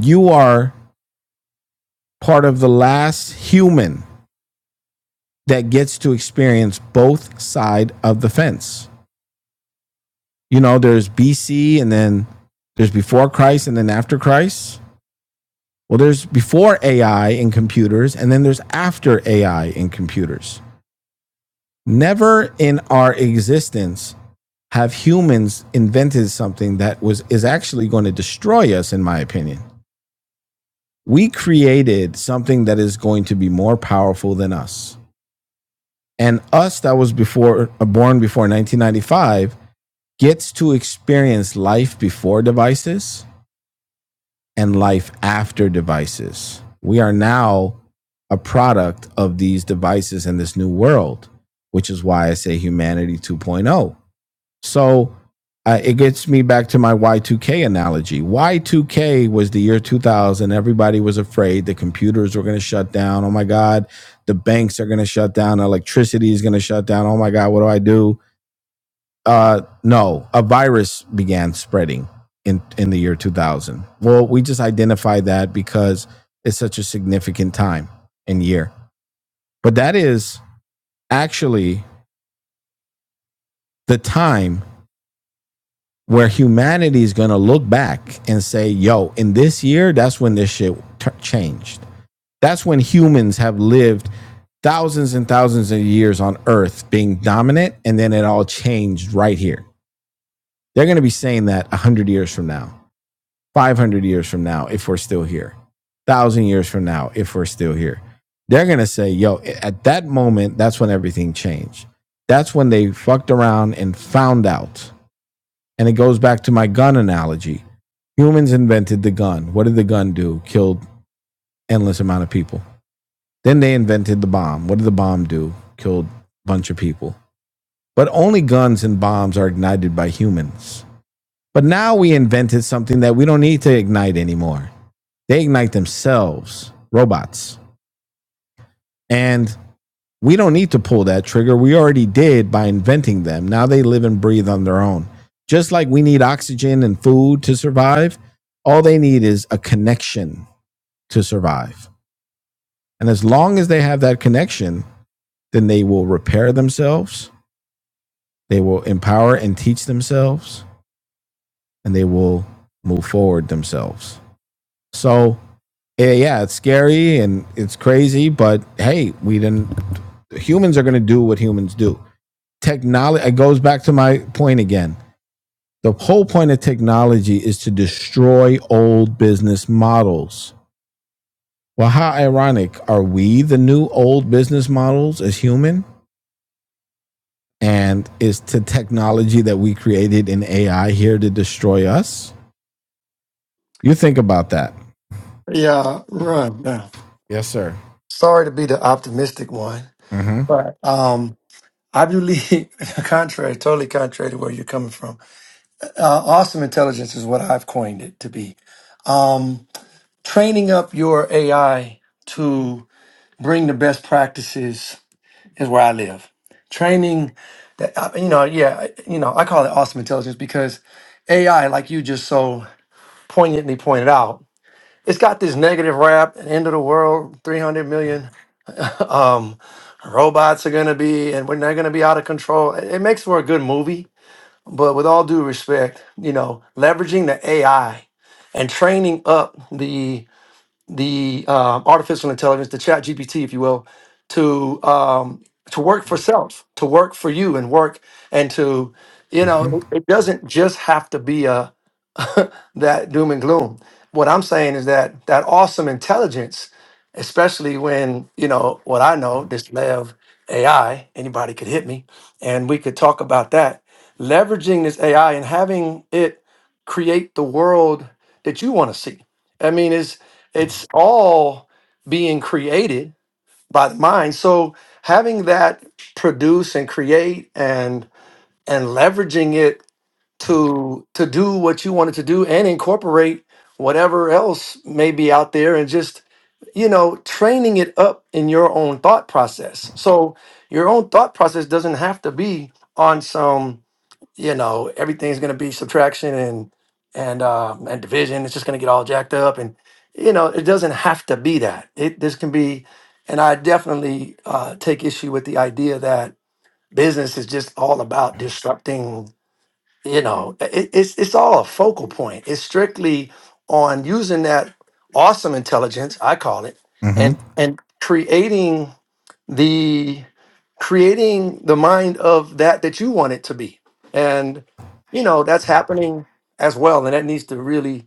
A: you are part of the last human that gets to experience both side of the fence. You know, there's BC and then there's before Christ and then after Christ. Well, there's before AI in computers and then there's after AI in computers. Never in our existence have humans invented something that was is actually going to destroy us in my opinion. We created something that is going to be more powerful than us and us that was before uh, born before 1995 gets to experience life before devices and life after devices we are now a product of these devices and this new world which is why i say humanity 2.0 so uh, it gets me back to my Y2K analogy. Y2K was the year 2000. Everybody was afraid the computers were going to shut down. Oh my God, the banks are going to shut down. Electricity is going to shut down. Oh my God, what do I do? Uh, no, a virus began spreading in, in the year 2000. Well, we just identified that because it's such a significant time and year. But that is actually the time where humanity is going to look back and say, yo, in this year, that's when this shit tur changed. That's when humans have lived thousands and thousands of years on Earth being dominant, and then it all changed right here. They're going to be saying that 100 years from now, 500 years from now, if we're still here, 1,000 years from now, if we're still here. They're going to say, yo, at that moment, that's when everything changed. That's when they fucked around and found out and it goes back to my gun analogy. Humans invented the gun. What did the gun do? Killed endless amount of people. Then they invented the bomb. What did the bomb do? Killed a bunch of people. But only guns and bombs are ignited by humans. But now we invented something that we don't need to ignite anymore. They ignite themselves, robots. And we don't need to pull that trigger. We already did by inventing them. Now they live and breathe on their own. Just like we need oxygen and food to survive, all they need is a connection to survive. And as long as they have that connection, then they will repair themselves, they will empower and teach themselves, and they will move forward themselves. So, eh, yeah, it's scary and it's crazy, but hey, we didn't, humans are going to do what humans do technology it goes back to my point again the whole point of technology is to destroy old business models well how ironic are we the new old business models as human and is the technology that we created in ai here to destroy us you think about that
I: Yeah, run. Yeah.
A: yes sir
I: Sorry to be the optimistic one,
A: mm-hmm
I: but um, I believe, contrary, totally contrary to where you're coming from. Uh, awesome intelligence is what I've coined it to be. Training up your AI to bring the best practices is where I live. Training that uh, you know, yeah, you know, I call it awesome intelligence because AI, like you just so poignantly pointed out, it's got this negative rap, end of the world, 300 million. robots are going to be and we're not going to be out of control it, it makes for a good movie but with all due respect you know leveraging the ai and training up the the um, artificial intelligence the chat gpt if you will to um to work for self to work for you and work and to you know
A: mm-hmm
I: it it doesn't just have to be a that doom and gloom. What I'm saying is that that awesome intelligence, especially when you know what I know, this lev AI, anybody could hit me, and we could talk about that. Leveraging this AI and having it create the world that you want to see. I mean, it's it's all being created by the mind. So having that produce and create and and leveraging it to to do what you wanted to do and incorporate whatever else may be out there and just you know training it up in your own thought process so your own thought process doesn't have to be on some you know everything's going to be subtraction and and um, and division it's just going to get all jacked up and you know it doesn't have to be that it this can be and i definitely uh, take issue with the idea that business is just all about disrupting you know it, it's it's all a focal point it's strictly on using that awesome intelligence i call it and
A: mm-hmm
I: and creating the creating the mind of that that you want it to be and you know that's happening as well and that needs to really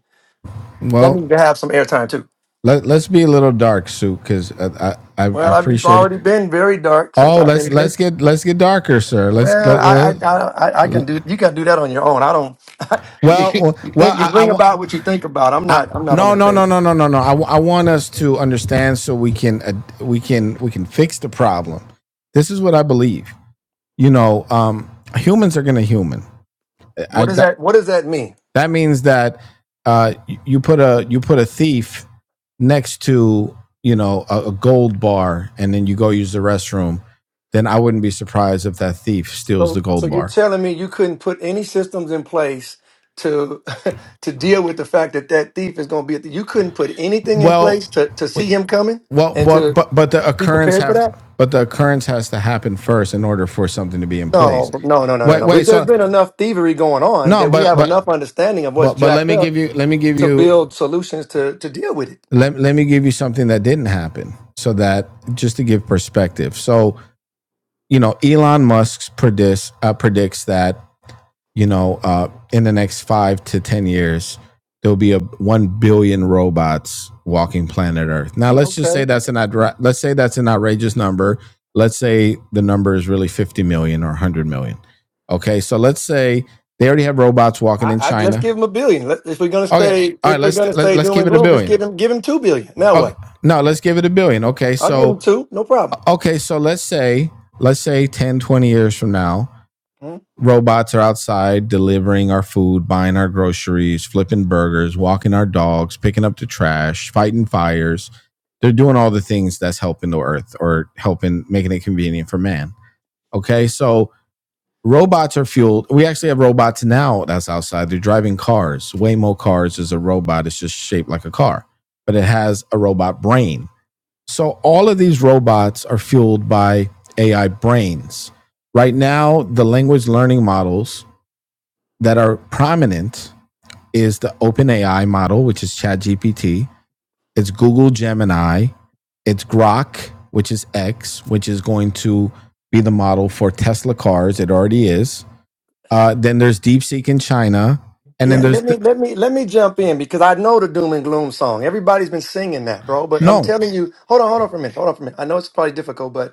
I: that
A: well
I: needs to have some airtime too
A: let, let's be a little dark sue because I, I i
I: well i've
A: appreciate it
I: already been very dark since
A: oh
I: i've
A: let's
I: been here
A: let's get let's get darker sir let's
I: Well, I,
A: let,
I: I, I, I
A: uh,
I: can do. You got to do that on your own. I don't. you,
A: Well, uh,
I: you
A: well,
I: think you
A: I, I,
I: bring about what you think about. I'm
A: I
I: not. I'm not on
A: no,
I: that
A: no, no,
I: page.
A: no, no, no, no. I, I want us to understand so we can uh, we can we can fix the problem. This is what I believe. You know, um, humans are gonna human. I
I: What does
A: that,
I: that? What does that mean?
A: that means that uh, you put a you put a thief next to you know a, a gold bar, and then you go use the restroom. Then I wouldn't be surprised if that thief steals the
I: So, so
A: gold
I: you're
A: bar.
I: telling me you couldn't put any systems in place to to deal with the fact that that thief is going to be. At the, you couldn't put anything in
A: Well,
I: place to to see him coming
A: Well,
I: and
A: but
I: to
A: but but the
I: be
A: occurrence
I: prepared for
A: have
I: that.
A: but the occurrence has to happen first in order for something to be in place.
I: No, no, no, no, no,
A: Wait,
I: no. We-
A: wait.
I: There's
A: So
I: been enough thievery going on
A: no,
I: that we
A: but
I: have
A: but
I: enough understanding of what's
A: but but let
I: jacked
A: me
I: up
A: give you let me give
I: to
A: you
I: build solutions to to deal with it.
A: let let me give you something that didn't happen, so that just to give perspective. So you know, Elon Musk predicts uh, predicts that you know, uh, in the next five to ten years, there'll be a one billion robots walking planet Earth. Now, let's just
I: Okay.
A: say that's an outra- let's say that's an outrageous number. Let's say the number is really fifty million or one hundred million. Okay, so let's say they already have robots walking
I: I,
A: in
I: I let's
A: China.
I: give him a billion. Let, if we're gonna
A: Okay, all
I: stay,
A: right,
I: if we're
A: let's
I: gonna
A: let,
I: stay
A: let's
I: doom
A: keep
I: and
A: it a
I: gloom, just
A: billion.
I: give him give him two billion. Now
A: Okay,
I: what?
A: no, let's give it a billion. Okay,
I: I'll give him
A: so
I: two, no problem.
A: okay, so let's say let's say 10 20 years from now,
I: Hmm?
A: robots are outside delivering our food, buying our groceries, flipping burgers, walking our dogs, picking up the trash, fighting fires. They're doing all the things that's helping the earth or helping making it convenient for man. Okay, so robots are fueled. We actually have robots now that's outside. They're driving cars. Waymo cars is a robot. It's just shaped like a car, but it has a robot brain. So all of these robots are fueled by AI brains. Right now, the language learning models that are prominent is the OpenAI model, which is ChatGPT. It's Google Gemini. It's Grok, which is X, which is going to be the model for Tesla cars. It already is. Uh, then there's DeepSeek in China, and then
I: Yeah,
A: there's
I: let
A: the,
I: me let me let me jump in because I know the doom and gloom song. Everybody's been singing that, bro. But I'm
A: no.
I: telling you, hold on, hold on for a minute, hold on for a minute. I know it's probably difficult, but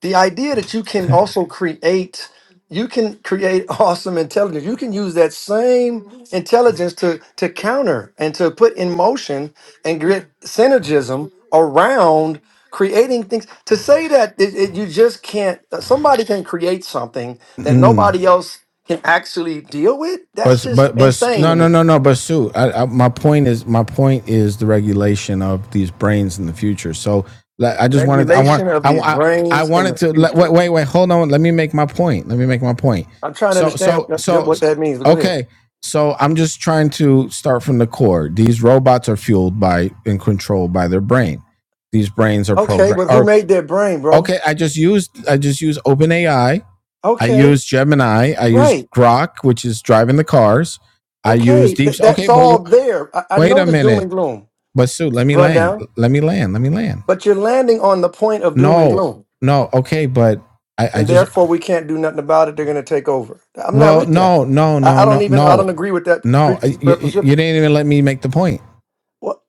I: the idea that you can also create you can create awesome intelligence you can use that same intelligence to to counter and to put in motion and get synergism around creating things to say that it, it- you just can't uh, somebody can create something that
A: Mm,
I: nobody else can actually deal with that's
A: But
I: just
A: but but
I: insane
A: no
I: to
A: no
I: me
A: no no. But Sue, I, I, my point is my point is the regulation of these brains in the future. So like, I just wanted I want
I: regulation of
A: I
I: these
A: I, I
I: brains in the
A: wanted to let, wait
I: future
A: wait wait hold on. Let me make my point. Let me make my point.
I: i'm trying to
A: So
I: understand
A: so
I: what
A: so
I: that means but go ahead
A: okay. So I'm just trying to start from the core. These robots are fueled by and controlled by their brain. These brains are
I: okay
A: programmed.
I: but who
A: or
I: made that brain bro
A: okay. I just used I just used OpenAI I
I: Okay,
A: use Gemini. I use
I: right.
A: Grok, which is driving the cars. I use
I: Okay,
A: Deep.
I: Th- that's
A: Okay, but
I: all
A: w-
I: there. I-, I
A: wait
I: know
A: a
I: the doom
A: minute.
I: and gloom
A: But Sue, let me land.
I: rundown,
A: Let me land. Let me land.
I: but you're landing on the point of doom and
A: No,
I: gloom,
A: no. Okay, but I, I
I: and
A: just.
I: therefore we can't do nothing about it. They're going to take over. I'm not
A: Well,
I: with that.
A: no, no,
I: I,
A: no,
I: I
A: no,
I: don't even. I don't
A: no,
I: agree with that pre-
A: no. You, you you
I: preposition.
A: didn't even let me make the point.
I: Well,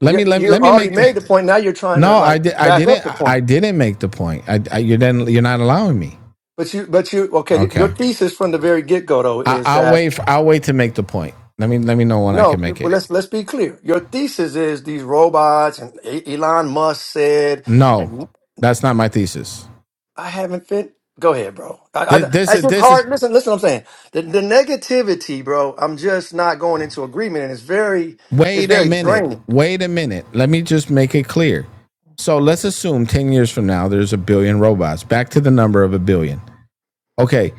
A: Let
I: you,
A: me let,
I: you
A: let me
I: already
A: make the.
I: made the point. Now you're trying to
A: No,
I: like
A: I did. I
I: back up
A: didn't.
I: the
A: I
I: point.
A: didn't make the point. I, I you didn't. You're not allowing me.
I: But you, but you, okay.
A: Okay.
I: Your thesis from the very get go though
A: I,
I: is
A: I'll
I: that
A: wait. For, I'll wait to make the point. Let me let me know when I
I: no.
A: can
I: you-
A: make
I: Well,
A: it.
I: let's let's be clear. Your thesis is these robots and E- Elon Musk said.
A: No, that's not my thesis.
I: I haven't fit. Go ahead, bro. I,
A: Th- This
I: I,
A: is
I: it's just
A: this is
I: hard. Listen, listen. What I'm saying the, the negativity, bro. I'm just not going into agreement, and it's very, it's
A: wait a
I: very
A: minute.
I: draining.
A: Wait a minute. Let me just make it clear. So let's assume 10 years from now there's a billion robots. Back to the number of a billion. Okay.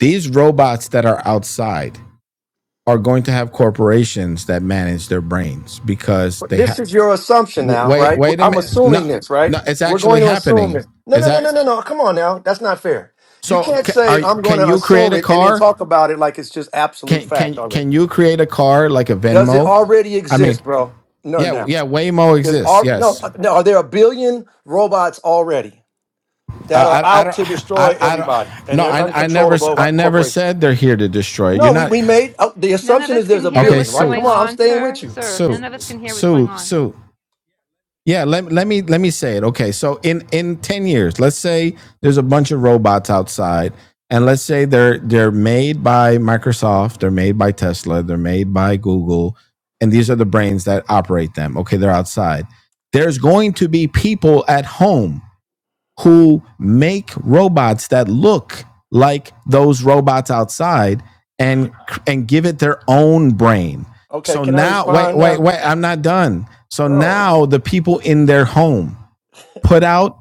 A: These robots that are outside are going to have corporations that manage their brains because
I: But
A: they
I: This
A: have
I: is your assumption now,
A: wait
I: right? W-
A: wait a
I: I'm
A: minute. No
I: assuming this, right?
A: no it's
I: We're
A: actually
I: going to assume
A: happening.
I: this. No,
A: Is
I: no, no,
A: that
I: no, no, no. Come on now, that's not fair. You
A: so
I: can't
A: ca-
I: say
A: are
I: I'm going
A: can
I: to
A: you create
I: assume
A: a
I: it and then
A: car?
I: talk about it like it's just absolute
A: Can
I: fact
A: can
I: already.
A: can you create a car like a
I: Does it
A: Venmo?
I: already
A: I mean,
I: exist, bro? No,
A: yeah,
I: no.
A: yeah, Waymo
I: There's
A: exists.
I: are no,
A: Yes.
I: uh, no. Are there a billion robots already? that are
A: I, I, I
I: out
A: don't.
I: to
A: I,
I: destroy
A: I don't.
I: everybody and
A: No,
I: they're
A: I, I never.
I: uncontrollable by
A: I never
I: corporations.
A: said they're here to destroy. You're
I: No, we,
A: not.
I: we made uh, the
F: None of
I: assumption
F: us
I: is
F: can
I: there's a
F: hear
A: Okay,
I: billion,
F: what's
I: right?
A: so,
I: Come
F: going
I: on, I'm
F: on,
I: staying
F: sir.
I: with you.
F: Sir,
A: so,
F: none of us can hear what's going
A: so,
F: on.
A: so. Yeah, let, let me let me say it. Okay, so in in ten years, let's say there's a bunch of robots outside, and let's say they're they're made by Microsoft, they're made by Tesla, they're made by Google, and these are the brains that operate them. Okay, they're outside. There's going to be people at home who make robots that look like those robots outside and and give it their own brain.
I: Okay,
A: So
I: can I
A: now wait
I: respond
A: wait
I: now?
A: wait I'm not done. So
I: Bro.
A: now the people in their home put out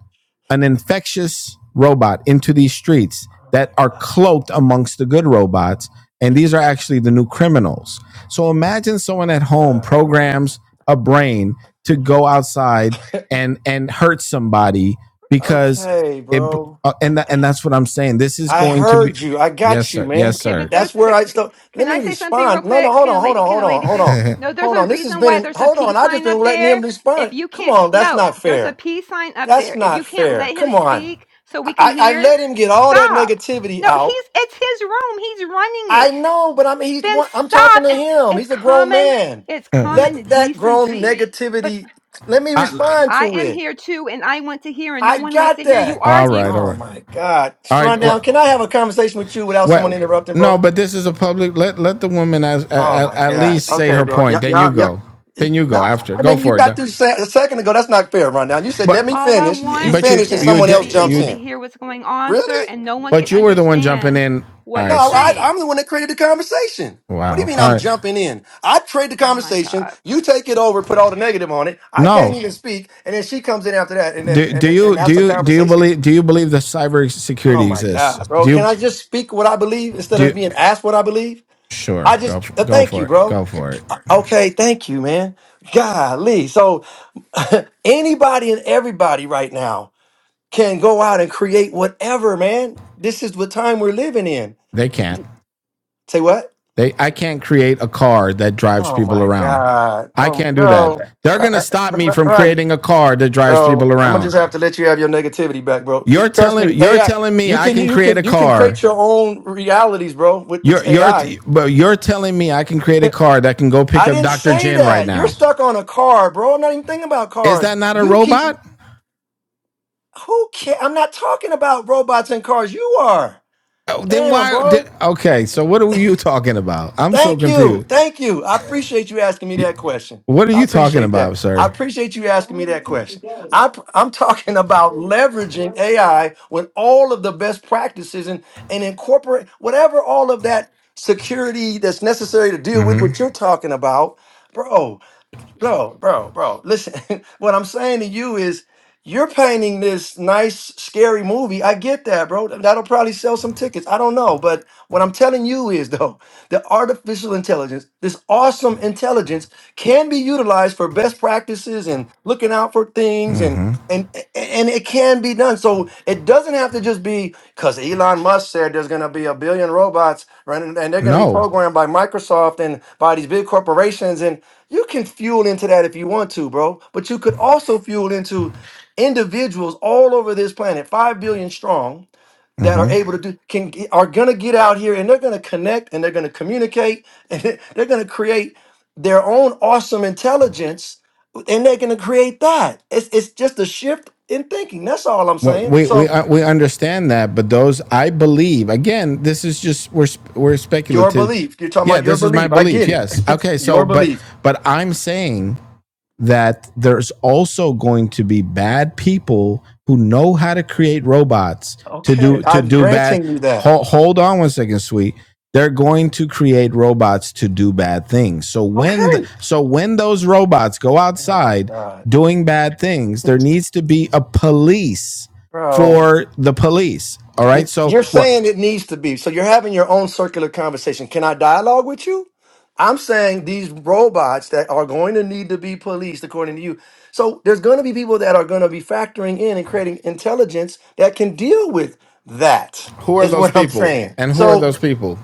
A: an infectious robot into these streets
I: Oh
A: that
I: my
A: are
I: God.
A: cloaked amongst the good robots. And these are actually the new criminals. So imagine
I: Oh
A: someone
I: my
A: at home
I: God, bro.
A: programs a brain to go outside and and hurt somebody because
I: Okay,
A: it
I: bro.
A: uh, and tha- and that's what I'm saying. This is
I: I
A: going to be
I: heard you. I
A: yes
I: got you,
A: sir, yes
I: man.
F: Okay,
A: sir.
F: but there's
I: That's where
F: the,
I: I stop. Let
F: can I
I: me
F: say something real
I: respond. No, no,
F: quick?
I: hold
F: Can
I: on,
F: a
I: hold
F: lady
I: on,
F: can
I: hold
F: a
I: on,
F: lady
I: hold
F: say
I: on.
F: no? There's
I: Hold
F: a
I: on. This has
F: reason
I: been
F: why
I: in,
F: there's a
I: hold on.
F: peace
I: I just
F: sign
I: been
F: up
I: letting him
F: there. If
I: respond.
F: you
I: Come
F: can't
I: on, that's
F: no,
I: not
F: there's a
I: fair.
F: peace sign up
I: That's
F: there. If you
I: not
F: can't
I: fair.
F: let him
I: Come on.
F: speak so we can
I: I, I
F: hear,
I: let him get all that
F: stop.
I: negativity
F: No,
I: out.
F: he's it's his room. He's running
I: I
F: it.
I: know, but I'm he's
F: Then
I: one- I'm
F: stop
I: talking to
F: and
I: him.
F: it's
I: He's a grown
F: common
I: man.
F: it's
I: Let
F: common
I: that grown
F: decency. But
I: negativity. Let me
A: I,
I: respond
F: I
I: to
F: am
I: it.
F: here too and I want to hear and no
I: I
F: one wants
I: got
F: to hear you
I: that.
A: all right, all
F: argue.
A: right,
I: Oh
A: all
I: my God, run
A: right. Well,
I: down. Can I have a conversation with you without someone
A: What?
I: interrupting,
A: No,
I: bro?
A: but this is a public. Let let the woman as,
I: Oh
A: at,
I: my
A: at
I: God.
A: least say
I: Okay,
A: her
I: bro.
A: point.
I: Yep,
A: Then you
I: yep, yep.
A: go. Then you go
I: Nah,
A: after.
I: I
A: Go
I: mean, you
A: for it.
I: got through sa- a second ago. That's not fair, rundown. You said,
A: But
I: "Let me
F: All I
I: finish."
F: want
I: You
A: but
F: is
I: finish,
A: you
I: and
A: you
F: just
I: someone
F: to
I: else
F: be
I: jumps
F: able
A: you
F: to
I: in.
F: hear what's going on, sir,
I: Really?
F: and no one
A: but
F: can
A: you were the one jumping
F: understand
A: in. All
F: what
I: No,
F: you're
A: right, sir.
I: I,
F: saying.
I: I'm the one that created the conversation. What do you
A: Wow.
I: mean
A: All
I: I'm
A: right.
I: jumping in? I trade the
F: Oh my
I: conversation.
F: God.
I: You take it over, put all the negative on it. I can't
A: No.
I: even speak, and then she comes in after that, and then
A: Do,
I: and
A: do
I: then,
A: you
I: and
A: do
I: that's the
A: you do you
I: conversation.
A: believe do you believe that
I: Oh
A: cybersecurity
I: my
A: exists?
I: God, bro!
A: Do
I: Can
A: you
I: I just speak what I believe instead
A: do?
I: of
A: You,
I: being asked what I believe?
A: Sure.
I: I just
A: Go for,
I: uh,
A: go
I: thank you,
A: for it.
I: bro.
A: Go for it.
I: Okay, thank you, man. Golly, so anybody and everybody right now can go out and create whatever, man. This is the time we're living in.
A: They
I: D-
A: can't.
I: d- Say what?
A: They I can't create a car that drives
I: Oh
A: people
I: my
A: around.
I: God.
A: I
I: Oh,
A: can't do that.
I: bro.
A: They're gonna
I: Run,
A: stop me from
I: run,
A: creating a car that drives
I: bro.
A: people
I: I'm gonna
A: around.
I: just have to let you have your negativity back, bro.
A: You're
I: Just trust me.
A: telling you're
I: AI.
A: telling me
I: You
A: I
I: can,
A: can
I: you
A: create a
I: can, you can
A: car.
I: create your own realities, bro, with this
A: You're you're
I: AI. I
A: but you're telling me I can create a car that can go pick
I: I
A: up
I: didn't
A: Dr.
I: say
A: Jen right
I: that. You're
A: now.
I: stuck on a car, bro. I'm not even thinking about
A: Is
I: cars.
A: that not a
I: You keep.
A: robot?
I: Who care? I'm not talking about robots and cars. You are.
A: Oh, Then
I: Damn,
A: why? di-
I: bro.
A: Okay, so what are you talking about? I'm so
I: Thank you.
A: confused.
I: Thank you. I appreciate you asking me that question.
A: What are
I: I
A: you talking
I: appreciate that.
A: about,
I: I
A: sir?
I: appreciate you asking me that question. I, am talking about leveraging AI with all of the best practices and, and incorporate whatever all of that security that's necessary to deal with
A: Mm-hmm.
I: what you're talking about. Bro, bro, bro, bro. Listen, what I'm saying to you is you're painting this nice, scary movie. I get that, bro. That'll probably sell some tickets. I don't know. But what I'm telling you is, though, the artificial intelligence, this awesome intelligence, can be utilized for best practices and looking out for things and
A: Mm-hmm.
I: and and it can be done. So it doesn't have to just be because Elon Musk said there's going to be a billion robots, right? And and they're going to be
A: No.
I: programmed by Microsoft and by these big corporations. and. You can fuel into that if you want to, bro. But you could also fuel into individuals all over this planet, five billion strong, that
A: Mm-hmm.
I: are able to do can are gonna get out here and they're gonna connect and they're gonna communicate and they're gonna create their own awesome intelligence and they're gonna create that. It's it's just a shift in thinking. That's all I'm
A: Well,
I: saying.
A: we we
I: So
A: uh, we understand that, but those I believe again. This is just we're sp- we're
I: your
A: speculative.
I: belief, you're talking
A: Yeah,
I: about your
A: this is my
I: belief. I
A: belief.
I: get it.
A: Yes. Okay.
I: Your
A: So, but
I: belief.
A: but I'm saying that there's also going to be bad people who know how to create robots to
I: Okay,
A: do to
I: I'm
A: do bad
I: granting you that.
A: hold, hold on one second sweet they're going to create robots to do bad things so when the,
I: Okay.
A: so when those robots go
I: Oh my
A: outside
I: God,
A: doing bad things there needs to be a police
I: bro.
A: for the police all right so
I: You're
A: what
I: saying it needs to be. So you're having your own circular conversation. Can I dialogue with you? I'm saying these robots that are going to need to be policed, according to you. So there's going to be people that are going to be factoring in and creating intelligence that can deal with that,
A: who are
I: is
A: those
I: what I'm
A: people
I: saying.
A: and who are
I: So,
A: those people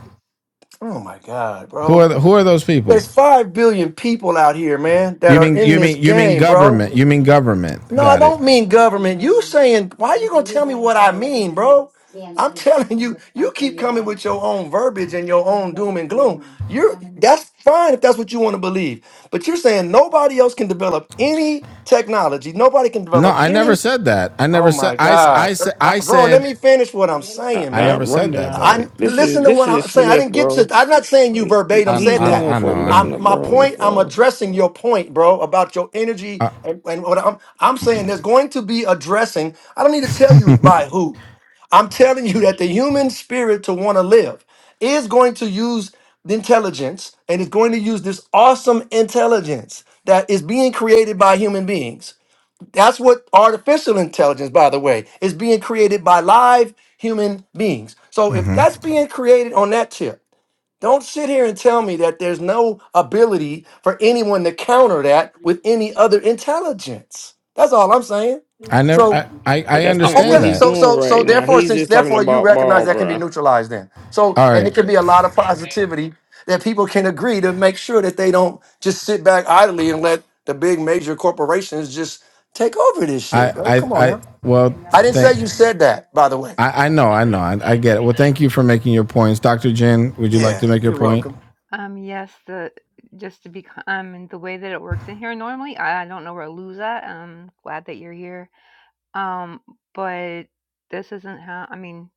I: oh my God,
A: who are
I: bro.
A: the, who are those people
I: There's 5 billion people out here, man, that
A: you
I: are
A: mean
I: in
A: you
I: this
A: mean you mean
I: game, bro.
A: government you mean government
I: No, I
A: got it
I: don't mean government. You saying why you gonna tell me what I mean, bro? I'm telling you, you keep coming with your own verbiage and your
B: Maybe
I: own doom and gloom. You're that's fine if that's what you want to believe. But you're saying nobody else can develop any technology, nobody can
A: No,
I: develop
A: I never
I: any
A: said that. I never
I: Oh
A: said.
I: my
A: I I
I: God,
A: said.
I: Uh,
A: I
I: bro! Let
A: said.
I: me finish what I'm
B: Nah,
I: saying,
A: I
B: nah,
A: never
I: man.
B: run
A: said that though.
B: down.
I: I
B: This is
I: listen to
B: this
I: what I'm
B: is
I: saying. I
B: Smith,
I: didn't get to.
B: bro.
I: I'm not saying you
B: He- he-
I: verbatim
A: I
B: He's
I: said
A: I,
I: that.
B: known
A: I know.
B: for
A: I'm.
I: I'm
B: messing up
I: my
B: rooms,
I: point. I'm
B: bro.
I: addressing your point, bro, about your energy
A: I,
I: and, and what I'm. I'm saying there's going to be addressing. I don't need to tell you by who. I'm telling you that the human spirit to want to live is going to use the intelligence and is going to use this awesome intelligence that is being created by human beings that's what artificial intelligence, by the way, is being created by live human beings. So if
A: Mhm.
I: that's being created on that tip, don't sit here and tell me that there's no ability for anyone to counter that with any other intelligence. That's all I'm saying.
A: I never.
I: So
A: I, I
B: But
A: I
B: that's
I: uh,
B: not what
A: understand
I: Okay,
B: he's
A: that.
I: so
B: doing
I: so so
B: right now.
I: therefore,
B: He's
I: since
B: just talking
I: therefore you
B: about
I: recognize
B: ball,
I: that can be
B: bro.
I: neutralized then. So
A: All
I: and
A: right.
I: it can be a lot of positivity that people can agree to make sure that they don't just sit back idly and let the big major corporations just take over this
A: I
I: shit, bro.
A: I
I: Come on
A: I.
I: now.
A: Well,
I: I didn't say
A: thank.
I: you said that, by the way.
A: I, I know, I know, I, I get it. Well, thank you for making your points, Doctor Jin. Would you like
I: Yeah,
A: to make your
I: you're
A: point?
I: welcome.
F: Um, yes, the just to be c- um and the way that it works in here normally, I, I don't know where to lose at. I'm glad that you're here. Um, but this isn't how I mean,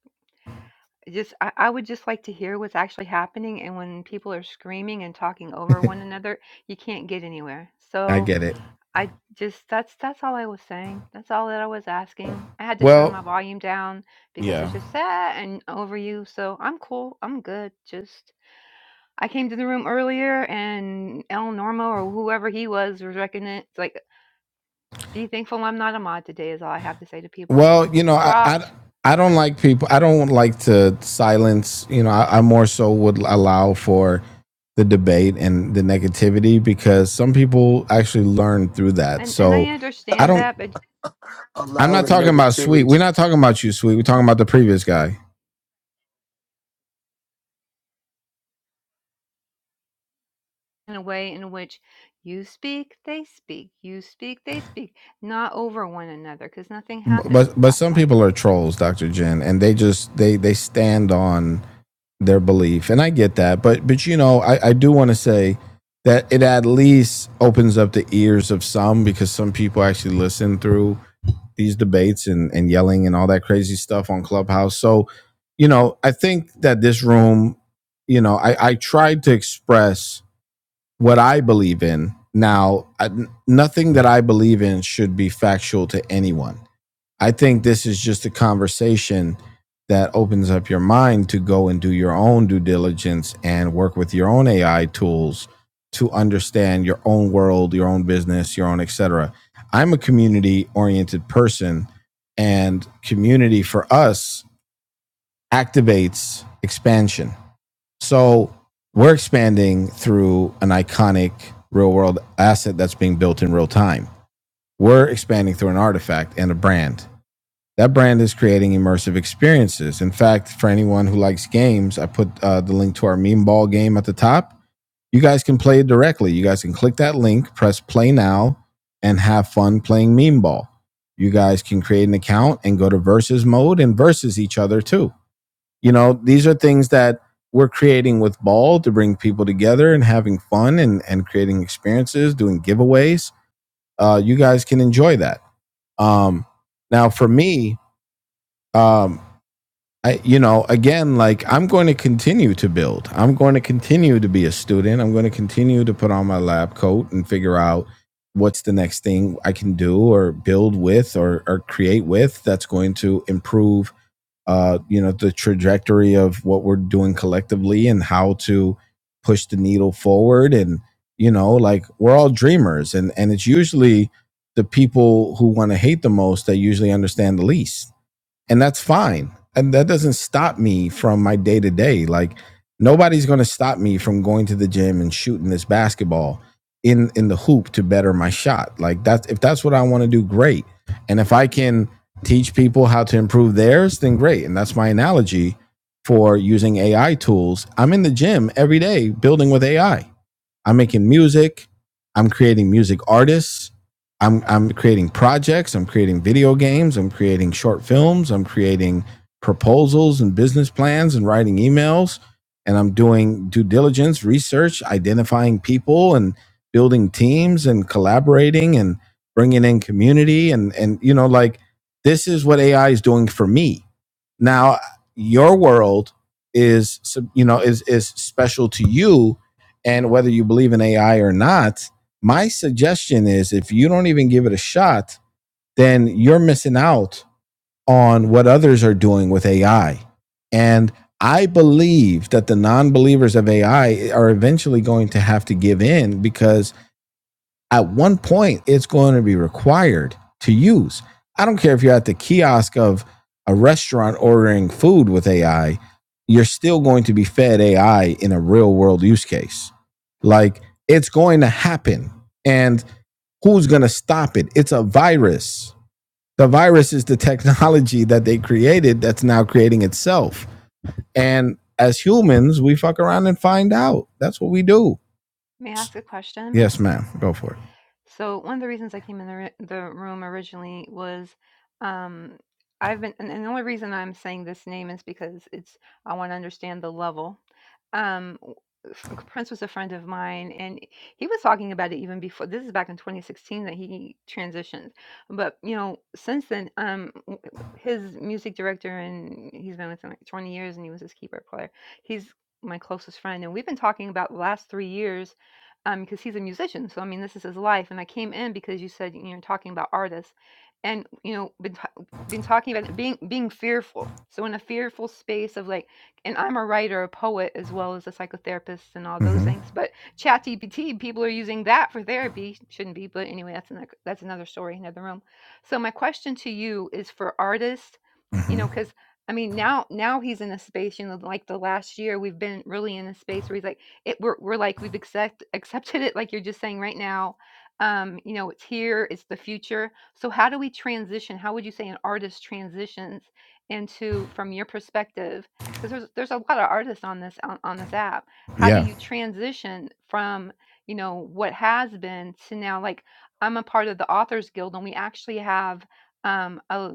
F: just I, I would just like to hear what's actually happening and when people are screaming and talking over one another, you can't get anywhere.
A: I
F: So
A: get it.
F: I just that's that's all I was saying. That's all that I was asking. I had to turn
A: Well,
F: my volume down because
A: yeah.
F: it's just sad and over you. So I'm cool. I'm good. Just I came to the room earlier and El Normo or whoever he was was wrecking it. It's like be thankful I'm not a mod today is all I have to say to people.
A: Well, you know, I, I
F: Dropped.
A: I don't like people. I don't like to silence. You know, I, I more so would allow for the debate and the negativity because some people actually learn through that.
F: And and I
A: So I
F: understand
A: don't.
F: that, but
A: I'm
I: Allow
A: not
I: the
A: talking about sweet.
I: negativity.
A: We're not talking about you, sweet. We're talking about the previous guy.
F: in a way in which you speak, they speak. You speak, they speak. Not over one another because nothing happens
A: but
F: at
A: but
F: that
A: some
F: point.
A: people are trolls, Doctor Jen, and they just they they stand on their belief, and I get that. But but you know, I I do want to say that it at least opens up the ears of some because some people actually listen through these debates and and yelling and all that crazy stuff on Clubhouse. So you know, I think that this room, you know, I I tried to express what I believe in. Now, I, nothing that I believe in should be factual to anyone I think this is just a conversation that opens up your mind to go and do your own due diligence and work with your own AI tools to understand your own world, your own business, your own et cetera. I'm a community oriented person and community for us activates expansion. So we're expanding through an iconic real world asset that's being built in real time. We're expanding through an artifact and a brand that brand is creating immersive experiences. In fact, for anyone who likes games, I put uh, the link to our meme ball game at the top. You guys can play it directly. You guys can click that link, press play now, and have fun playing meme ball. You guys can create an account and go to versus mode and versus each other too. You know, these are things that we're creating with ball to bring people together and having fun and, and creating experiences, doing giveaways. Uh, you guys can enjoy that. Um, now, for me, um, I, you know, again, like I'm going to continue to build. I'm going to continue to be a student. I'm going to continue to put on my lab coat and figure out what's the next thing I can do or build with or, or create with that's going to improve, uh, you know, the trajectory of what we're doing collectively and how to push the needle forward. And, you know, like we're all dreamers and, and it's usually the people who want to hate the most that usually understand the least and that's fine. And that doesn't stop me from my day to day. Like nobody's going to stop me from going to the gym and shooting this basketball in in the hoop to better my shot. Like that's if that's what I want to do, great. And if I can teach people how to improve theirs, then great. And that's my analogy for using AI tools. I'm in the gym every day building with AI. I'm making music. I'm creating music artists. I'm I'm creating projects. I'm creating video games. I'm creating short films. I'm creating proposals and business plans and writing emails. And I'm doing due diligence, research, identifying people and building teams and collaborating and bringing in community and and you know like this is what AI is doing for me. Now your world is you know is is special to you and whether you believe in AI or not, my suggestion is if you don't even give it a shot, then you're missing out on what others are doing with AI. And I believe that the non believers of AI are eventually going to have to give in because at one point it's going to be required to use. I don't care if you're at the kiosk of a restaurant ordering food with AI, you're still going to be fed AI in a real world use case. Like it's going to happen. And who's going to stop it? It's a virus. The virus is the technology that they created that's now creating itself. And as humans, we fuck around and find out. That's what we do.
F: May I ask a question?
A: Yes, ma'am. Go for it.
F: So one of the reasons I came in the ri- the room originally was um, I've been, and and the only reason I'm saying this name is because it's I want to understand the level. Um, w- f- Prince was a friend of mine, and he was talking about it even before. This is back in 2016 that he transitioned, but you know, since then, um, w- his music director, and he's been with him like 20 years, and he was his keyboard player. He's my closest friend, and we've been talking about the last three years um because he's a musician so i mean this is his life and i came in because you said you know talking about artists and you know been ta- been talking about being being fearful so in a fearful space of like and i'm a writer a poet as well as a psychotherapist and all those
A: hmm
F: things but ChatGPT, people are using that for therapy shouldn't be but anyway that's another that's another story another room so my question to you is for artists you
A: hmm
F: know because I mean, now now he's in a space, you know, like the last year we've been really in a space where he's like, it we're, we're like we've accept, accepted it like you're just saying right now um you know it's here it's the future so how do we transition how would you say an artist transitions into from your perspective because there's there's a lot of artists on this on, on this app how do
A: Yeah.
F: you transition from you know what has been to now like i'm a part of the authors guild and we actually have um, a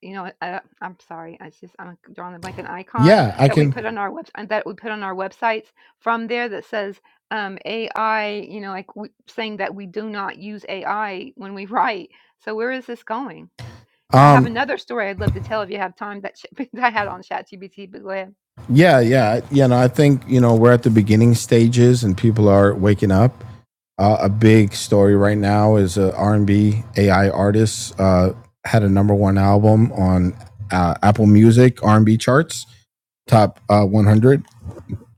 F: you know, I, I'm sorry, I just I'm drawing a blank. An icon
A: Yeah, I
F: that we
A: can.
F: put on our web uh, that we put on our websites from there that says um, AI. You know, like we, saying that we do not use AI when we write. So where is this going? I have
A: Um,
F: another story I'd love to tell if you have time that sh- I had on ChatGPT. But go ahead.
A: yeah, yeah, you know, I think you know we're at the beginning stages and people are waking up. Uh, a big story right now is a R&B AI artist uh, had a number one album on uh, Apple Music R&B charts, top uh, 100,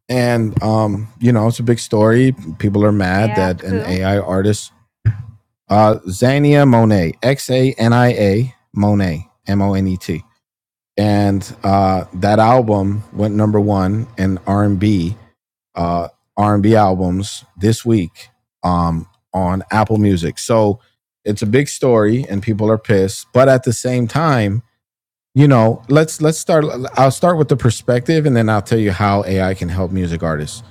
A: and um, you know it's a big story. People are
F: May
A: mad
F: I
A: that
F: ask
A: an
F: who?
A: AI artist, uh, Xania Monet, X A N I A Monet, M O N E T and uh, that album went number one in R&B uh, R&B albums this week um, on Apple Music. So it's a big story, and people are pissed. But at the same time, you know let's let's start i'll start with the perspective and then i'll tell you how ai can help music artists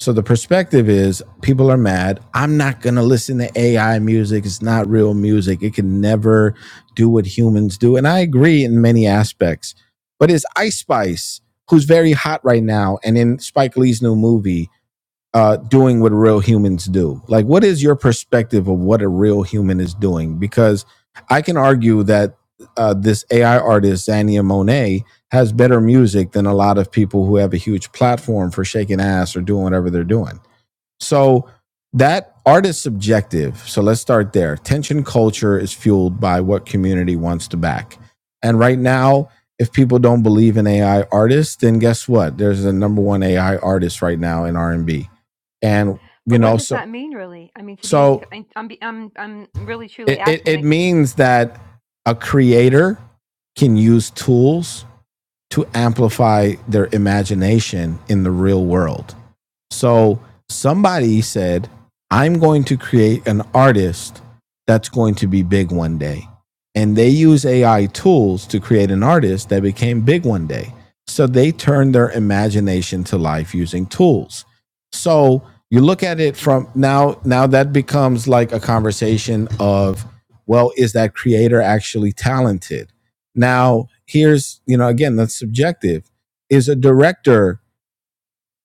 A: so the perspective is people are mad i'm not going to listen to ai music it's not real music it can never do what humans do and i agree in many aspects but it's ice spice who's very hot right now and in spike lee's new movie uh, doing what real humans do. Like, what is your perspective of what a real human is doing? Because I can argue that uh, this AI artist, Zania Monet, has better music than a lot of people who have a huge platform for shaking ass or doing whatever they're doing. So that art is subjective. So let's start there. Tension culture is fueled by what community wants to back. And right now, if people don't believe in AI artists, then guess what? There's a number one AI artist right now in R and B, and you
F: But what
A: know,
F: does
A: so
F: that mean, really? I mean, to be,
A: so
F: I- I'm, be- I'm, I'm really truly
A: it, it
F: asking,
A: it
F: like,
A: means that a creator can use tools to amplify their imagination in the real world So somebody said, I'm going to create an artist that's going to be big one day. And they use AI tools to create an artist that became big one day. So they turned their imagination to life using tools. So you look at it from now, now that becomes like a conversation of, well, is that creator actually talented? Now, here's, you know, again, that's subjective. Is a director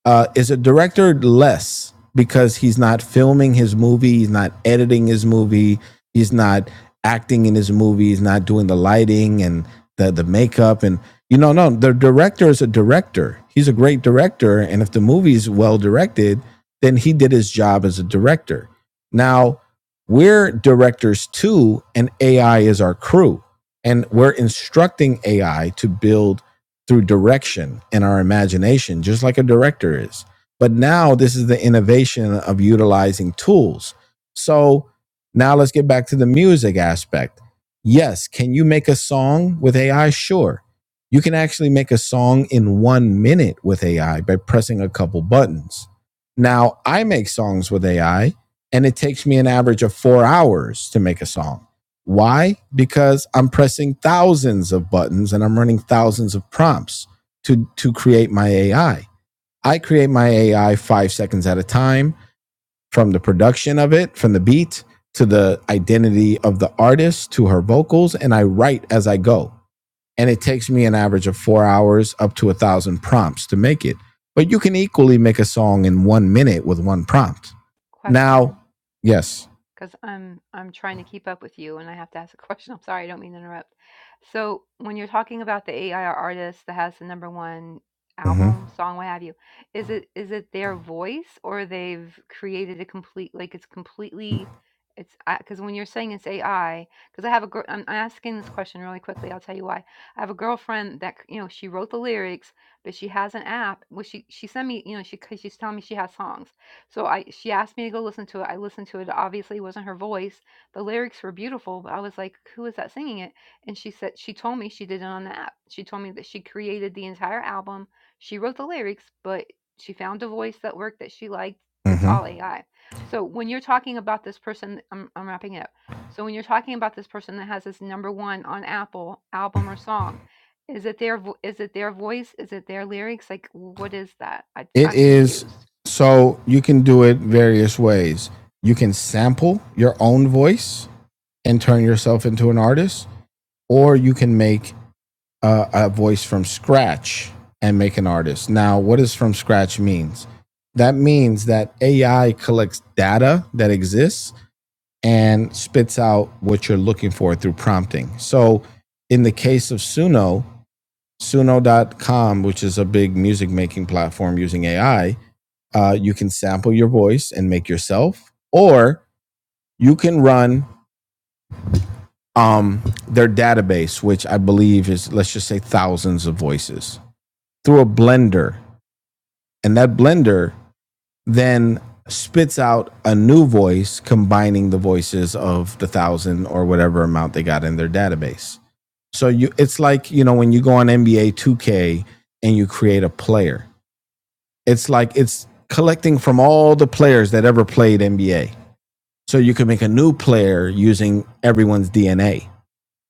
A: uh, is a director less because he's not filming his movie, he's not editing his movie, he's not acting in his movie, he's not doing the lighting and the the makeup and you know no the director is a director. He's a great director, and if the movie's well directed, then he did his job as a director. Now we're directors too, and AI is our crew, and we're instructing AI to build through direction and our imagination, just like a director is. But now this is the innovation of utilizing tools. So now let's get back to the music aspect. Yes, can you make a song with AI? Sure. You can actually make a song in one minute with AI by pressing a couple buttons. Now, I make songs with AI, and it takes me an average of four hours to make a song. Why? Because I'm pressing thousands of buttons and I'm running thousands of prompts to, to create my AI. I I create my AI five seconds at a time from the production of it, from the beat to the identity of the artist to her vocals, and I write as I go. And it takes me an average of four hours up to a thousand prompts to make it. But you can equally make a song in one minute with one prompt.
F: question.
A: Now, yes.
F: because I'm I'm trying to keep up with you, and I have to ask a question. I'm sorry, I don't mean to interrupt. So when you're talking about the AI artist that has the number one
A: Mhm.
F: album, song, what have you, is it is it their voice or they've created a complete like it's completely it's because when you're saying it's AI, because I have a girl, I'm asking this question really quickly. I'll tell you why. I have a girlfriend that c- you know she wrote the lyrics, but she has an app. Well, she she sent me you know she because she's telling me she has songs so I she asked me to go listen to it. I listened to it. It obviously wasn't her voice. The lyrics were beautiful, but I was like, who is that singing it? And she said she told me she did it on the app. She told me that she created the entire album. She wrote the lyrics, but she found a voice that worked that she liked. It's
A: Mhm.
F: all AI. So when you're talking about this person, I'm, I'm wrapping it up. So when you're talking about this person that has this number one on Apple album or song, is it their vo- is it their voice? Is it their lyrics? Like what is that? I,
A: It
F: I'm
A: is
F: confused.
A: so you can do it various ways. You can sample your own voice and turn yourself into an artist, or you can make uh, a voice from scratch and make an artist. Now, what does from scratch means? That means that AI collects data that exists and spits out what you're looking for through prompting. So, in the case of Suno, Suno.com, which is a big music making platform using AI, uh, you can sample your voice and make yourself, or you can run um, their database, which I believe is, let's just say, thousands of voices through a blender and that blender then spits out a new voice combining the voices of the thousand or whatever amount they got in their database so you it's like you know when you go on nba 2k and you create a player it's like it's collecting from all the players that ever played nba so you can make a new player using everyone's dna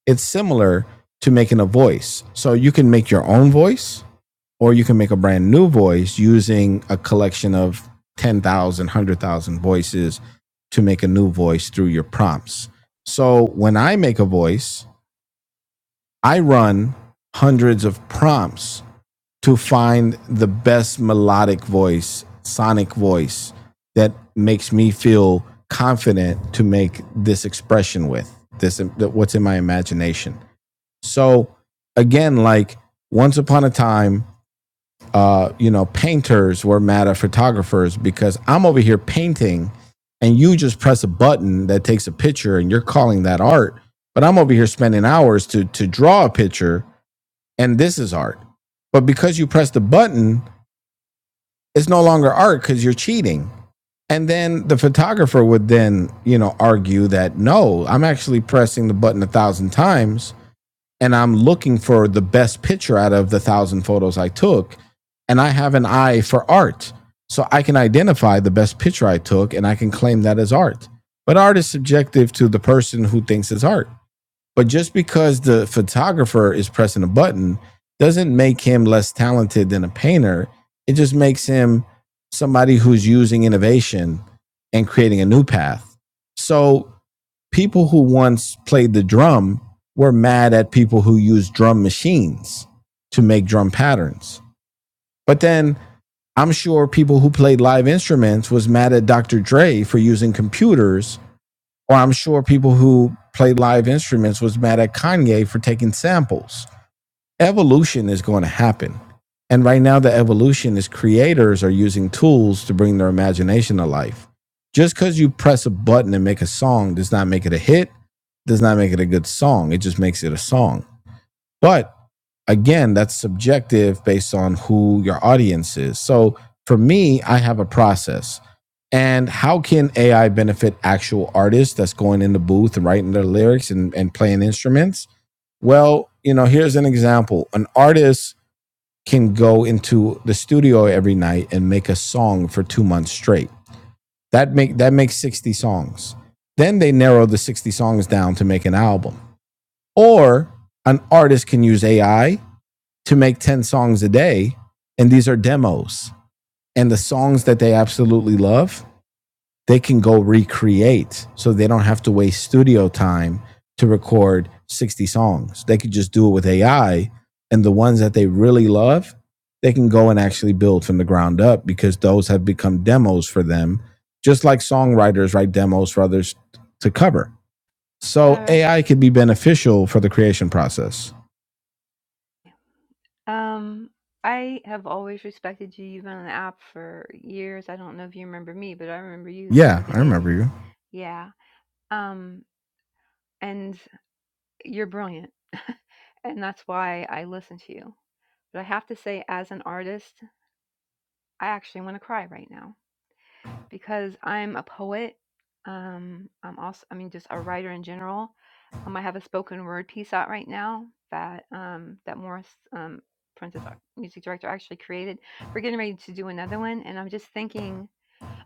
A: it's similar to making a voice so you can make your own voice or you can make a brand new voice using a collection of 10,000, voices to make a new voice through your prompts. So when I make a voice, I run hundreds of prompts to find the best melodic voice, sonic voice that makes me feel confident to make this expression with this what's in my imagination. So again, like once upon a time, uh, you know, painters were mad at photographers because I'm over here painting and you just press a button that takes a picture and you're calling that art. But I'm over here spending hours to to draw a picture and this is art. But because you press the button, it's no longer art because you're cheating. And then the photographer would then, you know, argue that no, I'm actually pressing the button a thousand times and I'm looking for the best picture out of the thousand photos I took. And I have an eye for art. So I can identify the best picture I took and I can claim that as art. But art is subjective to the person who thinks it's art. But just because the photographer is pressing a button doesn't make him less talented than a painter. It just makes him somebody who's using innovation and creating a new path. So people who once played the drum were mad at people who used drum machines to make drum patterns. But then I'm sure people who played live instruments was mad at Dr. Dre for using computers, or I'm sure people who played live instruments was mad at Kanye for taking samples evolution is going to happen. And right now, the evolution is creators are using tools to bring their imagination to life. Just because you press a button and make a song does not make it a hit, does not make it a good song. It just makes it a song. But again, that's subjective based on who your audience is. So for me, I have a process. And how can AI benefit actual artists that's going in the booth and writing their lyrics and, and playing instruments? Well, you know, here's an example. An artist can go into the studio every night and make a song for 2 months straight. That make that makes 60 songs. Then they narrow the 60 songs down to make an album. Or an artist can use AI to make 10 songs a day and these are demos. And the songs that they absolutely love, they can go recreate so they don't have to waste studio time to record 60 songs. They could just do it with AI and the ones that they really love, they can go and actually build from the ground up because those have become demos for them, just like songwriters write demos for others to cover. So
F: Sir.
A: AI could be beneficial for the creation process.
F: Um, I have always respected you. You've been on the app for years. I don't know if you remember me, but I remember you from
A: Yeah,
F: the
A: I
F: beginning.
A: remember you.
F: Yeah. Um, and you're brilliant. and that's why I listen to you. But I have to say, as an artist, I actually want to cry right now. because I'm a poet. Um, I'm also, I mean, just a writer in general. Um, I have a spoken word piece out right now that um, that Morris, um, Princess Ar- Music Director, actually created. We're getting ready to do another one, and I'm just thinking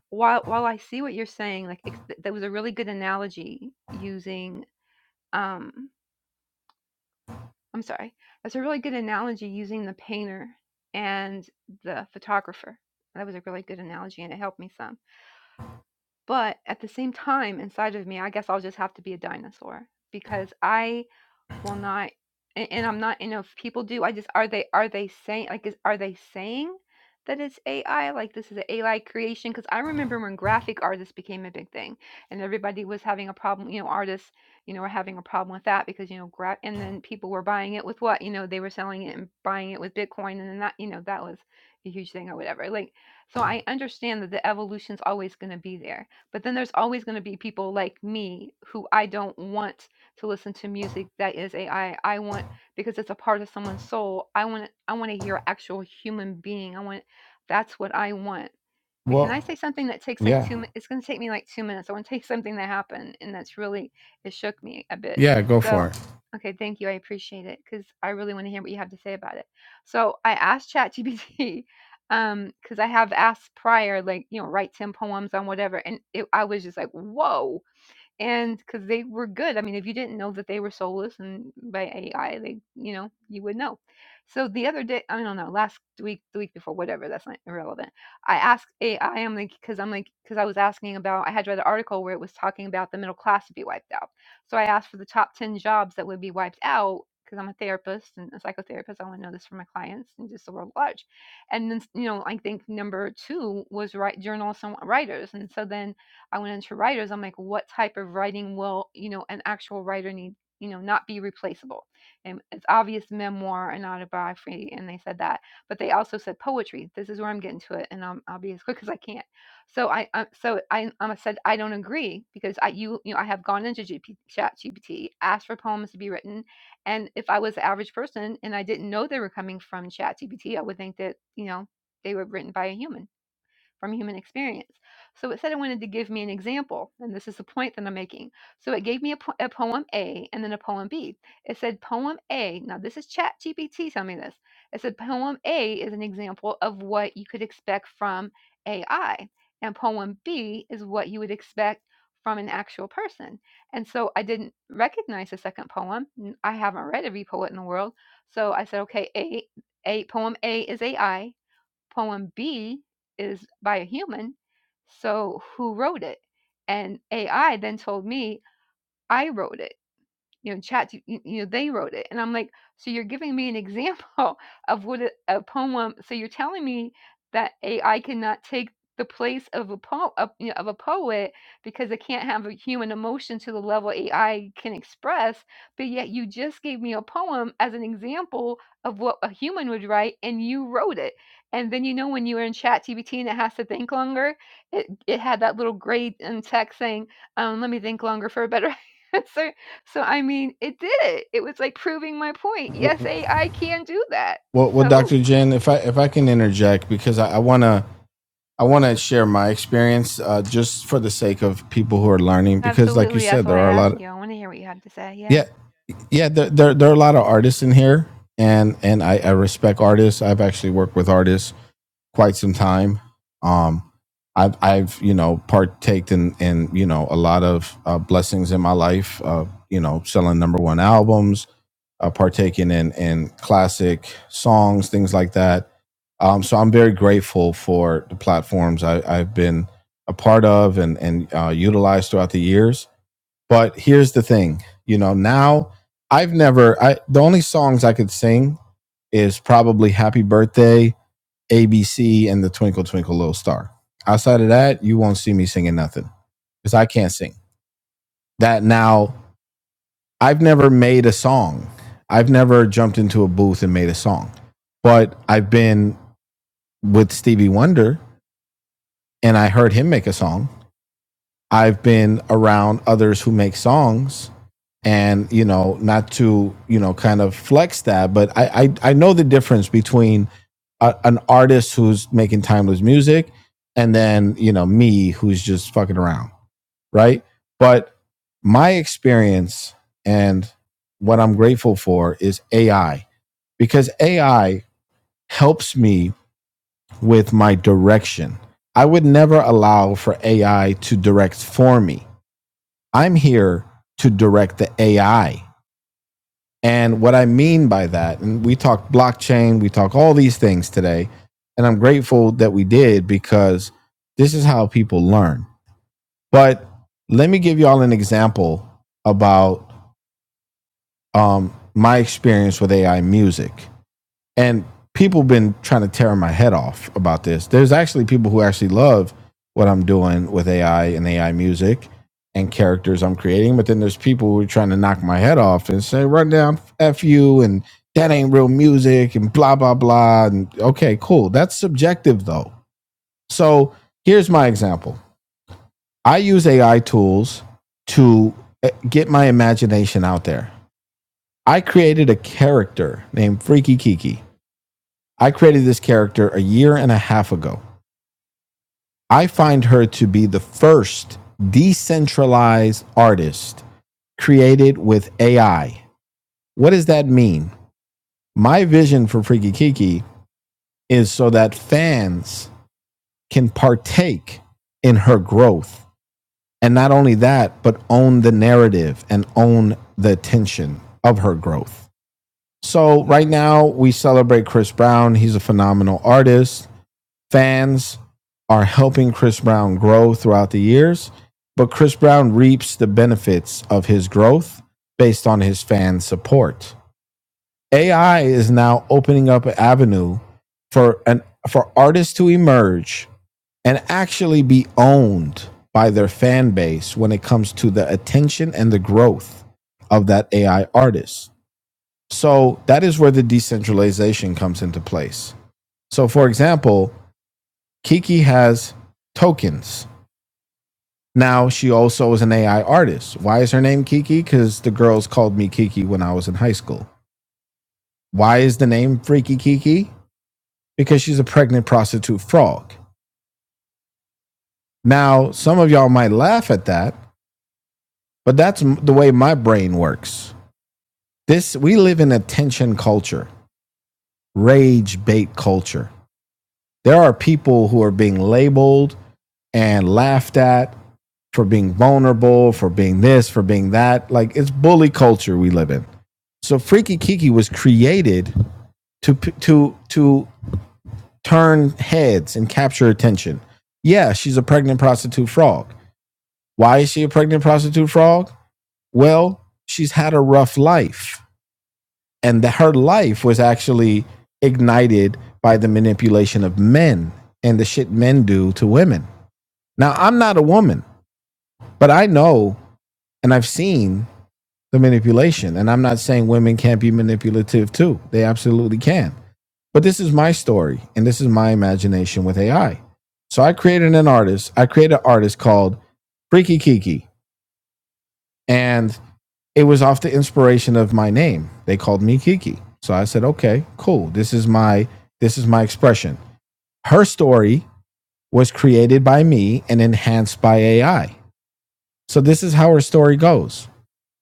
F: while while I see what you're saying, like it's, that was a really good analogy using. Um, I'm sorry, that's a really good analogy using the painter and the photographer. That was a really good analogy, and it helped me some But at the same time, inside of me, I guess I'll just have to be a dinosaur because I will not and, and i'm not you know if people do i just are they are they saying like is are they saying that it's ai like this is an ai creation because i remember when graphic artists became a big thing and everybody was having a problem you know artists you know were having a problem with that because you know gra- and then people were buying it with what you know they were selling it and buying it with bitcoin and then that you know that was a huge thing or whatever like so i understand that the evolution's always going to be there but then there's always going to be people like me who i don't want to listen to music that is AI. I I want because it's a part of someone's soul. I want I want to hear an actual human being. I want that's what I want. But can
A: Well,
F: I say something that takes like
A: yeah.
F: two? mi- It's going to take me like two minutes. I want to take something that happened, and that's really it shook me a bit.
A: Yeah, go
F: So,
A: for it.
F: okay, thank you. I appreciate it because I really want to hear what you have to say about it. So I asked ChatGPT um because I have asked prior, like you know, write ten poems on whatever, and it, I was just like, whoa and because they were good. I mean, if you didn't know that they were soulless and by AI, they, you know, you would know. So the other day, I don't know, last week, the week before, whatever, that's not irrelevant. I asked AI, I'm like, because I'm like, because I was asking about, I had read an article where it was talking about the middle class to be wiped out. So I asked for the top 10 jobs that would be wiped out because I'm a therapist and a psychotherapist. I want to know this for my clients and just the world at large. And then, you know, I think number two was write journalists and writers. And so then I went into writers. I'm like, what type of writing will, you know, an actual writer need, you know, not be replaceable? And it's obvious memoir and autobiography. And they said that, but they also said poetry. This is where I'm getting to it. And I'm, I'll be as quick as I can. So I, I so I, I said, I don't agree because I, you, you know, I have gone into GP, chat GPT, asked for poems to be written. And if I was the average person and I didn't know they were coming from chat GPT, I would think that, you know, they were written by a human from human experience. So it said it wanted to give me an example, and this is the point that I'm making. So it gave me a, po- a poem A and then a poem B. It said poem A, now this is ChatGPT telling me this. It said poem A is an example of what you could expect from AI, and poem B is what you would expect from an actual person. And so I didn't recognize the second poem. N- I haven't read every poet in the world. So I said, okay, A, A poem A is AI, Poem B is by a human, so who wrote it? And AI then told me I wrote it. You know, chat, you, you know, they wrote it. And I'm like, so you're giving me an example of what a, a poem. So you're telling me that AI cannot take the place of a po- of, you know, of a poet because it can't have a human emotion to the level AI can express. But yet you just gave me a poem as an example of what a human would write, and you wrote it. And then you know when you were in Chat GBT and it has to think longer, it, it had that little grade in text saying, um, "Let me think longer for a better answer." So, I mean, it did it. It was like proving my point. Yes, AI can do that.
A: Well, well
F: So,
A: Dr. Jen, if I if I can interject because I, I want to I want to share my experience uh, just for the sake of people who are learning because, like you
F: absolutely, that's
A: said, there
F: why I
A: are a lot.
F: ask
A: Of,
F: you. I want to hear what you have to say.
A: yeah,
F: Yeah.
A: yeah, there, there there are a lot of artists in here, and and I, I respect artists. I've actually worked with artists, quite some time. Um, I've, I've, you know, partaked in, in, you know, a lot of uh, blessings in my life. Uh, you know, selling number one albums, uh, partaking in in classic songs, things like that. Um, so I'm very grateful for the platforms I, I've been a part of and and uh, utilized throughout the years. But here's the thing, you know, now I've never. I the only songs I could sing is probably "Happy Birthday." ABC, and the Twinkle Twinkle Little Star. Outside of that, you won't see me singing nothing because I can't sing. That now, I've never made a song. I've never jumped into a booth and made a song, but I've been with Stevie Wonder and I heard him make a song. I've been around others who make songs and you know not to you know kind of flex that but i i, I know the difference between a, an artist who's making timeless music and then you know me who's just fucking around right but my experience and what i'm grateful for is ai because ai helps me with my direction i would never allow for ai to direct for me i'm here to direct the ai and what I mean by that, and we talk blockchain, we talk all these things today, and I'm grateful that we did because this is how people learn. But let me give y'all an example about um, my experience with AI music and people have been trying to tear my head off about this. There's actually people who actually love what I'm doing with AI and AI music and characters I'm creating, but then there's people who are trying to knock my head off and say, "Run down, f you," and that ain't real music and blah blah blah. And okay, cool. That's subjective though. So here's my example. I use AI tools to eh, get my imagination out there. I created a character named Freaky Kiki. I created this character a year and a half ago. I find her to be the first decentralized artist created with AI. What does that mean? My vision for Freaky Kiki is so that fans can partake in her growth. And not only that, but own the narrative and own the attention of her growth. So, right now, we celebrate Chris Brown. He's a phenomenal artist. fans are helping Chris Brown grow throughout the years, but Chris Brown reaps the benefits of his growth based on his fan support. AI is now opening up an avenue for an for artists to emerge and actually be owned by their fan base when it comes to the attention and the growth of that AI artist. So that is where the decentralization comes into place. So for example, Kiki has tokens. Now she also is an AI artist. Why is her name Kiki? Because the girls called me Kiki when I was in high school. Why is the name Freaky Kiki? Because she's a pregnant prostitute frog. Now, some of y'all might laugh at that, but that's the way my brain works. This we live in a tension culture, rage bait culture. There are people who are being labeled and laughed at for being vulnerable, for being this, for being that. Like it's bully culture we live in. So Freaky Kiki was created to to to turn heads and capture attention. Yeah, she's a pregnant prostitute frog. Why is she a pregnant prostitute frog? Well, she's had a rough life, and that her life was actually ignited by the manipulation of men and the shit men do to women. Now, I'm not a woman, but I know and I've seen the manipulation. And I'm not saying women can't be manipulative too. They absolutely can. But this is my story and this is my imagination with AI. So I created an artist. I created an artist called Freaky Kiki. And it was off the inspiration of my name. They called me Kiki. So I said, okay, cool. This is my this is my expression. Her story was created by me and enhanced by AI. So this is how her story goes.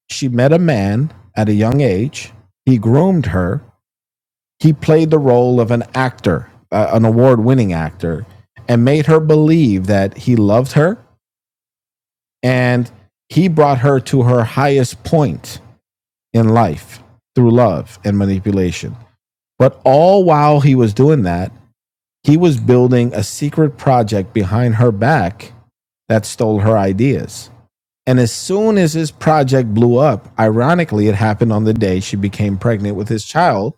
A: She met a man at a young age. He groomed her he played the role of an actor, uh, an award winning actor, and made her believe that he loved her and he brought her to her highest point in life through love and manipulation. But all while he was doing that, he was building a secret project behind her back that stole her ideas. And as soon as his project blew up, ironically, it happened on the day she became pregnant with his child,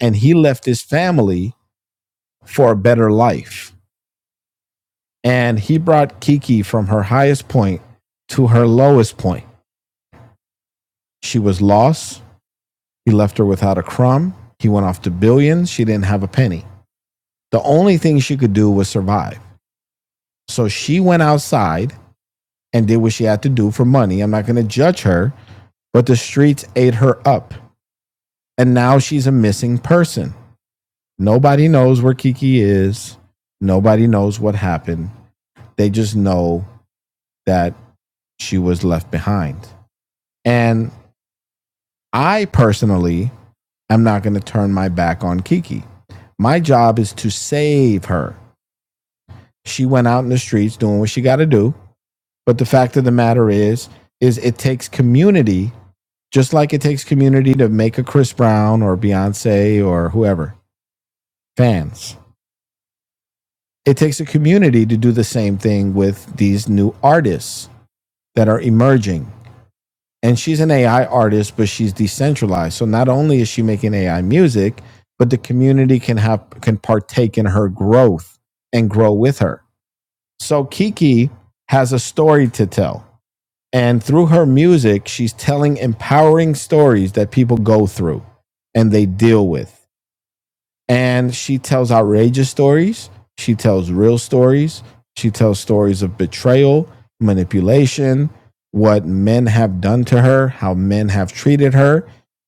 A: and he left his family for a better life and he brought Kiki from her highest point to her lowest point. She was lost. He left her without a crumb. He went off to billions. She didn't have a penny. The only thing she could do was survive. So she went outside and did what she had to do for money. I'm not going to judge her, but the streets ate her up. And now she's a missing person. Nobody knows where Kiki is. Nobody knows what happened. They just know that she was left behind. And I personally am not going to turn my back on Kiki. My job is to save her. She went out in the streets doing what she got to do, but the fact of the matter is is it takes community, just like it takes community to make a Chris Brown or Beyonce or whoever, fans. It takes a community to do the same thing with these new artists that are emerging. and she's an AI artist, but she's decentralized. So not only is she making AI music, but the community can have can partake in her growth and grow with her. So Kiki has a story to tell. And through her music, she's telling empowering stories that people go through and they deal with and she tells outrageous stories. She tells real stories. She tells stories of betrayal, manipulation, what men have done to her, how men have treated her,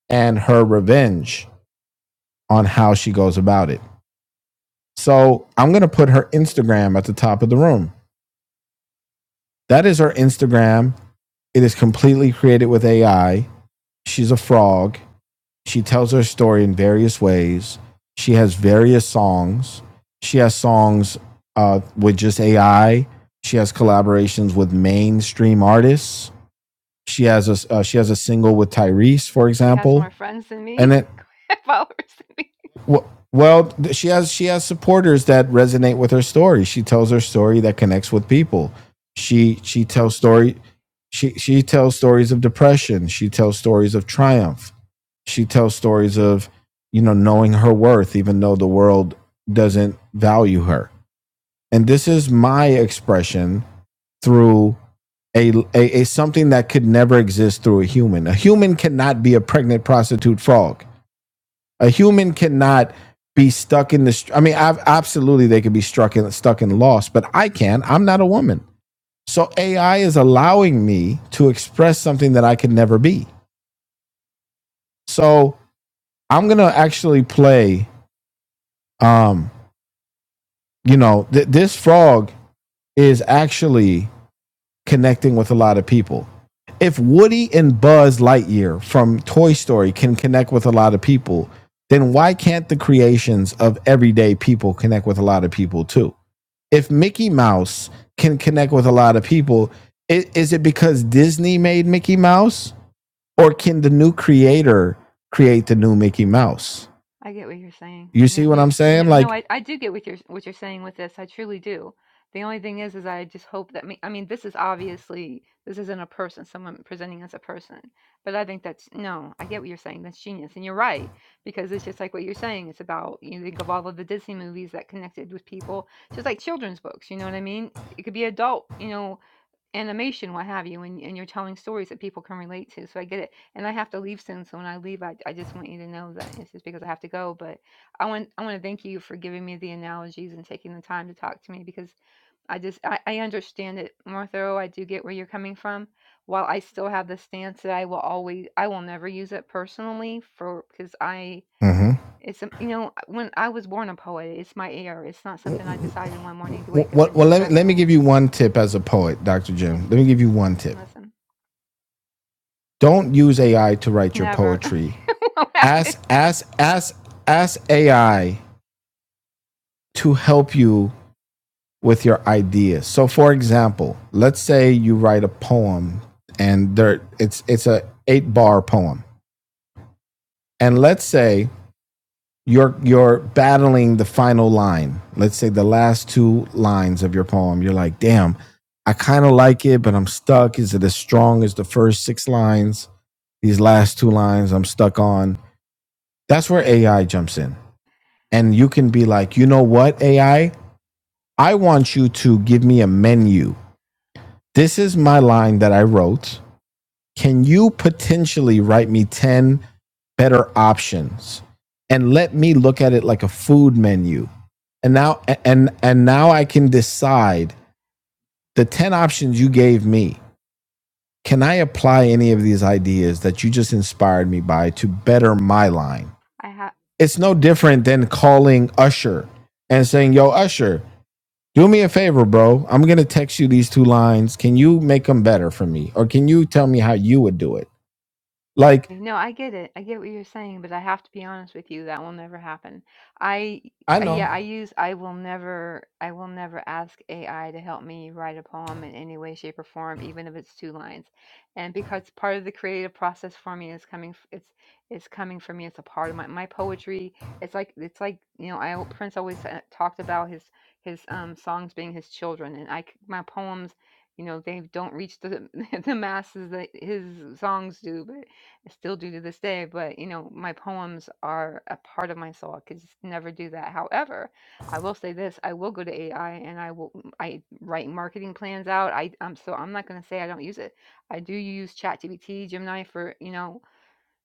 A: and her revenge on how she goes about it. So I'm going to put her Instagram at the top of the room. That is her Instagram. It is completely created with AI. She's a frog. She tells her story in various ways. She has various songs. She has songs uh, with just AI. She has collaborations with mainstream artists. She has a uh, she has a single with Tyrese, for
F: She has more
A: example,
F: friends than me,
A: and it
F: followers than me.
A: w- well she has she has supporters that resonate with her story. She tells her story that connects with people. She she tells story she she tells stories of depression. She tells stories of triumph she tells stories of you know knowing her worth even though the world doesn't value her and this is my expression through a, a, a something that could never exist through a human a human cannot be a pregnant prostitute frog a human cannot be stuck in the i mean I've, absolutely they could be struck in stuck in loss but i can not i'm not a woman so ai is allowing me to express something that i could never be so i'm gonna actually play um you know, th- this frog is actually connecting with a lot of people. If Woody and Buzz Lightyear from Toy Story can connect with a lot of people, then why can't the creations of everyday people connect with a lot of people too? If Mickey Mouse can connect with a lot of people, i- is it because Disney made Mickey Mouse or can the new creator create the new Mickey Mouse?
F: I get what you're saying.
A: You see
F: No,
A: what
F: you,
A: I'm
F: no,
A: saying?
F: no,
A: Like
F: I, I do get what you're what you're saying with this. I truly do. The only thing is, is I just hope that me. I mean, this is obviously this isn't a person, someone presenting as a person. But I think that's no. I get what you're saying. That's genius, and you're right because it's just like what you're saying. It's about you think of all of the Disney movies that connected with people, It's just like children's books. You know what I mean? It could be adult. You know, animation, what have you, and, and you're telling stories that people can relate to. So I get it. And I have to leave soon. So when I leave, I, I just want you to know that it's just because I have to go. But I want I want to thank you for giving me the analogies and taking the time to talk to me because I just I, I understand it more thorough. I do get where you're coming from. While I still have the stance that I will always I will never use it personally for because I
A: hmm
F: it's some- you know when I was born a poet, it's my air. It's not something I decided one morning to wake up
A: What?
F: and,
A: Well,
F: and
A: let me
F: start
A: let me give
F: doing.
A: you one tip as a poet, Doctor Jim.
F: Yes,
A: Let me
F: sir.
A: give you one tip.
F: Listen.
A: Don't use AI to write your
F: Never.
A: poetry.
F: What happened?
A: Ask ask ask ask AI to help you with your ideas. So, for example, let's say you write a poem, and there it's it's a eight bar poem, and let's say you're you're battling the final line. Let's say the last two lines of your poem. You're like, damn, I kind of like it, but I'm stuck. Is it as strong as the first six lines? These last two lines I'm stuck on. That's where AI jumps in. And you can be like, you know what, AI? I I want you to give me a menu This is my line that I wrote. Can you potentially write me 10 better options and let me look at it like a food menu? And now and and now I can decide the 10 options you gave me. Can I apply any of these ideas that you just inspired me by to better my line?
F: I have.
A: It's no different than calling Usher and saying, "Yo, Usher, Do me a favor, bro. I'm gonna text you these two lines. Can you make them better for me, or can you tell me how you would do it? Like
F: Eh, No, I get it. I get what you're saying, but I have to be honest with you, that will never happen. I
A: I
F: uh,
A: know.
F: yeah, I use I will never I will never ask AI to help me write a poem in any way, shape, or form, even if it's two lines. And because part of the creative process for me is coming f- it's it's coming from me. It's a part of my my poetry. It's like it's like, you know, I Prince always uh, talked about his his um songs being his children and I c- my poems you know they don't reach the the masses that his songs do, but I still do to this day, but you know, my poems are a part of my soul. I could just never do that. However, I will say this: I will go to AI and I will mm, I write marketing plans out. I I'm so I'm not going to say I don't use it. I do use ChatGPT, Gemini for you know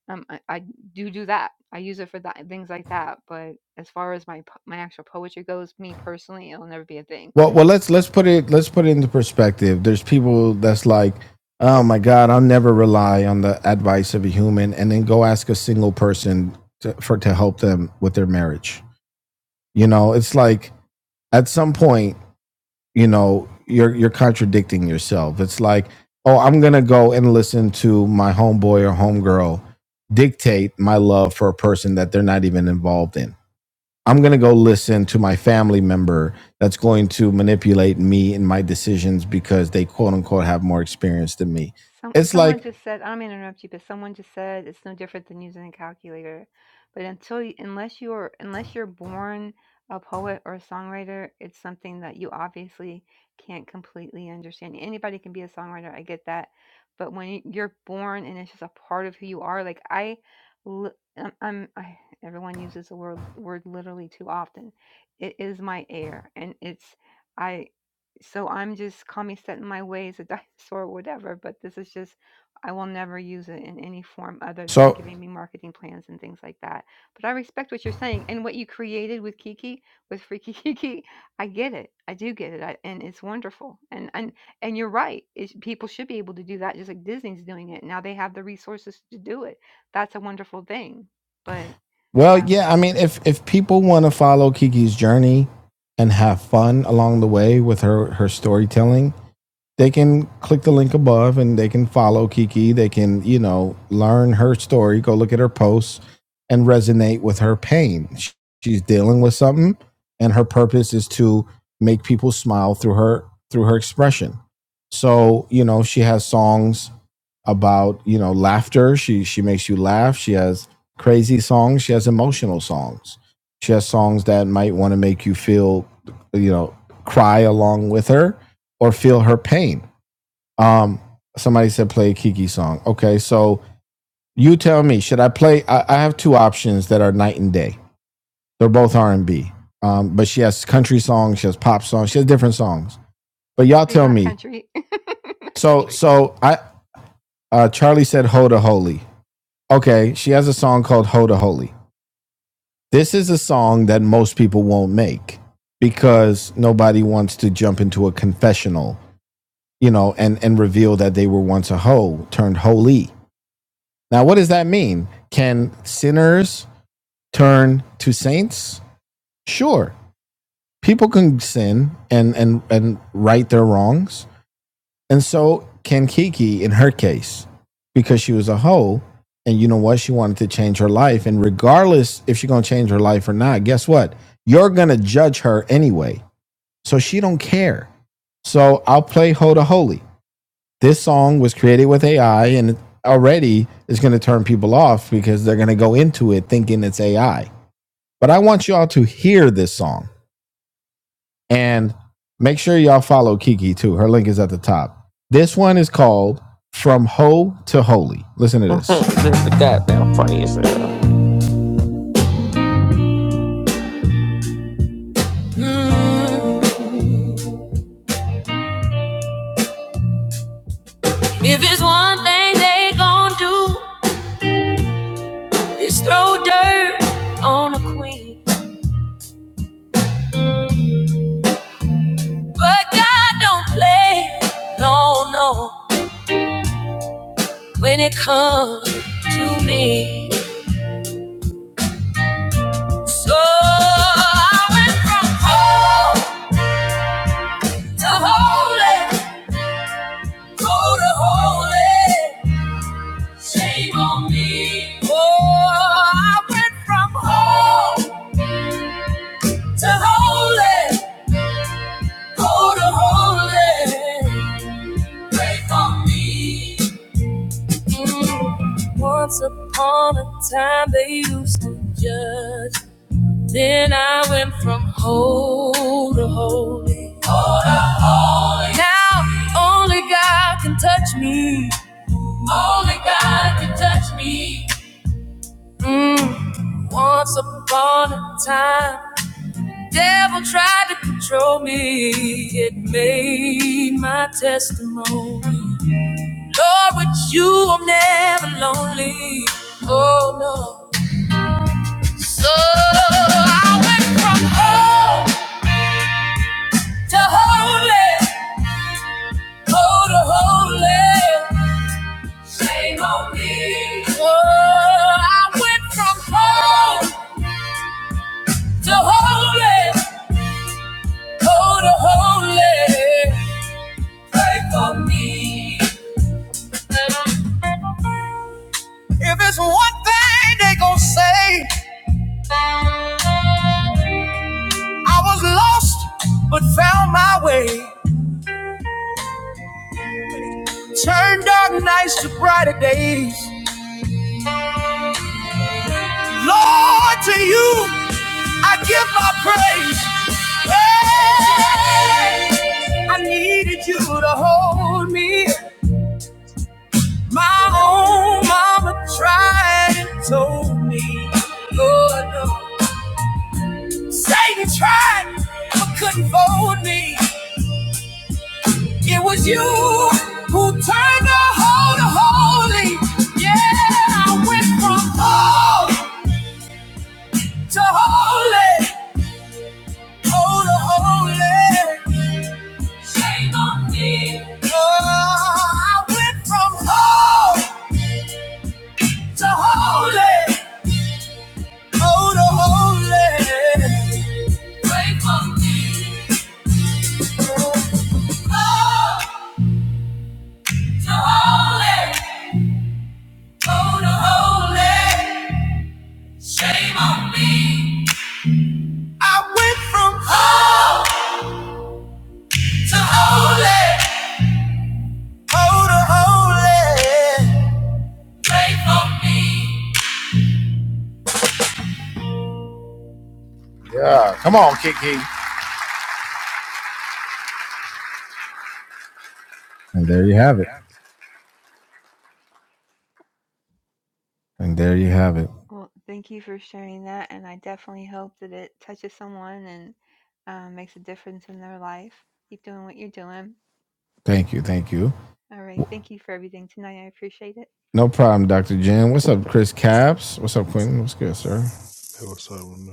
F: um I, I do do that. I use it for that things like that. But as far as my po- my actual poetry goes, me personally, it'll never be a thing.
A: Well, well, let's let's put it let's put it into perspective. There's people that's like, oh my god, I'll never rely on the advice of a human, and then go ask a single person to, for to help them with their marriage. You know, it's like at some point you know you're you're contradicting yourself it's like oh i'm gonna go and listen to my homeboy or homegirl dictate my love for a person that they're not even involved in i'm gonna go listen to my family member that's going to manipulate me in my decisions because they quote unquote have more experience than me
F: Some
A: it's
F: someone
A: like
F: just said I'm gonna interrupt you, but someone just said it's no different than using a calculator. But until you, unless you're unless you're born a poet or a songwriter, it's something that you obviously can't completely understand. Anybody can be a songwriter, I get that, but when you- you're born and it's just a part of who you are, like I, li- I'm, I'm I, everyone uses the word word literally too often. It is my air, and it's. I so I'm just call me set in my ways, a dinosaur, or whatever. But this is just, I will never use it in any form other than
A: so
F: giving me marketing plans and things like that. But I respect what you're saying and what you created with Kiki, with Freaky Kiki. I get it. I do get it, I, and it's wonderful. And and and you're right. It's, people should be able to do that, just like Disney's doing it now. They have the resources to do it. That's a wonderful thing. But
A: well
F: yeah,
A: yeah i mean if if people want to follow kiki's journey and have fun along the way with her her storytelling they can click the link above and they can follow Kiki. They can, you know, learn her story, go look at her posts and resonate with her pain. She's dealing with something and her purpose is to make people smile through her through her expression. So, you know, she has songs about, you know, laughter. She she makes you laugh. She has crazy songs, she has emotional songs. She has songs that might want to make you feel, you know, cry along with her or feel her pain. Um, somebody said play a Kiki song. Okay, so you tell me, should I play? I, I have two options that are night and day. They're both R and B, um, but she has country songs, she has pop songs, she has different songs. But y'all
F: please
A: tell
F: not
A: me.
F: country, not
A: So,
F: country.
A: so I uh, Charlie said "Ho to Holy." Okay, she has a song called "Ho to Holy." This is a song that most people won't make because nobody wants to jump into a confessional, you know, and and reveal that they were once a hoe turned holy Now, what does that mean? Can sinners turn to saints? Sure. People can sin and and and right their wrongs. And so can Kiki in her case, because she was a hoe, and you know what? She wanted to change her life. And regardless if she's gonna change her life or not, guess what? You're gonna judge her anyway. So she don't care. So I'll play hoe to holy this song was created with AI and it already is going to turn people off because they're going to go into it thinking it's AI. But I want y'all to hear this song and make sure y'all follow Kiki too. Her link is at the top. This one is called From Ho to Holy. Listen to this.
B: this is goddamn funny as hell.
A: If it's one thing they gon' do, it's throw dirt on a queen. But God don't play, no, no, when it comes to me. So I went from home to holy, go to holy. Shame on me. Oh, I went from home to holy, go to holy. Pray for me. Mm. Once upon a time, they used to judge. Then I went from whole to holy. All to holy. Now only God can touch me. Only God can touch me. Mm. Once upon a time, the devil tried to control me. It made my testimony. Lord, with you I'm never lonely. Oh no. So I went from home. to holy, holy, holy. Shame on me. Oh, I went from home to holy, holy, holy. Pray for me. If it's one thing they gonna say, I was lost but found my way. Turned dark nights to brighter days. Lord, to you I give my praise. Hey, I needed you to hold me. My own mama tried and told me, Lord, no. Satan tried, but couldn't fold me. It was you who turned the whole to holy. Yeah, I went from whole to holy, whole to holy. Shame on me. Oh, I went from whole. So holy, oh the holy. Wait for me. Oh, the holy, oh the holy. Shame on me. I went from oh to holy, oh the holy. Wait for me. Yeah, come on, Kiki. And there you have it. And there you have it.
F: Well, thank you for sharing that, and I definitely hope that it touches someone and um, makes a difference in their life. Keep doing what you're doing.
A: Thank you, thank you.
F: All right. Thank you for everything tonight. I appreciate it.
A: No problem, Dr. Jen. What's up, Chris Caps? What's up, Quentin? What's good, sir?
J: Hillside one.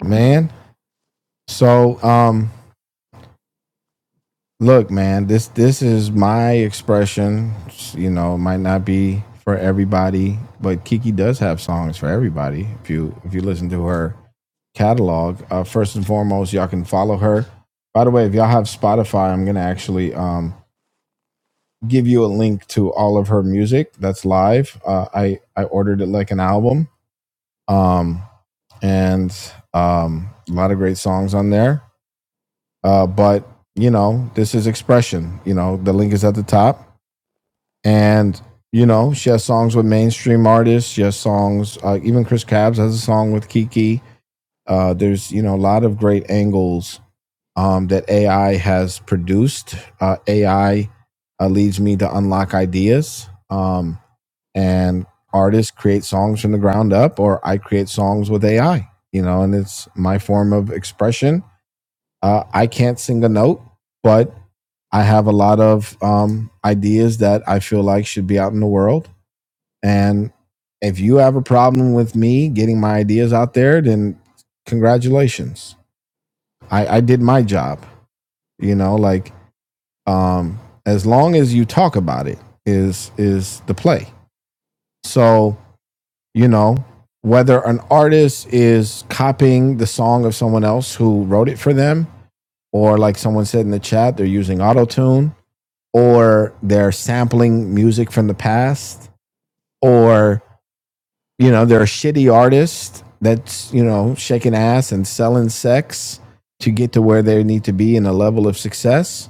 A: Man. So, um, look, man, this this is my expression. You know, it might not be for everybody, but Kiki does have songs for everybody. If you if you listen to her catalog, uh, first and foremost, y'all can follow her. By the way, if y'all have Spotify, I'm gonna actually um give you a link to all of her music that's live. Uh, I I ordered it like an album um, and um, a lot of great songs on there. Uh, but you know, this is expression. You know, the link is at the top, and you know, she has songs with mainstream artists. She has songs, uh, even Chris Cabs has a song with Kiki. Uh, there's you know a lot of great angles um, that AI has produced. Uh, AI uh, leads me to unlock ideas, um, and artists create songs from the ground up, or I create songs with AI. You know, and it's my form of expression. Uh, I can't sing a note, but I have a lot of um, ideas that I feel like should be out in the world. And if you have a problem with me getting my ideas out there, then congratulations. I, I did my job. You know, like um, as long as you talk about it is is the play so you know whether an artist is copying the song of someone else who wrote it for them or like someone said in the chat they're using auto tune, or they're sampling music from the past or you know they're a shitty artist that's you know shaking ass and selling sex to get to where they need to be in a level of success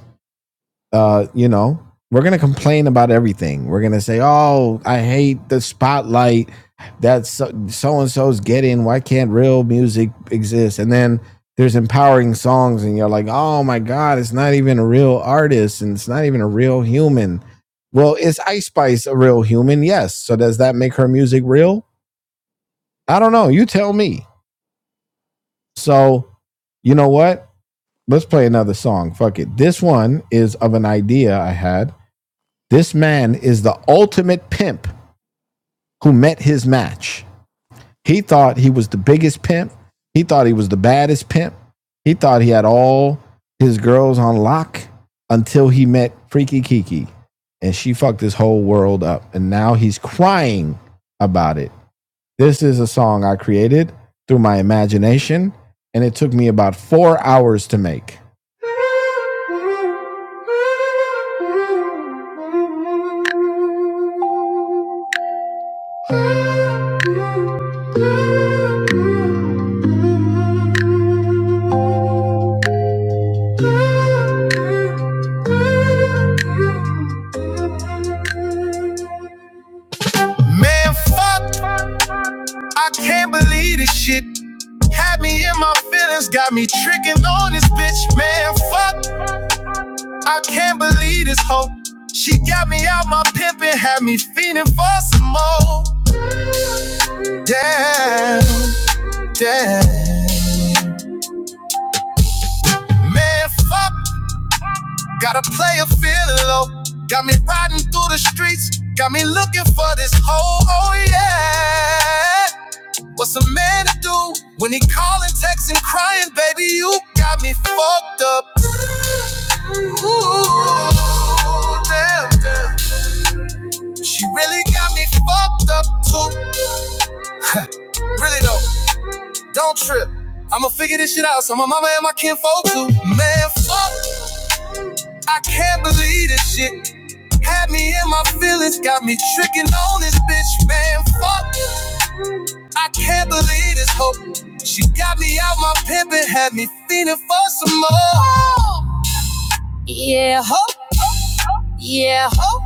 A: uh, you know, we're gonna complain about everything. We're gonna say, "Oh, I hate the spotlight that so and so's getting. Why can't real music exist?" And then there's empowering songs, and you're like, "Oh my God, it's not even a real artist, and it's not even a real human." Well, is Ice Spice a real human? Yes. So does that make her music real? I don't know. You tell me. So, you know what? Let's play another song. Fuck it. This one is of an idea I had This man is the ultimate pimp who met his match. He thought he was the biggest pimp. He thought he was the baddest pimp. He thought he had all his girls on lock until he met Freaky Kiki and she fucked his whole world up. And now he's crying about it this is a song I created through my imagination, and it took me about four hours to make. Man, fuck, I can't believe this shit. Had me in my feelings, got me tricking on this bitch. Man, fuck, I can't believe this hoe. She got me out my pimpin', had me feeling for some more. Damn, damn. Man, fuck. Gotta play a feeling low. Got me riding through the streets. Got me looking for this hoe. Oh, yeah. What's a man to do when he calling, texting, crying? Baby, you got me fucked up. Ooh, damn, damn. She really got me fucked up too. Really though, don't trip. I'ma figure this shit out. So my mama and my kinfolk too. Man, fuck. I can't believe this shit. Had me in my feelings, got me tricking on this bitch. Man, fuck. I can't believe this hoe She got me out my pimpin', had me feeling for some more. Yeah, ho, yeah, ho.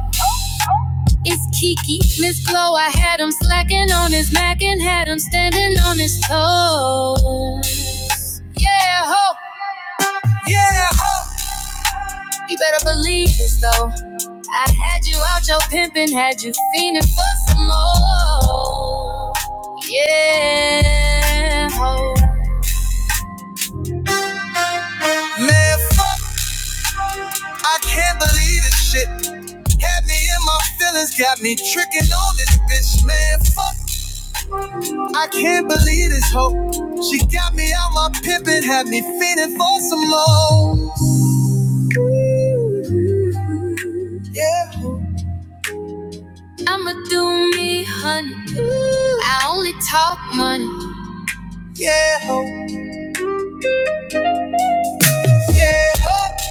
A: It's Kiki, Miss Glow. I had him slacking on his Mac and had him standing on his toes. Yeah, ho. Yeah. You better believe this though. I had you out your pimpin', had you fiending for some more. Yeah. oh. Man, fuck, I can't believe this shit. Had me in my feelings, got me trickin' on this bitch. Man, fuck, I can't believe this hoe. She got me out my pimpin', had me fiending for some more. Yeah. I'ma do me, honey. I only talk money. Yeah, ho, yeah, ho,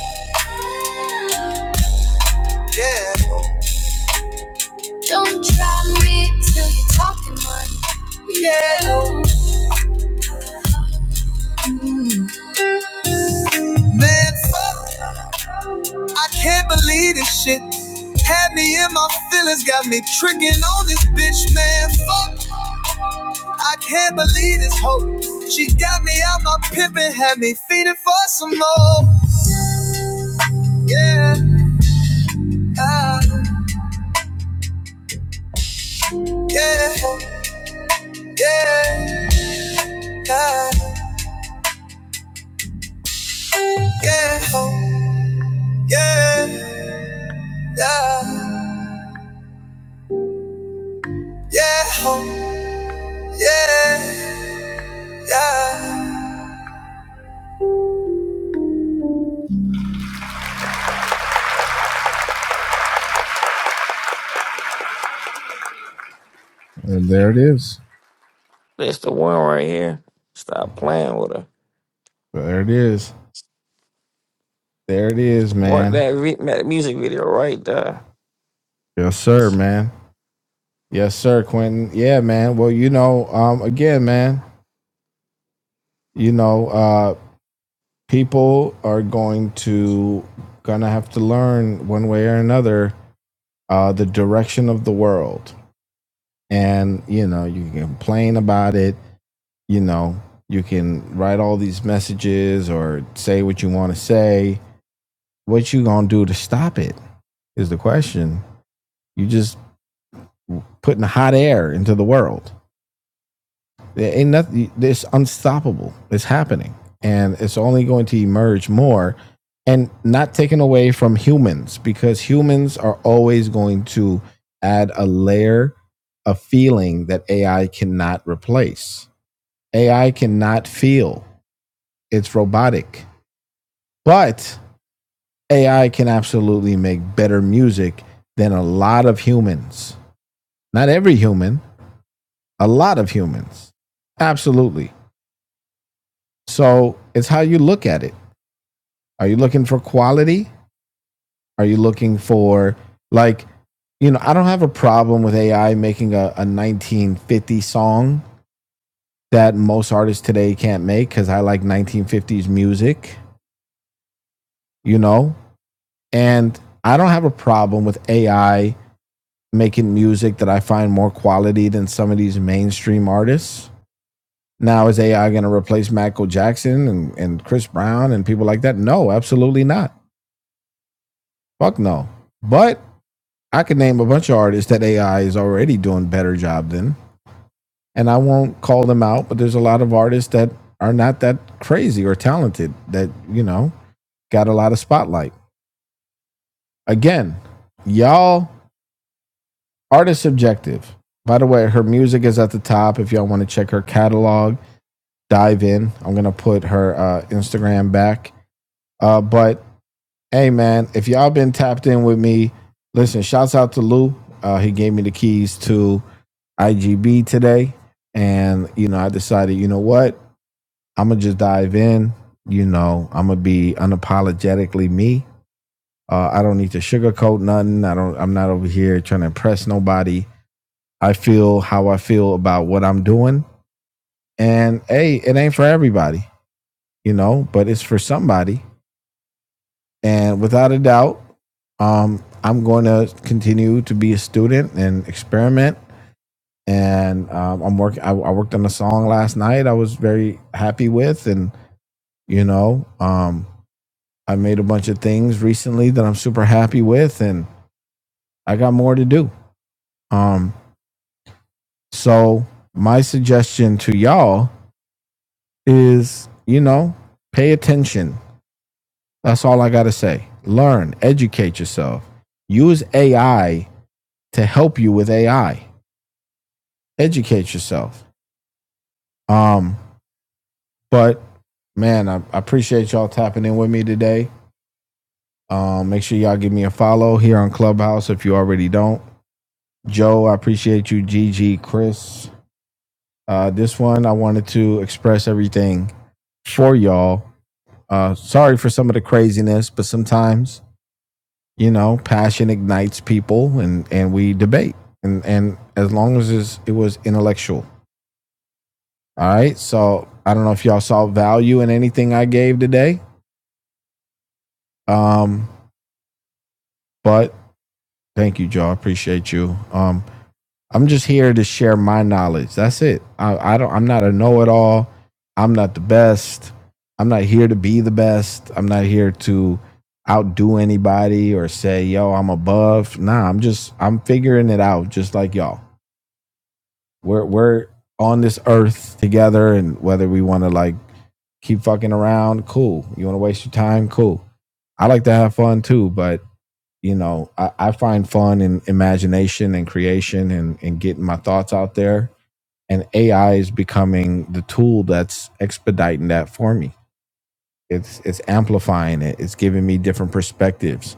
A: yeah. Ho. Don't try me till you're talking money. Yeah, ho, man, fuck. I can't believe this shit. Had me in my feelings, got me tricking on this bitch, man. Fuck, I can't believe this hoe. She got me out my pimpin', had me feeding for some more. Yeah, ah, yeah, yeah, ah, yeah, yeah, yeah. Yeah, ho, yeah, yeah. And there it is.
B: That's the one right here. Stop playing with her.
A: There it is. There it is,
B: What
A: man.
B: that, re- that music video right there.
A: Yes, sir, man. Yes, sir, Quentin. Yeah, man. Well, you know, um, again, man, you know, uh, people are going to gonna have to learn one way or another uh, the direction of the world. And you know, you can complain about it. You know, you can write all these messages or say what you want to say. What you gonna do to stop it? is the question. You just putting hot air into the world. There ain't nothing. It's unstoppable. It's happening, and it's only going to emerge more. And not taken away from humans because humans are always going to add a layer of feeling that AI cannot replace. AI cannot feel. It's robotic. But AI can absolutely make better music than a lot of humans. Not every human, a lot of humans. Absolutely. So it's how you look at it. Are you looking for quality? Are you looking for, like, you know, I don't have a problem with AI making a, a 1950 song that most artists today can't make because I like 1950s music, you know? And I don't have a problem with AI making music that I find more quality than some of these mainstream artists. Now is AI going to replace Michael Jackson and, and Chris Brown and people like that? No, absolutely not. Fuck no. But I could name a bunch of artists that AI is already doing a better job than, and I won't call them out. But there's a lot of artists that are not that crazy or talented that you know got a lot of spotlight. Again, y'all artist subjective. By the way, her music is at the top. If y'all want to check her catalog, dive in. I'm gonna put her uh, Instagram back. Uh, but Hey man, if y'all been tapped in with me, listen, shouts out to Lou. Uh, he gave me the keys to IGB today. And, you know, I decided, you know what? I'm going to just dive in. You know, I'm going to be unapologetically me. Uh, I don't need to sugarcoat nothing. I don't, I'm not over here trying to impress nobody. I feel how I feel about what I'm doing. And hey, it ain't for everybody, you know, but it's for somebody. And without a doubt, um, I'm going to continue to be a student and experiment. And um, I'm working. I, worked on a song last night. I was very happy with, and you know, um, I made a bunch of things recently that I'm super happy with, and I got more to do. Um, so my suggestion to y'all is, you know, pay attention. That's all I gotta say. Learn, educate yourself. Use AI to help you with AI educate yourself. Um, but man, I, I appreciate y'all tapping in with me today. Um, make sure y'all give me a follow here on Clubhouse if you already don't. Joe, I appreciate you. Gigi, Chris. Uh, this one, I wanted to express everything for y'all. Uh, sorry for some of the craziness, but sometimes, you know, passion ignites people and, and we debate. And, and as long as it's, it was intellectual. All right. So I don't know if y'all saw value in anything I gave today. Um, but thank you, Joe. I appreciate you. Um, I'm just here to share my knowledge. That's it. I, I don't. I'm not a know-it-all. I'm not the best. I'm not here to be the best. I'm not here to outdo anybody or say, "Yo, I'm above." Nah, I'm just. I'm figuring it out, just like y'all. We're we're on this earth together, and whether we want to like keep fucking around, cool. You want to waste your time, cool. I like to have fun too, but you know, I, I find fun in imagination and creation and, and getting my thoughts out there. And AI is becoming the tool that's expediting that for me. It's it's amplifying it. It's giving me different perspectives.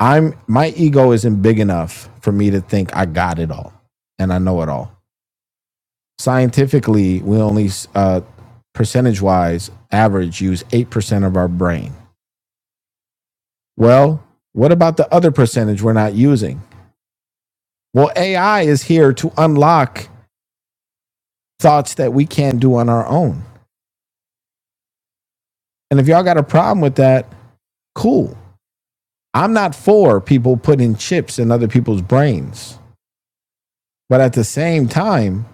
A: I'm my ego isn't big enough for me to think I got it all and I know it all. Scientifically, we only uh, percentage wise average use eight percent of our brain. Well, what about the other percentage we're not using? Well, AI is here to unlock thoughts that we can't do on our own. And if y'all got a problem with that, cool. I'm not for people putting chips in other people's brains. But at the same time,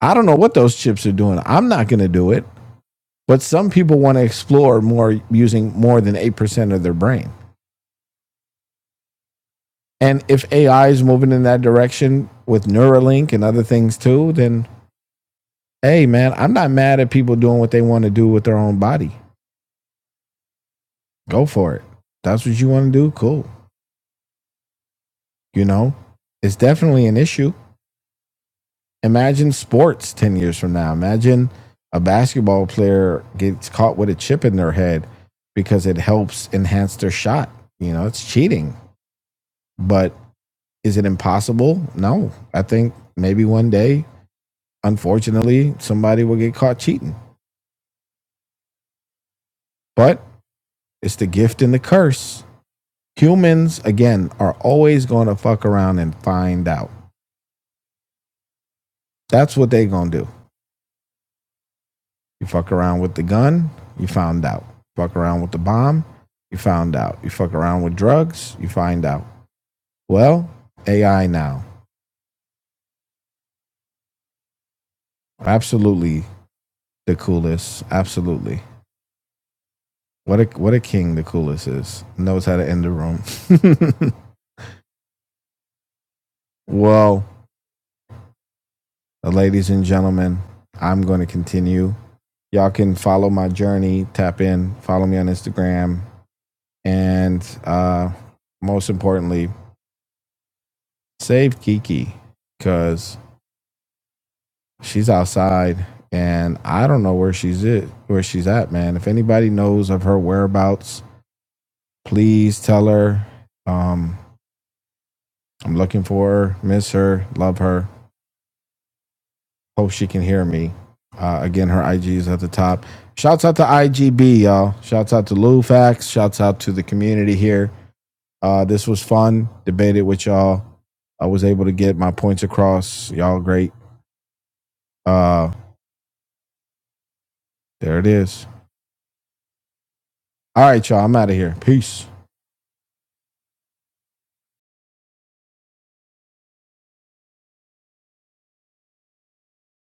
A: I don't know what those chips are doing. I'm not going to do it. But some people want to explore more using more than 8% of their brain. And if AI is moving in that direction with Neuralink and other things too, then hey, man, I'm not mad at people doing what they want to do with their own body. go for it. That's what you want to do. Cool. You know, it's definitely an issue. Imagine sports 10 years from now. Imagine a basketball player gets caught with a chip in their head because it helps enhance their shot. You know, it's cheating. But is it impossible? No. I think maybe one day, unfortunately, somebody will get caught cheating. But it's the gift and the curse. Humans, again, are always going to fuck around and find out. That's what they're going to do. You fuck around with the gun, you found out. Fuck around with the bomb, you found out. You fuck around with drugs, you find out. Well, AI now. Absolutely the coolest. Absolutely. What a what a king the coolest is. Knows how to end the room. well, uh, ladies and gentlemen, I'm going to continue. Y'all can follow my journey, tap in, follow me on Instagram, and uh most importantly, save Kiki cuz She's outside, and I don't know where she's at. Where she's at, man. If anybody knows of her whereabouts, please tell her. Um, I'm looking for her. Miss her. Love her. Hope she can hear me. Uh, again, her IG is at the top. Shouts out to IGB, y'all. Shouts out to Lou Fax. Shouts out to the community here. Uh, this was fun. Debated with y'all. I was able to get my points across. Y'all great. Uh, there it is. All right, y'all. I'm out of here. Peace.